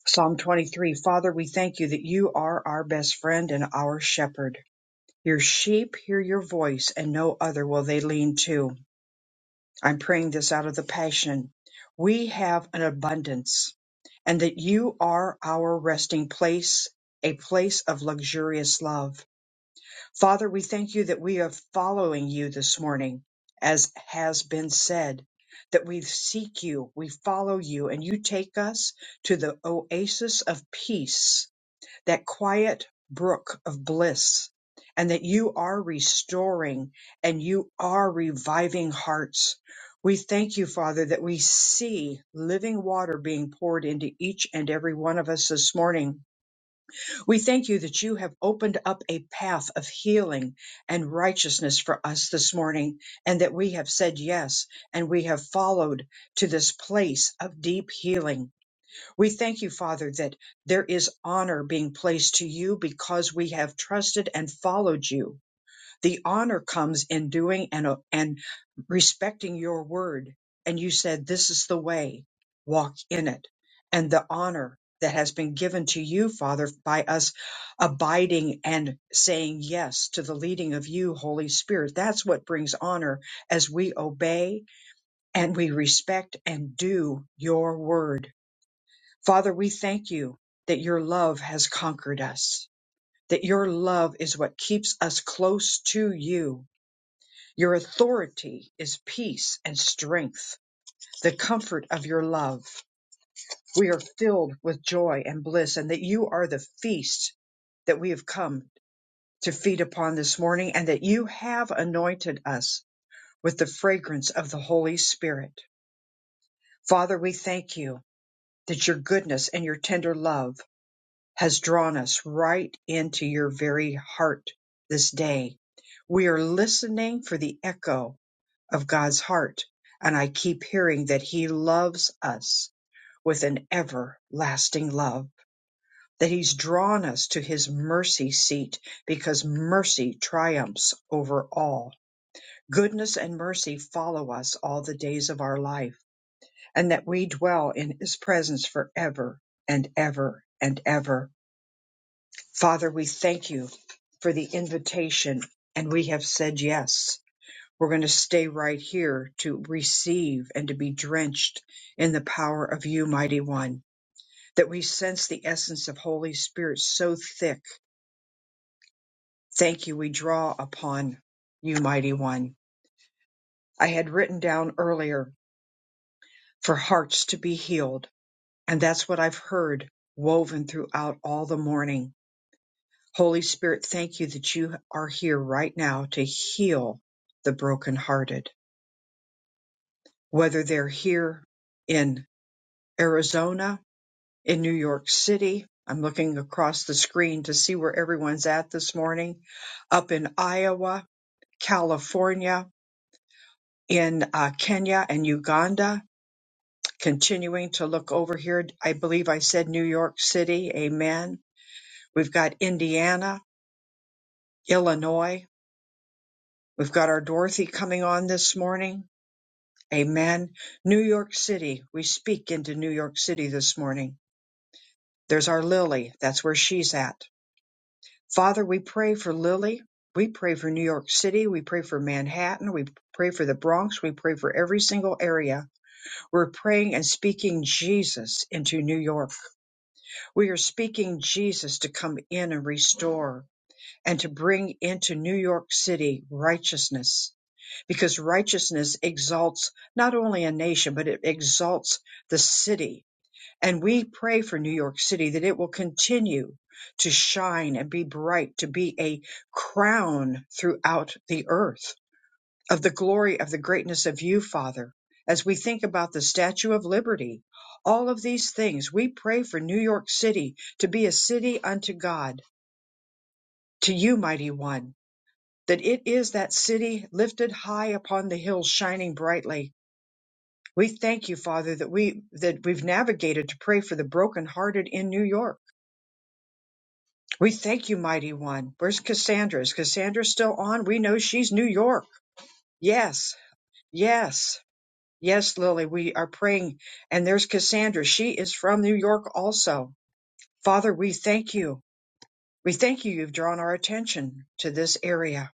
Speaker 1: Psalm 23 Father, we thank you that you are our best friend and our shepherd. Your sheep hear your voice, and no other will they lean to. I'm praying this out of the passion. We have an abundance, and that you are our resting place, a place of luxurious love Father, we thank you that we are following you this morning, as has been said, that we seek you, we follow you, and you take us to the oasis of peace, that quiet brook of bliss, and that you are restoring and you are reviving hearts. We thank you, Father, that we see living water being poured into each and every one of us this morning we thank you that you have opened up a path of healing and righteousness for us this morning, and that we have said yes and we have followed to this place of deep healing. We thank you, Father, that there is honor being placed to you because we have trusted and followed you. The honor comes in doing and, and respecting your word. And you said, this is the way, walk in it. And the honor that has been given to you, Father, by us abiding and saying yes to the leading of you, Holy Spirit. That's what brings honor as we obey and we respect and do your word. Father, we thank you that your love has conquered us, that your love is what keeps us close to you your authority is peace and strength, the comfort of your love. We are filled with joy and bliss, and that you are the feast that we have come to feed upon this morning, and that you have anointed us with the fragrance of the Holy Spirit. Father, we thank you that your goodness and your tender love. has drawn us right into your very heart this day. We are listening for the echo of God's heart, and I keep hearing that He loves us with an everlasting love, that He's drawn us to His mercy seat because mercy triumphs over all. Goodness and mercy follow us all the days of our life, and that we dwell in His presence forever and ever and ever. Father, we thank you for the invitation, and we have said yes. We're going to stay right here to receive and to be drenched in the power of you, Mighty One, that we sense the essence of Holy Spirit so thick. Thank you. We draw upon you, Mighty One. I had written down earlier for hearts to be healed, and that's what I've heard woven throughout all the morning Holy Spirit, thank you that you are here right now to heal the brokenhearted, whether they're here in Arizona, in New York City. I'm looking across the screen to see where everyone's at this morning, up in Iowa, California, in uh, Kenya and Uganda. Continuing to look over here, I believe I said New York City. Amen. We've got Indiana, Illinois. We've got our Dorothy coming on this morning Amen. New York City, we speak into New York City this morning. There's our Lily. That's where she's at. Father, we pray for Lily. We pray for New York City. We pray for Manhattan. We pray for the Bronx. We pray for every single area. We're praying and speaking Jesus into New York. We are speaking Jesus to come in and restore and to bring into New York City righteousness because righteousness exalts not only a nation, but it exalts the city. And we pray for New York City that it will continue to shine and be bright, to be a crown throughout the earth of the glory of the greatness of you, Father. As we think about the Statue of Liberty, all of these things, we pray for New York City to be a city unto God, to you, Mighty One, that it is that city lifted high upon the hills, shining brightly, We thank you, Father, that we that we've navigated to pray for the brokenhearted in New York. We thank you, mighty one. Where's Cassandra? Is Cassandra still on? We know she's New York. Yes, yes, yes, Lily. We are praying, and there's Cassandra. She is from New York also. Father, we thank you. We thank you. You've drawn our attention to this area.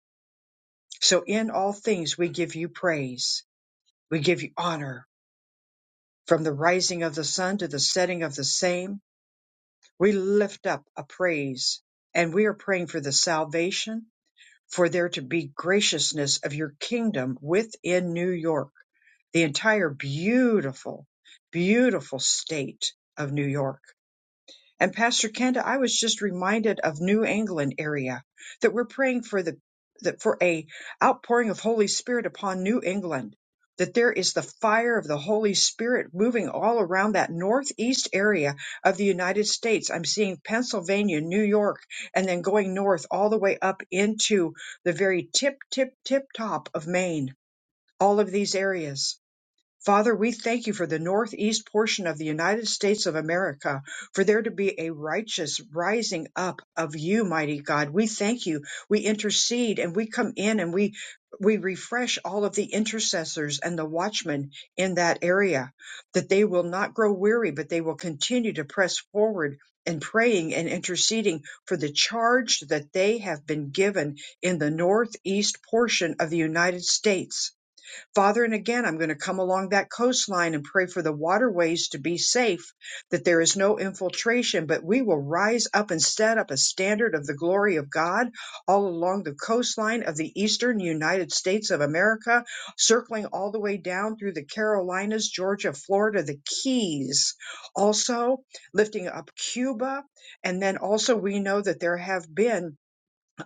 Speaker 1: So in all things, we give you praise. We give you honor from the rising of the sun to the setting of the same We lift up a praise and we are praying for the salvation, for there to be graciousness of your kingdom within New York, the entire beautiful, beautiful state of New York. And Pastor Kenda, I was just reminded of New England area that we're praying for the that for a outpouring of Holy Spirit upon New England, that there is the fire of the Holy Spirit moving all around that northeast area of the United States. I'm seeing Pennsylvania, New York, and then going north all the way up into the very tip, tip, tip top of Maine, all of these areas Father, we thank you for the northeast portion of the United States of America, for there to be a righteous rising up of you, mighty God. We thank you. We intercede and we come in and we we refresh all of the intercessors and the watchmen in that area, that they will not grow weary, but they will continue to press forward in praying and interceding for the charge that they have been given in the northeast portion of the United States Father, and again, I'm going to come along that coastline and pray for the waterways to be safe, that there is no infiltration, but we will rise up and set up a standard of the glory of God all along the coastline of the eastern United States of America, circling all the way down through the Carolinas, Georgia, Florida, the Keys. Also, lifting up Cuba. And then also, we know that there have been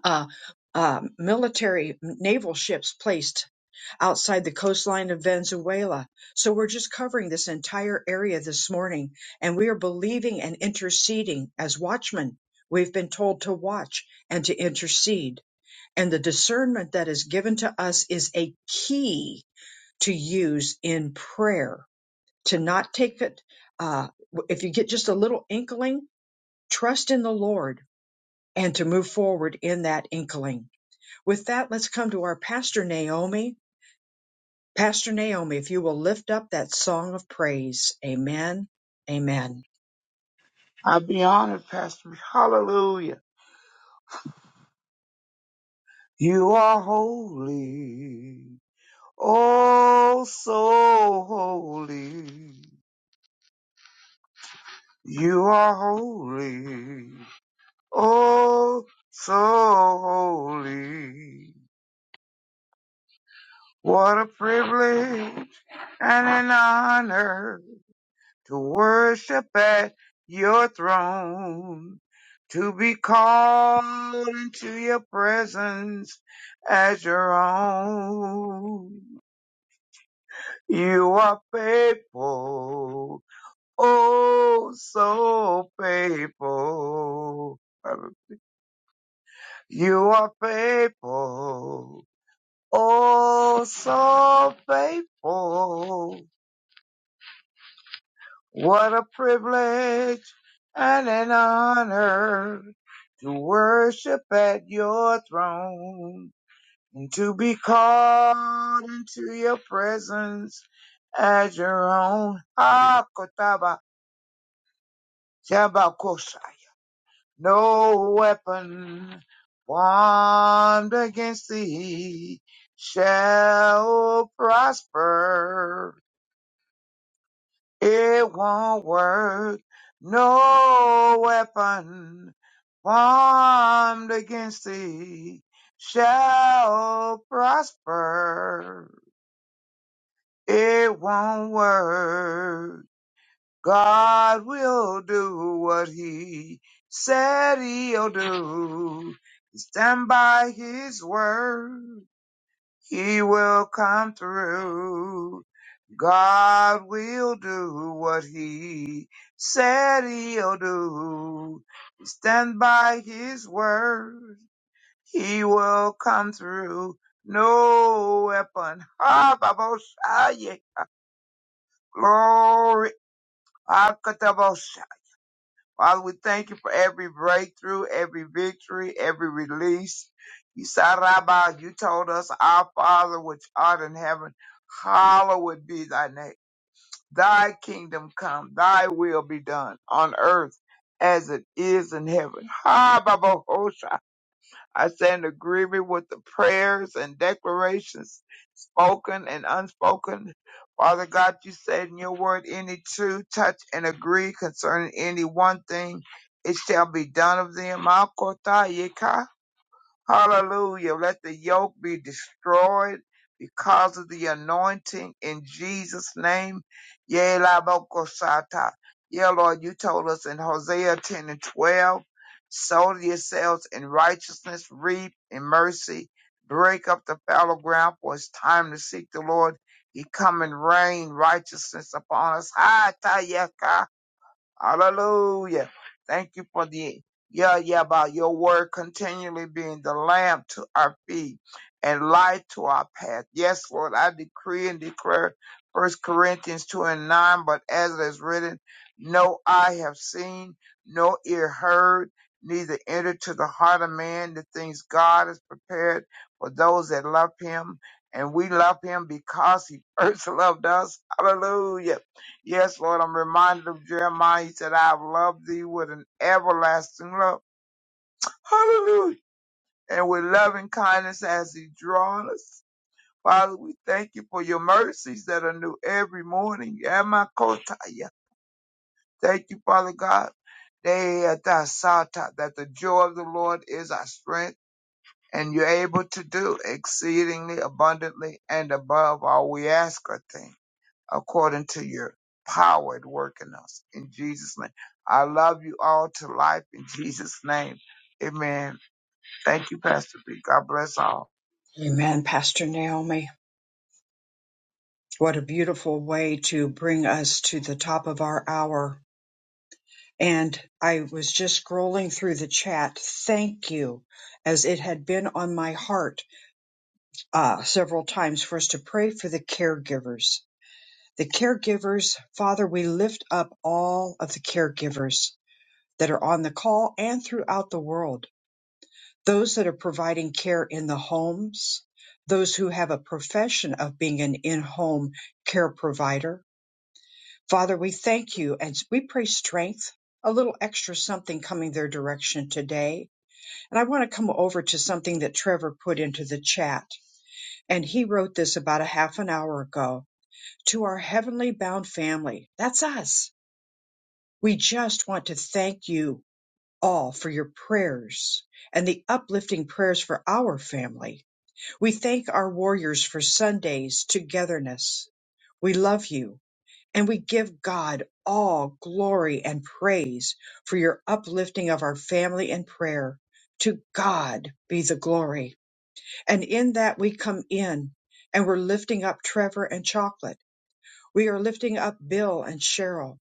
Speaker 1: uh, uh, military naval ships placed outside the coastline of Venezuela. So we're just covering this entire area this morning, and we are believing and interceding as watchmen. We've been told to watch and to intercede, and the discernment that is given to us is a key to use in prayer. To not take it, uh, if you get just a little inkling, trust in the Lord and to move forward in that inkling. With that, let's come to our pastor Naomi. Pastor Naomi, if you will lift up that song of praise. Amen. Amen.
Speaker 10: I'll be honored, Pastor. Hallelujah. You are holy. Oh, so holy. You are holy. Oh, so holy. What a privilege and an honor to worship at your throne, to be called into your presence as your own. You are faithful, oh so faithful. You are faithful, oh so faithful. What a privilege and an honor to worship at your throne and to be called into your presence as your own. Ah, Kotaba, Tabakosha. No weapon formed against thee shall prosper. It won't work. No weapon formed against thee shall prosper. It won't work. God will do what he said he'll do. Stand by his word. He will come through. God will do what he said he'll do. Stand by his word. He will come through. No weapon. Ah, Baboshaya. Glory. Father, we thank you for every breakthrough, every victory, every release. You said, Rabbi, you told us, Our Father which art in heaven, hallowed be thy name. Thy kingdom come, thy will be done on earth as it is in heaven. Ha, Baba, I stand in agreement with the prayers and declarations spoken and unspoken. Father God, you said in your word, any two touch and agree concerning any one thing, it shall be done of them. Ma Hallelujah. Let the yoke be destroyed because of the anointing in Jesus' name. Yea, la boko sata. Yeah, Lord, you told us in Hosea 10 and 12, sow to yourselves in righteousness, reap in mercy, break up the fallow ground, for it's time to seek the Lord. He come and rain righteousness upon us. Ha, ta, yaka. Hallelujah. Thank you for the yeah, yeah, about your word continually being the lamp to our feet and light to our path. Yes, Lord, I decree and declare First Corinthians 2 and 9, but as it is written, no eye have seen, no ear heard, neither entered to the heart of man the things God has prepared for those that love him. And we love him because he first loved us. Hallelujah. Yes, Lord, I'm reminded of Jeremiah. He said, I have loved thee with an everlasting love. Hallelujah. And with loving kindness has he drawn us. Father, we thank you for your mercies that are new every morning. Yamakotaya. Thank you, Father God. Deatasata, That the joy of the Lord is our strength, and you're able to do exceedingly abundantly and above all we ask or think. according to your power at work in us. In Jesus' name. I love you all to life in Jesus' name. Amen. Thank you, Pastor B. God bless all.
Speaker 1: Amen, Pastor Naomi. What a beautiful way to bring us to the top of our hour. And I was just scrolling through the chat. Thank you, as it had been on my heart uh, several times for us to pray for the caregivers. The caregivers, Father, we lift up all of the caregivers that are on the call and throughout the world. those that are providing care in the homes, those who have a profession of being an in home care provider. Father, we thank you and we pray strength, a little extra something coming their direction today. And I want to come over to something that Trevor put into the chat. And he wrote this about a half an hour ago to our heavenly bound family. That's us. We just want to thank you all for your prayers and the uplifting prayers for our family. We thank our warriors for Sunday's togetherness. We love you and we give God all glory and praise for your uplifting of our family and prayer. To God be the glory. And in that we come in and we're lifting up Trevor and Chocolate we are lifting up Bill and Cheryl.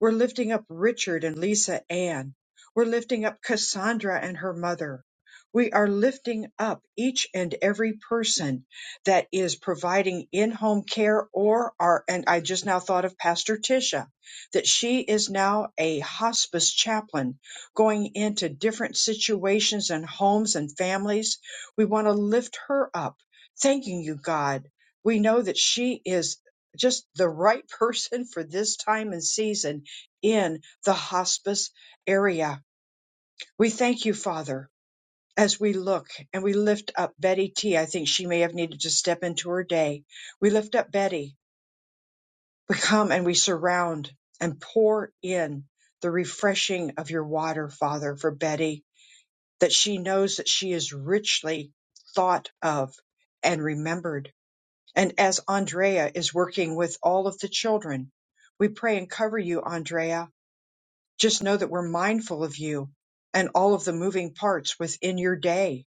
Speaker 1: We're lifting up Richard and Lisa Ann. We're lifting up Cassandra and her mother. We are lifting up each and every person that is providing in-home care or are, and I just now thought of Pastor Tisha, that she is now a hospice chaplain going into different situations and homes and families. We want to lift her up, thanking you, God. We know that she is just the right person for this time and season in the hospice area. We thank you, Father, as we look and we lift up Betty T. I think she may have needed to step into her day. We lift up Betty. We come and we surround and pour in the refreshing of your water, Father, for Betty, that she knows that she is richly thought of and remembered And as Andrea is working with all of the children, we pray and cover you, Andrea. Just know that we're mindful of you and all of the moving parts within your day.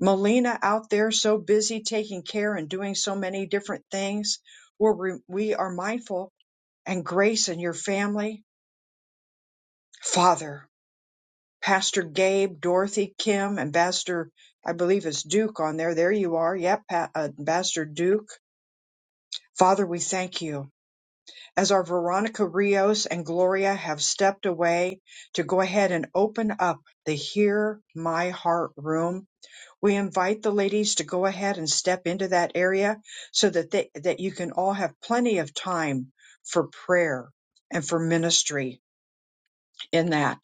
Speaker 1: Melina out there so busy taking care and doing so many different things We're we are mindful and grace and your family. Father, Pastor Gabe, Dorothy, Kim, Ambassador, I believe it's Duke on there. There you are. Yep, pa- uh, Ambassador Duke. Father, we thank you. as our Veronica Rios and Gloria have stepped away to go ahead and open up the Hear My Heart room, we invite the ladies to go ahead and step into that area so that they, that you can all have plenty of time for prayer and for ministry in that.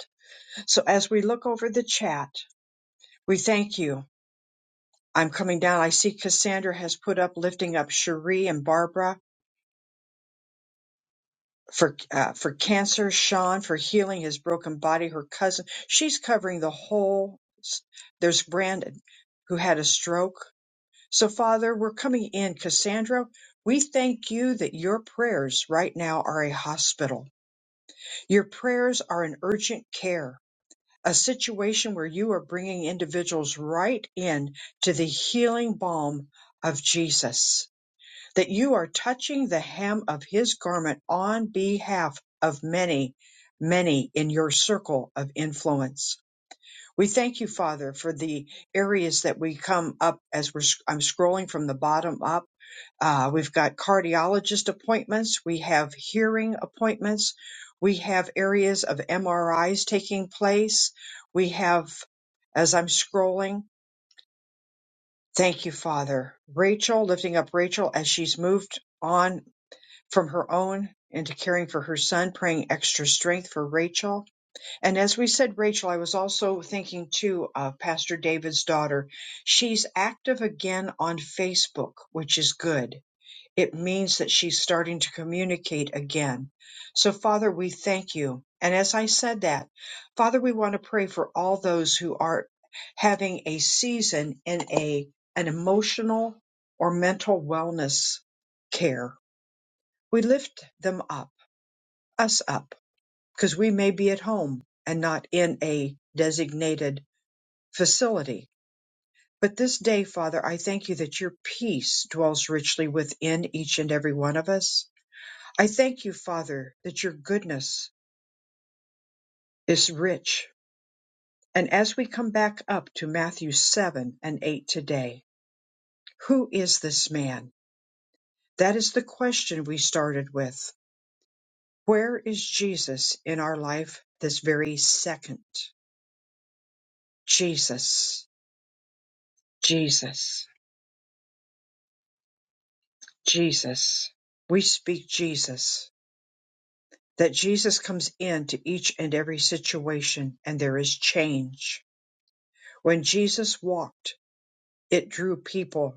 Speaker 1: So as we look over the chat, we thank you. I'm coming down. I see Cassandra has put up lifting up Cherie and Barbara. for uh, for cancer, Sean for healing his broken body, her cousin. She's covering the whole. s- There's Brandon who had a stroke. So Father, we're coming in. Cassandra, we thank you that your prayers right now are a hospital. Your prayers are an urgent care, a situation where you are bringing individuals right in to the healing balm of Jesus that you are touching the hem of his garment on behalf of many, many in your circle of influence. We thank you, Father, for the areas that we come up as we're, I'm scrolling from the bottom up. Uh, we've got cardiologist appointments. We have hearing appointments. We have areas of MRIs taking place. We have, as I'm scrolling, thank you, Father. Rachel, lifting up Rachel as she's moved on from her own into caring for her son, praying extra strength for Rachel. And as we said, Rachel, I was also thinking too of Pastor David's daughter. She's active again on Facebook, which is good. It means that she's starting to communicate again. So, Father, we thank you. And as I said that, Father, we want to pray for all those who are having a season in a an emotional or mental wellness care we lift them up, us up, because we may be at home and not in a designated facility. But this day, Father, I thank you that your peace dwells richly within each and every one of us. I thank you, Father, that your goodness is rich. And as we come back up to Matthew 7 and 8 today, who is this man? That is the question we started with. Where is Jesus in our life this very second? Jesus, Jesus, Jesus. We speak Jesus, that Jesus comes into each and every situation and there is change. When Jesus walked, it drew people.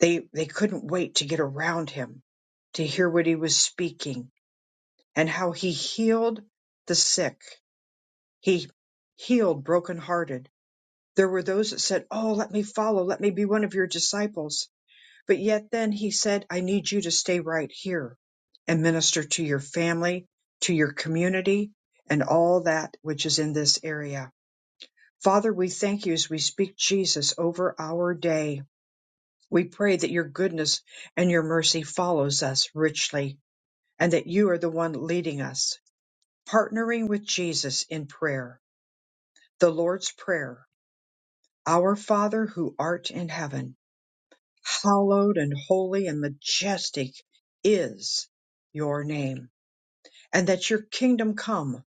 Speaker 1: They, they couldn't wait to get around him, to hear what he was speaking and how he healed the sick. He healed brokenhearted. There were those that said, Oh, let me follow. Let me be one of your disciples But yet then he said, I need you to stay right here and minister to your family, to your community, and all that which is in this area. Father, we thank you as we speak Jesus over our day. We pray that your goodness and your mercy follows us richly and that you are the one leading us, partnering with Jesus in prayer. The Lord's Prayer, Our Father who art in heaven hallowed and holy and majestic is your name, and that your kingdom come.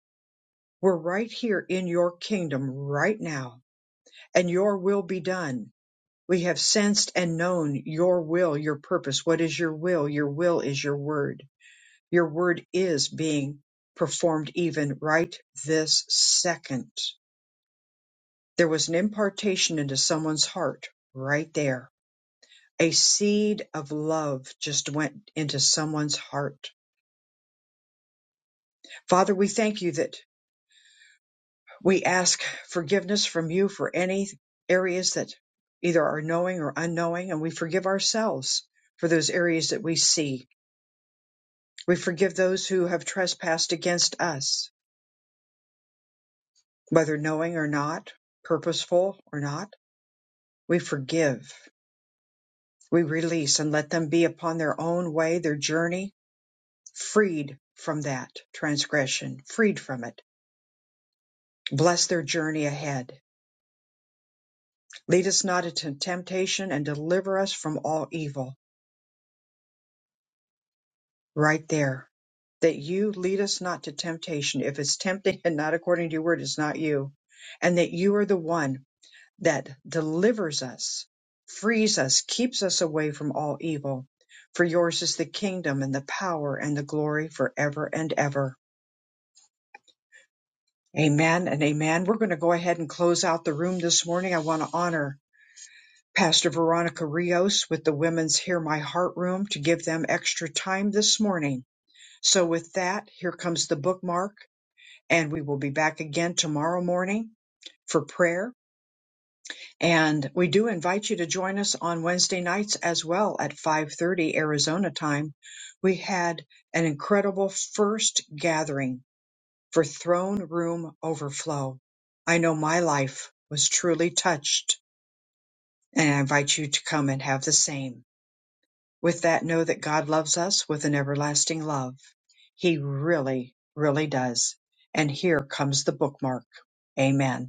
Speaker 1: We're right here in your kingdom right now, and your will be done. We have sensed and known your will, your purpose. What is your will? Your will is your word. Your word is being performed even right this second. There was an impartation into someone's heart right there a seed of love just went into someone's heart. Father, we thank you that we ask forgiveness from you for any areas that either are knowing or unknowing, and we forgive ourselves for those areas that we see. We forgive those who have trespassed against us, whether knowing or not, purposeful or not. We forgive. We release and let them be upon their own way, their journey, freed from that transgression, freed from it Bless their journey ahead. Lead us not into temptation and deliver us from all evil. Right there. That you lead us not to temptation. If it's tempting and not according to your word, it's not you. And that you are the one that delivers us, frees us, keeps us away from all evil. For yours is the kingdom and the power and the glory forever and ever. Amen and amen. We're going to go ahead and close out the room this morning. I want to honor Pastor Veronica Rios with the Women's Hear My Heart Room to give them extra time this morning. So, with that, here comes the bookmark, and we will be back again tomorrow morning for prayer. And we do invite you to join us on Wednesday nights as well at 5:30 Arizona time. We had an incredible first gathering for Throne Room Overflow. I know my life was truly touched, and I invite you to come and have the same. With that, know that God loves us with an everlasting love. He really, really does. And here comes the bookmark. Amen.